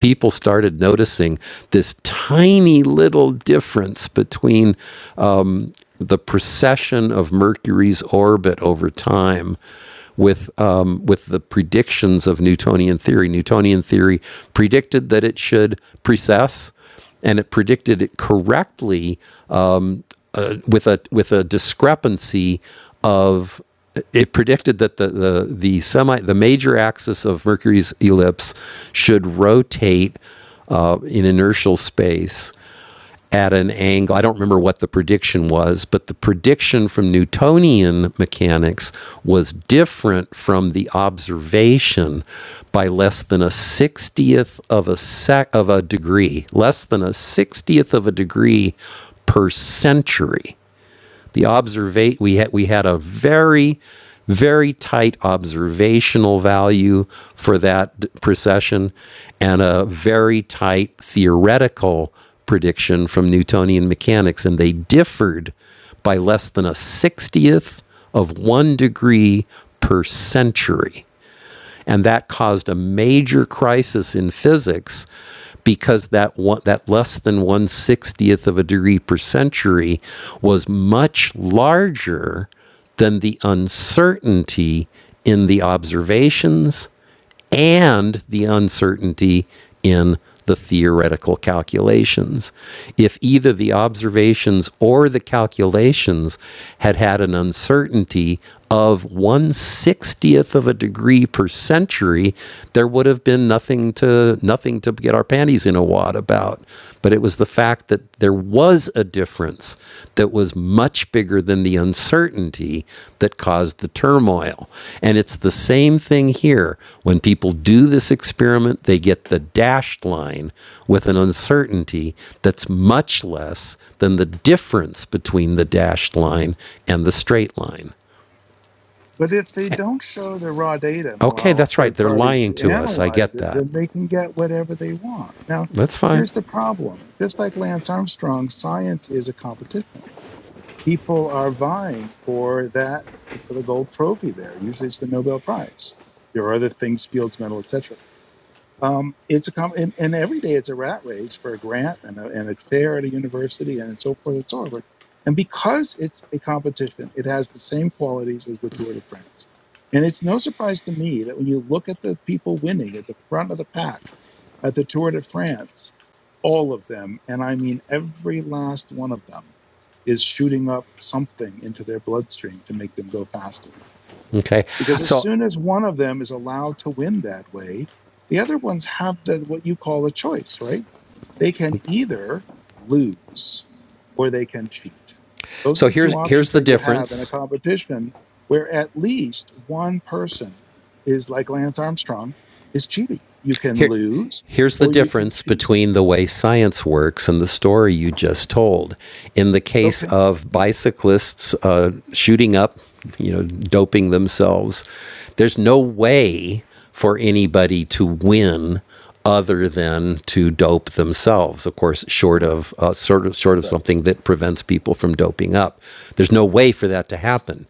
A: people started noticing this tiny little difference between um, the precession of Mercury's orbit over time with um, with the predictions of Newtonian theory. Newtonian theory predicted that it should precess, and it predicted it correctly uh, with a with a discrepancy of it predicted that the, the the semi the major axis of Mercury's ellipse should rotate uh, in inertial space at an angle. I don't remember what the prediction was, but the prediction from Newtonian mechanics was different from the observation by less than a 60th of a sec of a degree, less than a 60th of a degree per century the observate we had we had a very very tight observational value for that precession and a very tight theoretical prediction from Newtonian mechanics and they differed by less than a 60th of 1 degree per century and that caused a major crisis in physics because that one, that less than 160th of a degree per century was much larger than the uncertainty in the observations and the uncertainty in the theoretical calculations. If either the observations or the calculations had had an uncertainty of 160th of a degree per century, there would have been nothing to nothing to get our panties in a wad about. But it was the fact that there was a difference that was much bigger than the uncertainty that caused the turmoil. And it's the same thing here. When people do this experiment, they get the dashed line with an uncertainty that's much less than the difference between the dashed line and the straight line.
D: But if they don't show the raw data and
A: Okay,
D: allow
A: that's right.
D: third
A: They're
D: parties
A: lying
D: to
A: to us. I
D: analyze
A: get
D: it,
A: that.
D: then they can get whatever they want. Now,
A: That's fine.
D: here's the problem. Just like Lance Armstrong, science is a competition. People are vying for that for the gold trophy there. Usually it's the Nobel Prize. There are other things, Fields Medal, etc. Um, it's a com- and, and every day it's a rat race for a grant and a, and a chair at a university and so forth and so forth. And because it's a competition, it has the same qualities as the Tour de France. And it's no surprise to me that when you look at the people winning at the front of the pack at the Tour de France, all of them, and I mean every last one of them, is shooting up something into their bloodstream to make them go faster
A: Okay.
D: because as
A: So
D: soon as one of them is allowed to win that way, the other ones have the what you call a choice, right? They can either lose or they can cheat. Those are
A: so
D: the two
A: here's
D: options
A: here's the
D: that you have in a
A: difference.
D: competition where at least one person is like Lance Armstrong is cheating. You can
A: Here,
D: lose
A: here's the
D: or you can
A: difference
D: cheat.
A: between the way science works and the story you just told. In the case
D: Okay.
A: of bicyclists uh, shooting up, you know, doping themselves, there's no way for anybody to win other than to dope themselves. Of course, short
D: Correct.
A: of uh, sort of short of
D: Correct.
A: something that prevents people from doping up, there's no way for that to happen.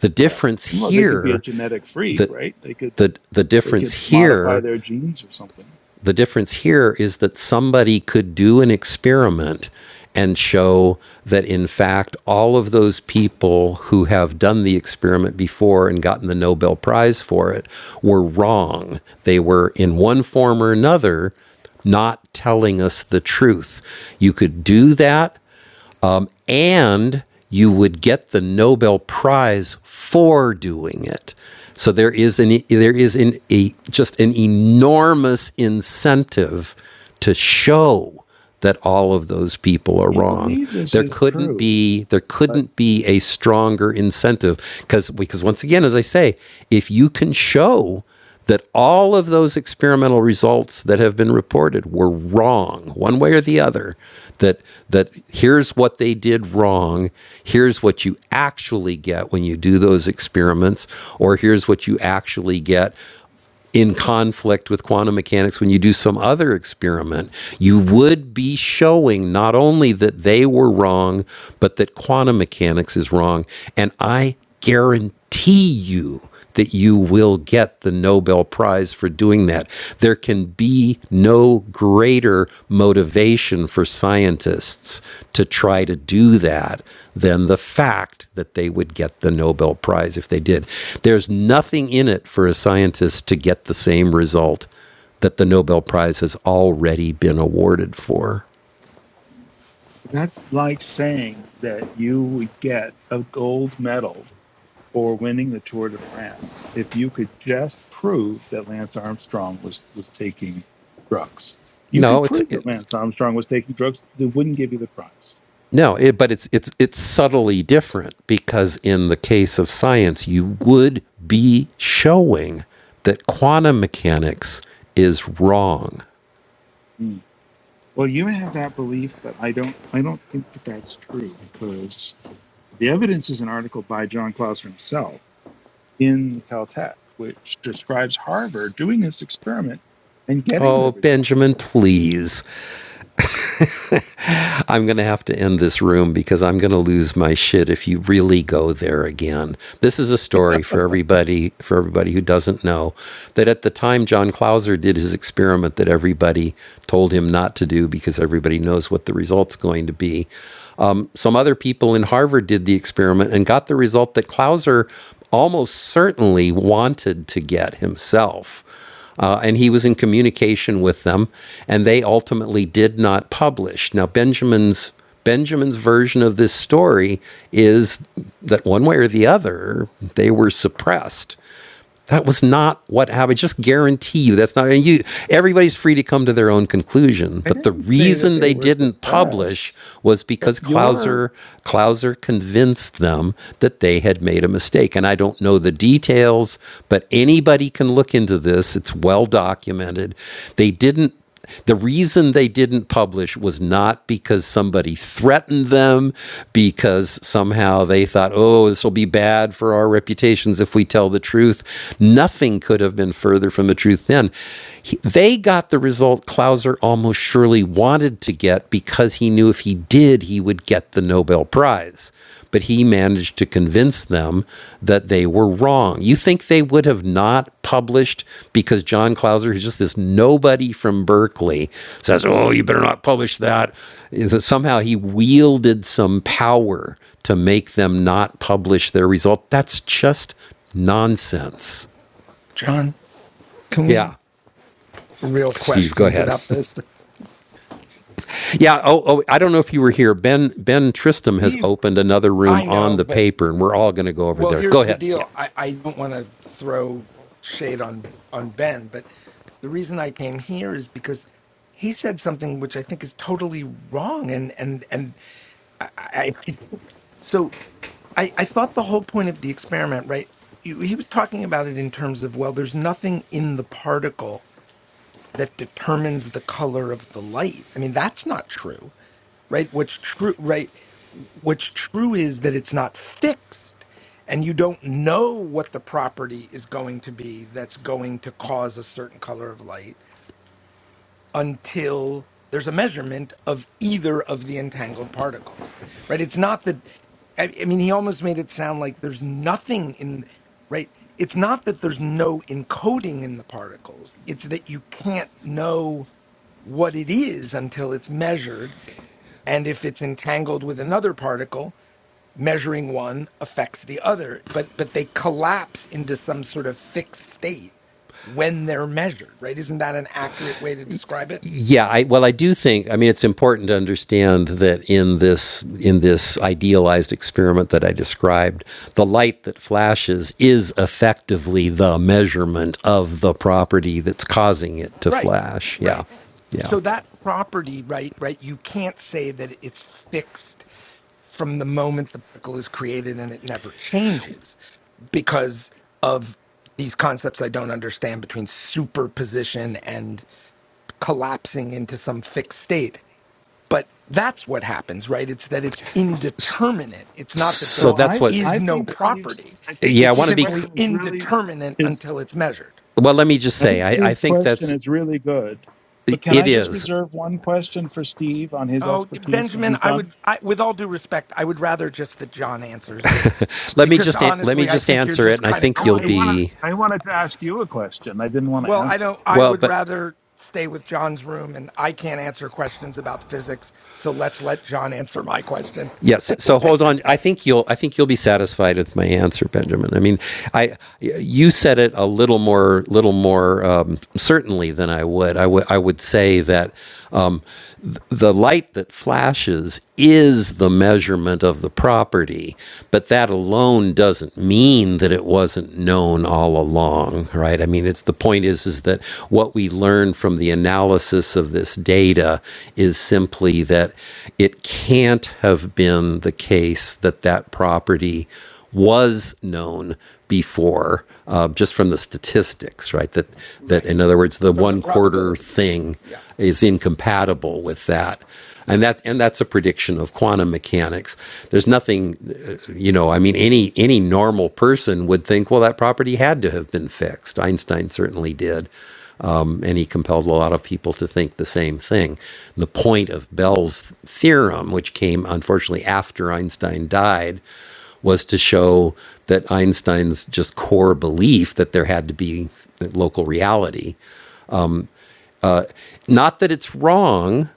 A: The
D: Correct.
A: difference
D: Well, they could be a
A: here
D: genetic freak,
A: the
D: right? They could
A: the the
D: they
A: difference
D: could modify
A: here
D: their genes or something.
A: the difference here is that somebody could do an experiment and show that, in fact, all of those people who have done the experiment before and gotten the Nobel Prize for it were wrong. They were, in one form or another, not telling us the truth. You could do that and you would get the Nobel Prize for doing it. So there is an there is an, a just an enormous incentive to show that all of those people are
D: You
A: wrong.
D: believe this
A: There
D: is
A: couldn't
D: true
A: be there
D: But
A: couldn't be a stronger incentive because because once again, as I say, if you can show that all of those experimental results that have been reported were wrong, one way or the other. That that here's what they did wrong, here's what you actually get when you do those experiments, or here's what you actually get in conflict with quantum mechanics when you do some other experiment, you would be showing not only that they were wrong, but that quantum mechanics is wrong. And I guarantee you that you will get the Nobel Prize for doing that. There can be no greater motivation for scientists to try to do that than the fact that they would get the Nobel Prize if they did. There's nothing in it for a scientist to get the same result that the Nobel Prize has already been awarded for.
D: that's like saying that you would get a gold medal for winning the Tour de France if you could just prove that Lance Armstrong was was taking drugs. You could
A: No, it's
D: prove
A: it,
D: that Lance Armstrong was taking drugs. They wouldn't give you the prize.
A: no, it, but it's it's it's subtly different because in the case of science, you would be showing that quantum mechanics is wrong.
D: Mm. Well, you have that belief, but I don't. I don't think that that's true because the evidence is an article by John Clauser himself in Caltech, which describes Harvard doing this experiment and getting the
A: Oh,
D: results.
A: Benjamin, please. I'm going to have to end this room because I'm going to lose my shit if you really go there again. This is a story for everybody, for everybody who doesn't know that at the time John Clauser did his experiment that everybody told him not to do because everybody knows what the result's going to be. Um, some other people in Harvard did the experiment and got the result that Clauser almost certainly wanted to get himself. Uh, and he was in communication with them, and they ultimately did not publish. Now, Benjamin's Benjamin's version of this story is that one way or the other, they were suppressed that was not what happened. just guarantee you that's not. And you, everybody's free to come to their own conclusion.
D: I
A: But the
D: didn't say that
A: reason
D: they
A: they
D: were
A: didn't publish
D: suppressed,
A: was
D: but
A: because
D: your
A: Clauser Clauser convinced them that they had made a mistake. And I don't know the details, but anybody can look into this. It's well documented. They didn't the reason they didn't publish was not because somebody threatened them, because somehow they thought, oh, this will be bad for our reputations if we tell the truth. Nothing could have been further from the truth then. He- they got the result Clauser almost surely wanted to get because he knew if he did, he would get the Nobel Prize but he managed to convince them that they were wrong. You think they would have not published because John Clauser, who's just this nobody from Berkeley, says, Oh, you better not publish that somehow he wielded some power to make them not publish their result? That's just nonsense.
E: John, can we
A: Yeah.
E: real
A: Steve, go
E: questions
A: ahead.
E: about this?
A: yeah. Oh, oh, I don't know if you were here. Ben Ben Tristram has
D: Steve.
A: opened another room
E: I
A: on
E: know,
A: the
E: but
A: paper, and we're all going to go over
E: Well,
A: there. Go
E: here's the
A: ahead. Yeah.
E: deal. I, I don't want to throw shade on on Ben, but the reason I came here is because he said something which I think is totally wrong, and and and I, I I- so I I thought the whole point of the experiment, right? you- He was talking about it in terms of well, there's nothing in the particle that determines the color of the light. I mean, that's not true right what's true right what's true is that it's not fixed and you don't know what the property is going to be that's going to cause a certain color of light until there's a measurement of either of the entangled particles right it's not that i, I mean he almost made it sound like there's nothing in right it's not that there's no encoding in the particles it's that you can't know what it is until it's measured and if it's entangled with another particle measuring one affects the other but but they collapse into some sort of fixed state when they're measured right isn't that an accurate way to describe it
A: Yeah, I, well, I do think. I mean, it's important to understand that in this in this idealized experiment that I described, the light that flashes is effectively the measurement of the property that's causing it to
E: right
A: flash. Yeah,
E: right
A: yeah.
E: so that property right right you can't say that it's fixed from the moment the particle is created and it never changes because of these concepts i don't understand between superposition and collapsing into some fixed state But that's what happens, right? It's that it's indeterminate. It's not that
A: So
D: So
E: there
A: that's
D: I
A: what.
E: is
D: I
E: no
D: think Steve's
E: property.
D: I think
A: Yeah, I
E: It's
A: want
D: Steve's
A: to be.
E: simply
D: question is really
E: indeterminate
D: is
E: until it's measured.
A: Well, let me just
D: I
A: say,
D: think
A: I, I
D: Steve's
A: think
D: question
A: that's
D: is really good. But can
A: it
D: I just
A: is.
D: reserve one question for Steve on his
E: Oh,
D: expertise when
E: Benjamin,
D: he's
E: I
D: done?
E: would, I, with all due respect, I would rather just that John answers
A: Let me
E: because
A: just let me
E: honestly, I
A: just
E: think you're
A: answer it,
E: just
A: and I
E: kind of
D: No,
A: think you'll
D: I
E: kooky.
D: wanna
A: be
D: I wanted to ask you a question. I didn't want to
E: Well, I
D: answer.
E: don't. I
A: well.
E: would
A: But
E: rather stay with John's room, and I can't answer questions about physics. So let's let John answer my question.
A: Yes. So hold on. I think you'll. I think you'll be satisfied with my answer, Benjamin. I mean, I you said it a little more, little more um, certainly than I would. I would. I would say that the light that flashes is the measurement of the property, but that alone doesn't mean that it wasn't known all along, right? I mean, it's the point is is that what we learn from the analysis of this data is simply that it can't have been the case that that property was known before, uh, just from the statistics, right? That that
E: Right.
A: in other words, the
E: From the
A: one quarter
E: probabilities.
A: thing
E: Yeah.
A: is incompatible with that. And
E: Yeah.
A: that and that's a prediction of quantum mechanics. There's nothing, uh, you know. I mean, any any normal person would think, well, that property had to have been fixed. Einstein certainly did, and he compelled a lot of people to think the same thing. The point of Bell's theorem, which came unfortunately after Einstein died, was to show that Einstein's just core belief that there had to be local reality. Not that it's wrong,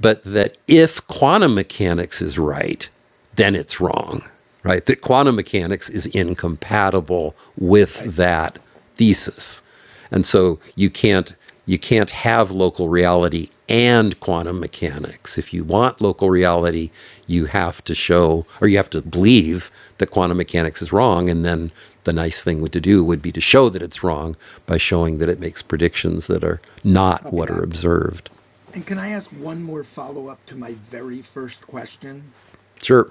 A: but that if quantum mechanics is right, then it's wrong, right? That quantum mechanics is incompatible with
E: Right.
A: that thesis. And so you can't you can't have local reality and quantum mechanics. If you want local reality, you have to show or you have to believe that quantum mechanics is wrong and then the nice thing to do would be to show that it's wrong by showing that it makes predictions that are not
E: Copy
A: what are
E: that.
A: observed.
E: And can I ask one more follow-up to my very first question?
A: Sure.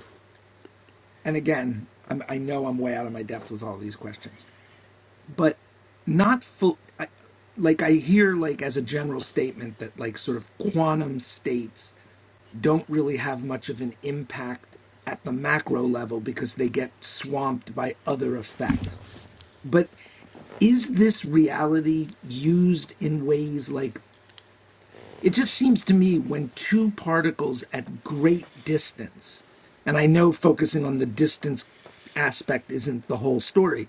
E: And again, I'm, I know I'm way out of my depth with all these questions, but not full. I, like I hear, like as a general statement, that like sort of quantum states don't really have much of an impact at the macro level because they get swamped by other effects. but. is this reality used in ways like it just seems to me when two particles at great distance and i know focusing on the distance aspect isn't the whole story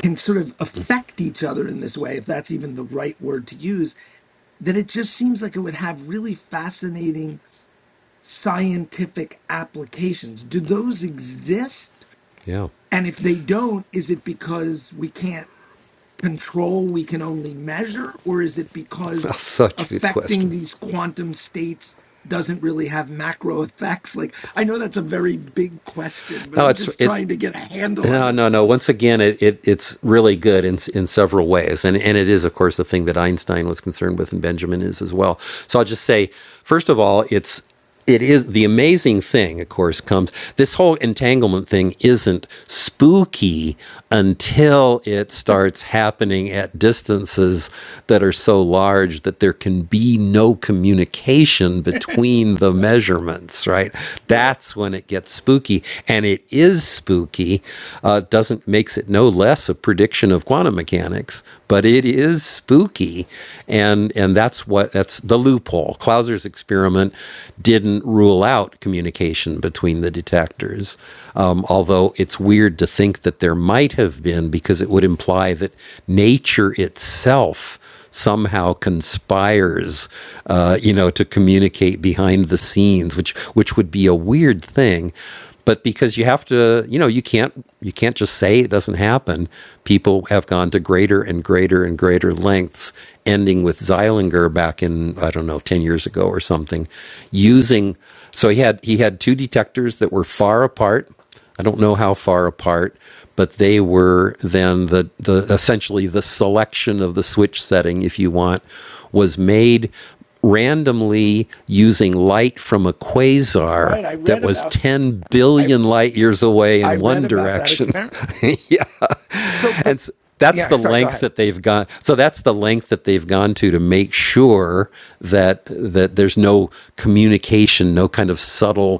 E: can sort of affect each other in this way if that's even the right word to use then it just seems like it would have really fascinating scientific applications do those exist
A: Yeah.
E: and if they don't is it because we can't control we can only measure, or is it
A: Oh,
E: because
A: Such a good
E: affecting
A: question.
E: these quantum states doesn't really have macro effects? Like, I know that's a very big question, but
A: No,
E: I'm
A: it's
E: just
A: it.
E: trying to get a handle on
A: No,
E: this
A: no, no.
E: stuff.
A: Once again, it, it it's really good in in several ways, and and it is, of course, the thing that Einstein was concerned with, and Benjamin is as well. So I'll just say, first of all, it's it is the amazing thing. Of course, comes this whole entanglement thing isn't spooky until it starts happening at distances that are so large that there can be no communication. communication between the
E: Right,
A: measurements, right?
E: right,
A: That's when it gets spooky, and it is spooky. Uh, doesn't makes it no less a prediction of quantum mechanics, but it is spooky, and and that's what that's the loophole. Clauser's experiment didn't rule out communication between the detectors, um, although it's
E: right,
A: weird to think that there might have been because it would imply that nature itself somehow conspires, uh, you know, to communicate behind the scenes, which which would be a weird thing. But because you have to, you know, you can't you can't just say it doesn't happen. People have gone to greater and greater and greater lengths, ending with Zeilinger back in I don't know ten years ago or something, using. So he had he had two detectors that were far apart I don't know how far apart, but they were then the, the essentially the selection of the switch setting, if you want, was made randomly using light from a quasar
E: right. I
A: that
E: read
A: was
E: about
A: 10
E: I
A: billion light years away
E: I
A: in
E: read
A: one
E: about that
A: direction.
E: experiment. So, but
A: and that's
E: yeah,
A: the
E: sorry. Go
A: length
E: ahead.
A: that they've gone. So that's the length that they've gone to to make sure that that there's no communication, no kind of subtle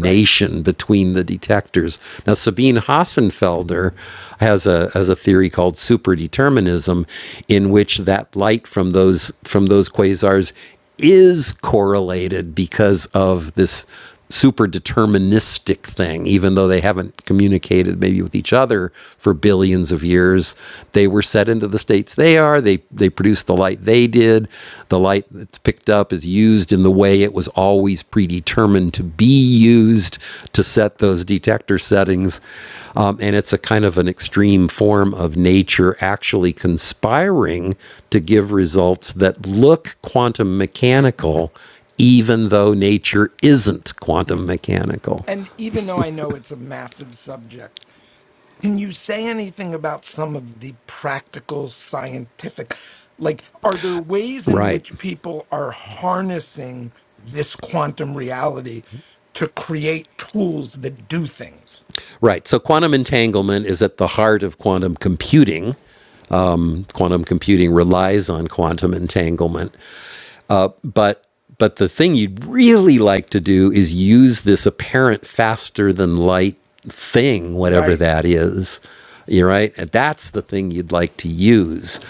E: Right,
A: between the detectors. Now Sabine Hassenfelder has a has a theory called superdeterminism, in which that light from those from those quasars is correlated because of this super deterministic thing, even though they haven't communicated maybe with each other for billions of years. They were set into the states they are. They they produce the light they did. The light that's picked up is used in the way it was always predetermined to be used to set those detector settings. Um, and it's a kind of an extreme form of nature actually conspiring to give results that look quantum mechanical even though nature isn't quantum mechanical.
E: and even though I know it's a massive subject. Can you say anything about some of the practical scientific? Like, are there ways in
A: Right.
E: which people are harnessing this quantum reality to create tools that do things?
A: Right. So quantum entanglement is at the heart of quantum computing. Quantum computing relies on quantum entanglement. but but the thing you'd really like to do is use this apparent faster than light thing, whatever
E: Right.
A: that is. You're right. And That's the thing you'd like to use.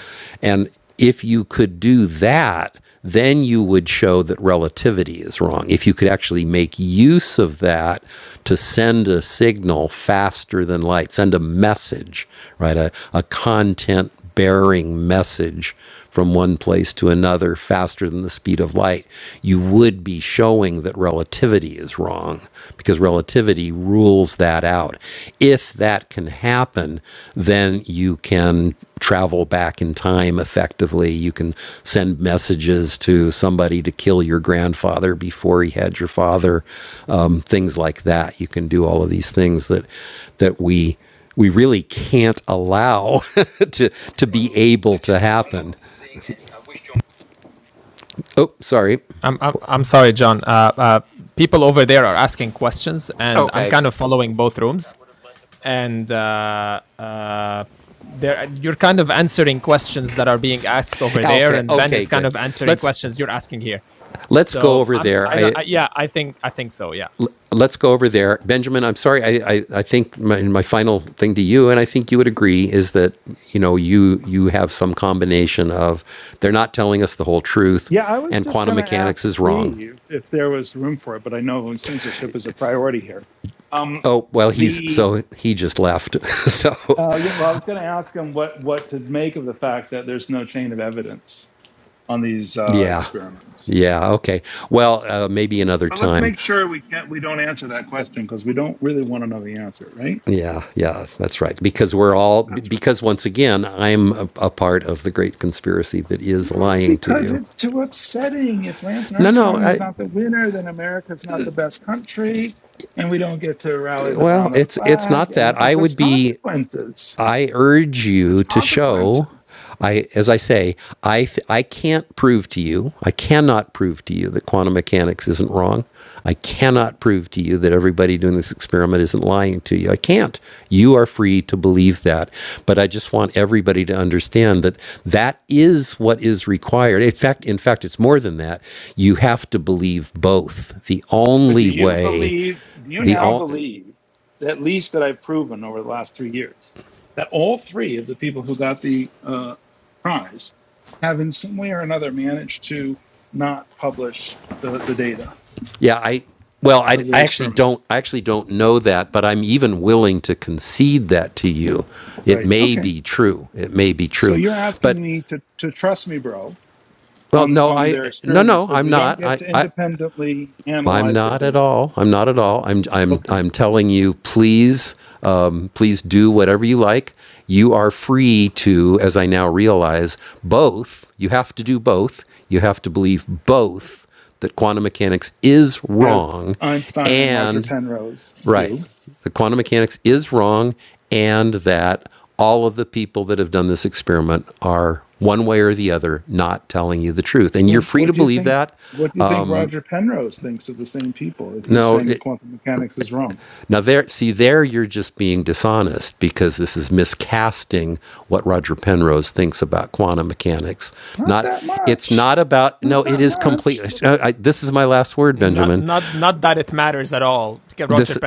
A: And if you could do that, then you would show that relativity is wrong. If you could actually make use of that to send a signal faster than light, send a message, right? A, a content bearing message from one place to another faster than the speed of light, you would be showing that relativity is wrong because relativity rules that out. If that can happen, then you can travel back in time effectively. You can send messages to somebody to kill your grandfather before he had your father, um, things like that. You can do all of these things that that we we really can't allow to to be
I: Well,
A: able
I: I
A: to
I: just I'm
A: happen.
I: not seeing any. I wish John
A: Oh, sorry. Okay.
I: would have led the
A: Okay, okay, good. Let's let's go over there. I let's go over there, Benjamin. I'm sorry. I I, I think my, my final thing to you, and I think you would agree, is that you know you you have some combination of they're not telling us the whole truth,
D: Yeah, I was
A: and
D: just
A: quantum
D: going to
A: mechanics
D: ask
A: is wrong.
D: Steve if there was room for it, but I know censorship is a priority here. Um,
A: Oh well, he's
D: the
A: so he just left. so
D: Oh yeah, well, I was going to ask him what what to make of the fact that there's no chain of evidence on these uh,
A: Yeah.
D: experiments.
A: Yeah. Okay. Well, uh, maybe another
D: But let's
A: time.
D: make sure we can't we don't answer that question because we don't really want to know the answer, right?
A: Yeah. Yeah. That's right. Because we're all,
D: That's right.
A: because once again, I'm a, a part of the great conspiracy that is
D: No,
A: lying to
D: because
A: you.
D: it's too upsetting. If Lance
A: No, no.
D: Armstrong is
A: I,
D: not the winner, then America's not the best country, and we don't get to rally
A: well,
D: around the
A: it's, it's
D: flag.
A: not that.
D: And
A: I would
D: there's
A: be,
D: consequences.
A: I urge
D: There's
A: you to show.
D: consequences.
A: I, as I say, I, I can't prove to you, I cannot prove to you that quantum mechanics isn't wrong. I cannot prove to you that everybody doing this experiment isn't lying to you. I can't. You are free to believe that. But I just want everybody to understand that that is what is required. In fact, in fact, it's more than that. You have to believe both. The
D: But do
A: only
D: you
A: way
D: believe, do you
A: the
D: now
A: all
D: believe, at least that I've proven over the last three years, that all three of the people who got the uh, prize have in some way or another managed to not publish the, the data
A: Yeah, I well, I,
D: of
A: I
D: their
A: actually
D: experiment?
A: don't I actually don't know that, but I'm even willing to concede that to you. It
D: Right.
A: may
D: Okay.
A: be true. It may be
D: So
A: true.
D: you're asking
A: But
D: me to, to trust me, bro,
A: well,
D: on,
A: no,
D: on
A: I
D: their
A: no
D: experiments
A: no,
D: because
A: I'm
D: we don't
A: not.
D: get
A: I
D: to
A: I
D: independently
A: I'm
D: analyze their
A: not at
D: data.
A: all. I'm not at all. I'm I'm
D: Okay.
A: I'm telling you, please um, please do whatever you like. You are free to, as I now realize, both. You have to do both. You have to believe both that quantum mechanics is
D: As
A: wrong
D: Einstein and Roger
A: and
D: Penrose
A: Right.
D: do.
A: The quantum mechanics is wrong, and that all of the people that have done this experiment are one way or the other not telling you the truth. And you're
D: Well,
A: free
D: what
A: to
D: do you
A: believe
D: think?
A: that.
D: What do you think Roger Penrose thinks of the same people if he's
A: No,
D: saying that
A: it,
D: quantum mechanics is wrong?
A: now there, see there, you're just being dishonest because this is miscasting what Roger Penrose thinks about quantum mechanics.
D: Not
A: Not,
D: that
A: it's
D: much.
A: not about.
D: Not
A: No, it
D: that
A: is
D: much.
A: completely. I, I, this is my last word, Benjamin. This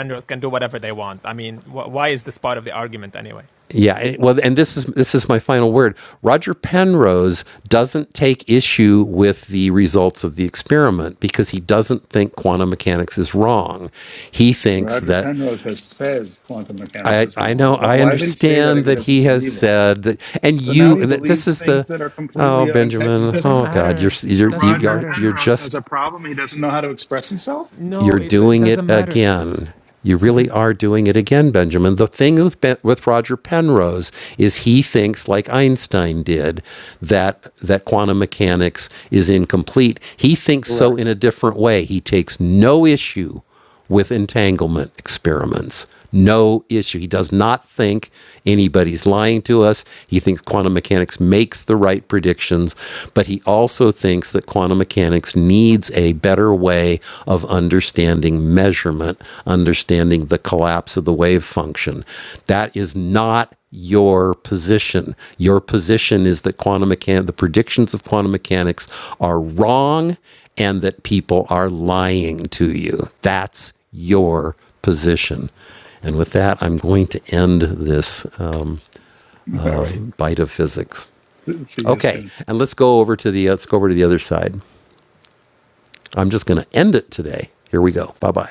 A: Yeah, well, and this is this is my final word. Roger Penrose doesn't take issue with the results of the experiment because he doesn't think quantum mechanics is wrong. He thinks
D: Roger
A: that
D: Penrose has said quantum mechanics
A: I
D: is
A: I
D: wrong.
A: know
D: Wh-
A: I
D: Why would he say that
A: understand
D: if he
A: that
D: doesn't
A: he has
D: believe it?
A: said that, and
D: So now
A: you
D: he
A: and that this
D: believes
A: is the
D: things that are completely
A: oh
D: unte- he
A: Benjamin
D: doesn't.
A: oh God you're s- you're
D: But
A: you are you are you
D: Roger
A: are you are
D: Penrose has
A: just
D: a problem. He doesn't know how to express himself.
A: You're doing it again. You really are doing it again, Benjamin. The thing with, ben, with Roger Penrose is he thinks, like Einstein did, that that quantum mechanics is incomplete. He thinks so
D: Correct.
A: in a different way. He takes no issue with entanglement experiments. No issue. He does not think anybody's lying to us. He thinks quantum mechanics makes the right predictions, but he also thinks that quantum mechanics needs a better way of understanding measurement, understanding the collapse of the wave function. That is not your position. Your position is that quantum mechan- the predictions of quantum mechanics are wrong and that people are lying to you. That's your position. And with that, I'm going to end this uh,
D: All right.
A: bite of physics.
D: See you
A: Okay,
D: soon.
A: and let's go over to the let's go over to the other side. I'm just going to end it today. Here we go. Bye bye.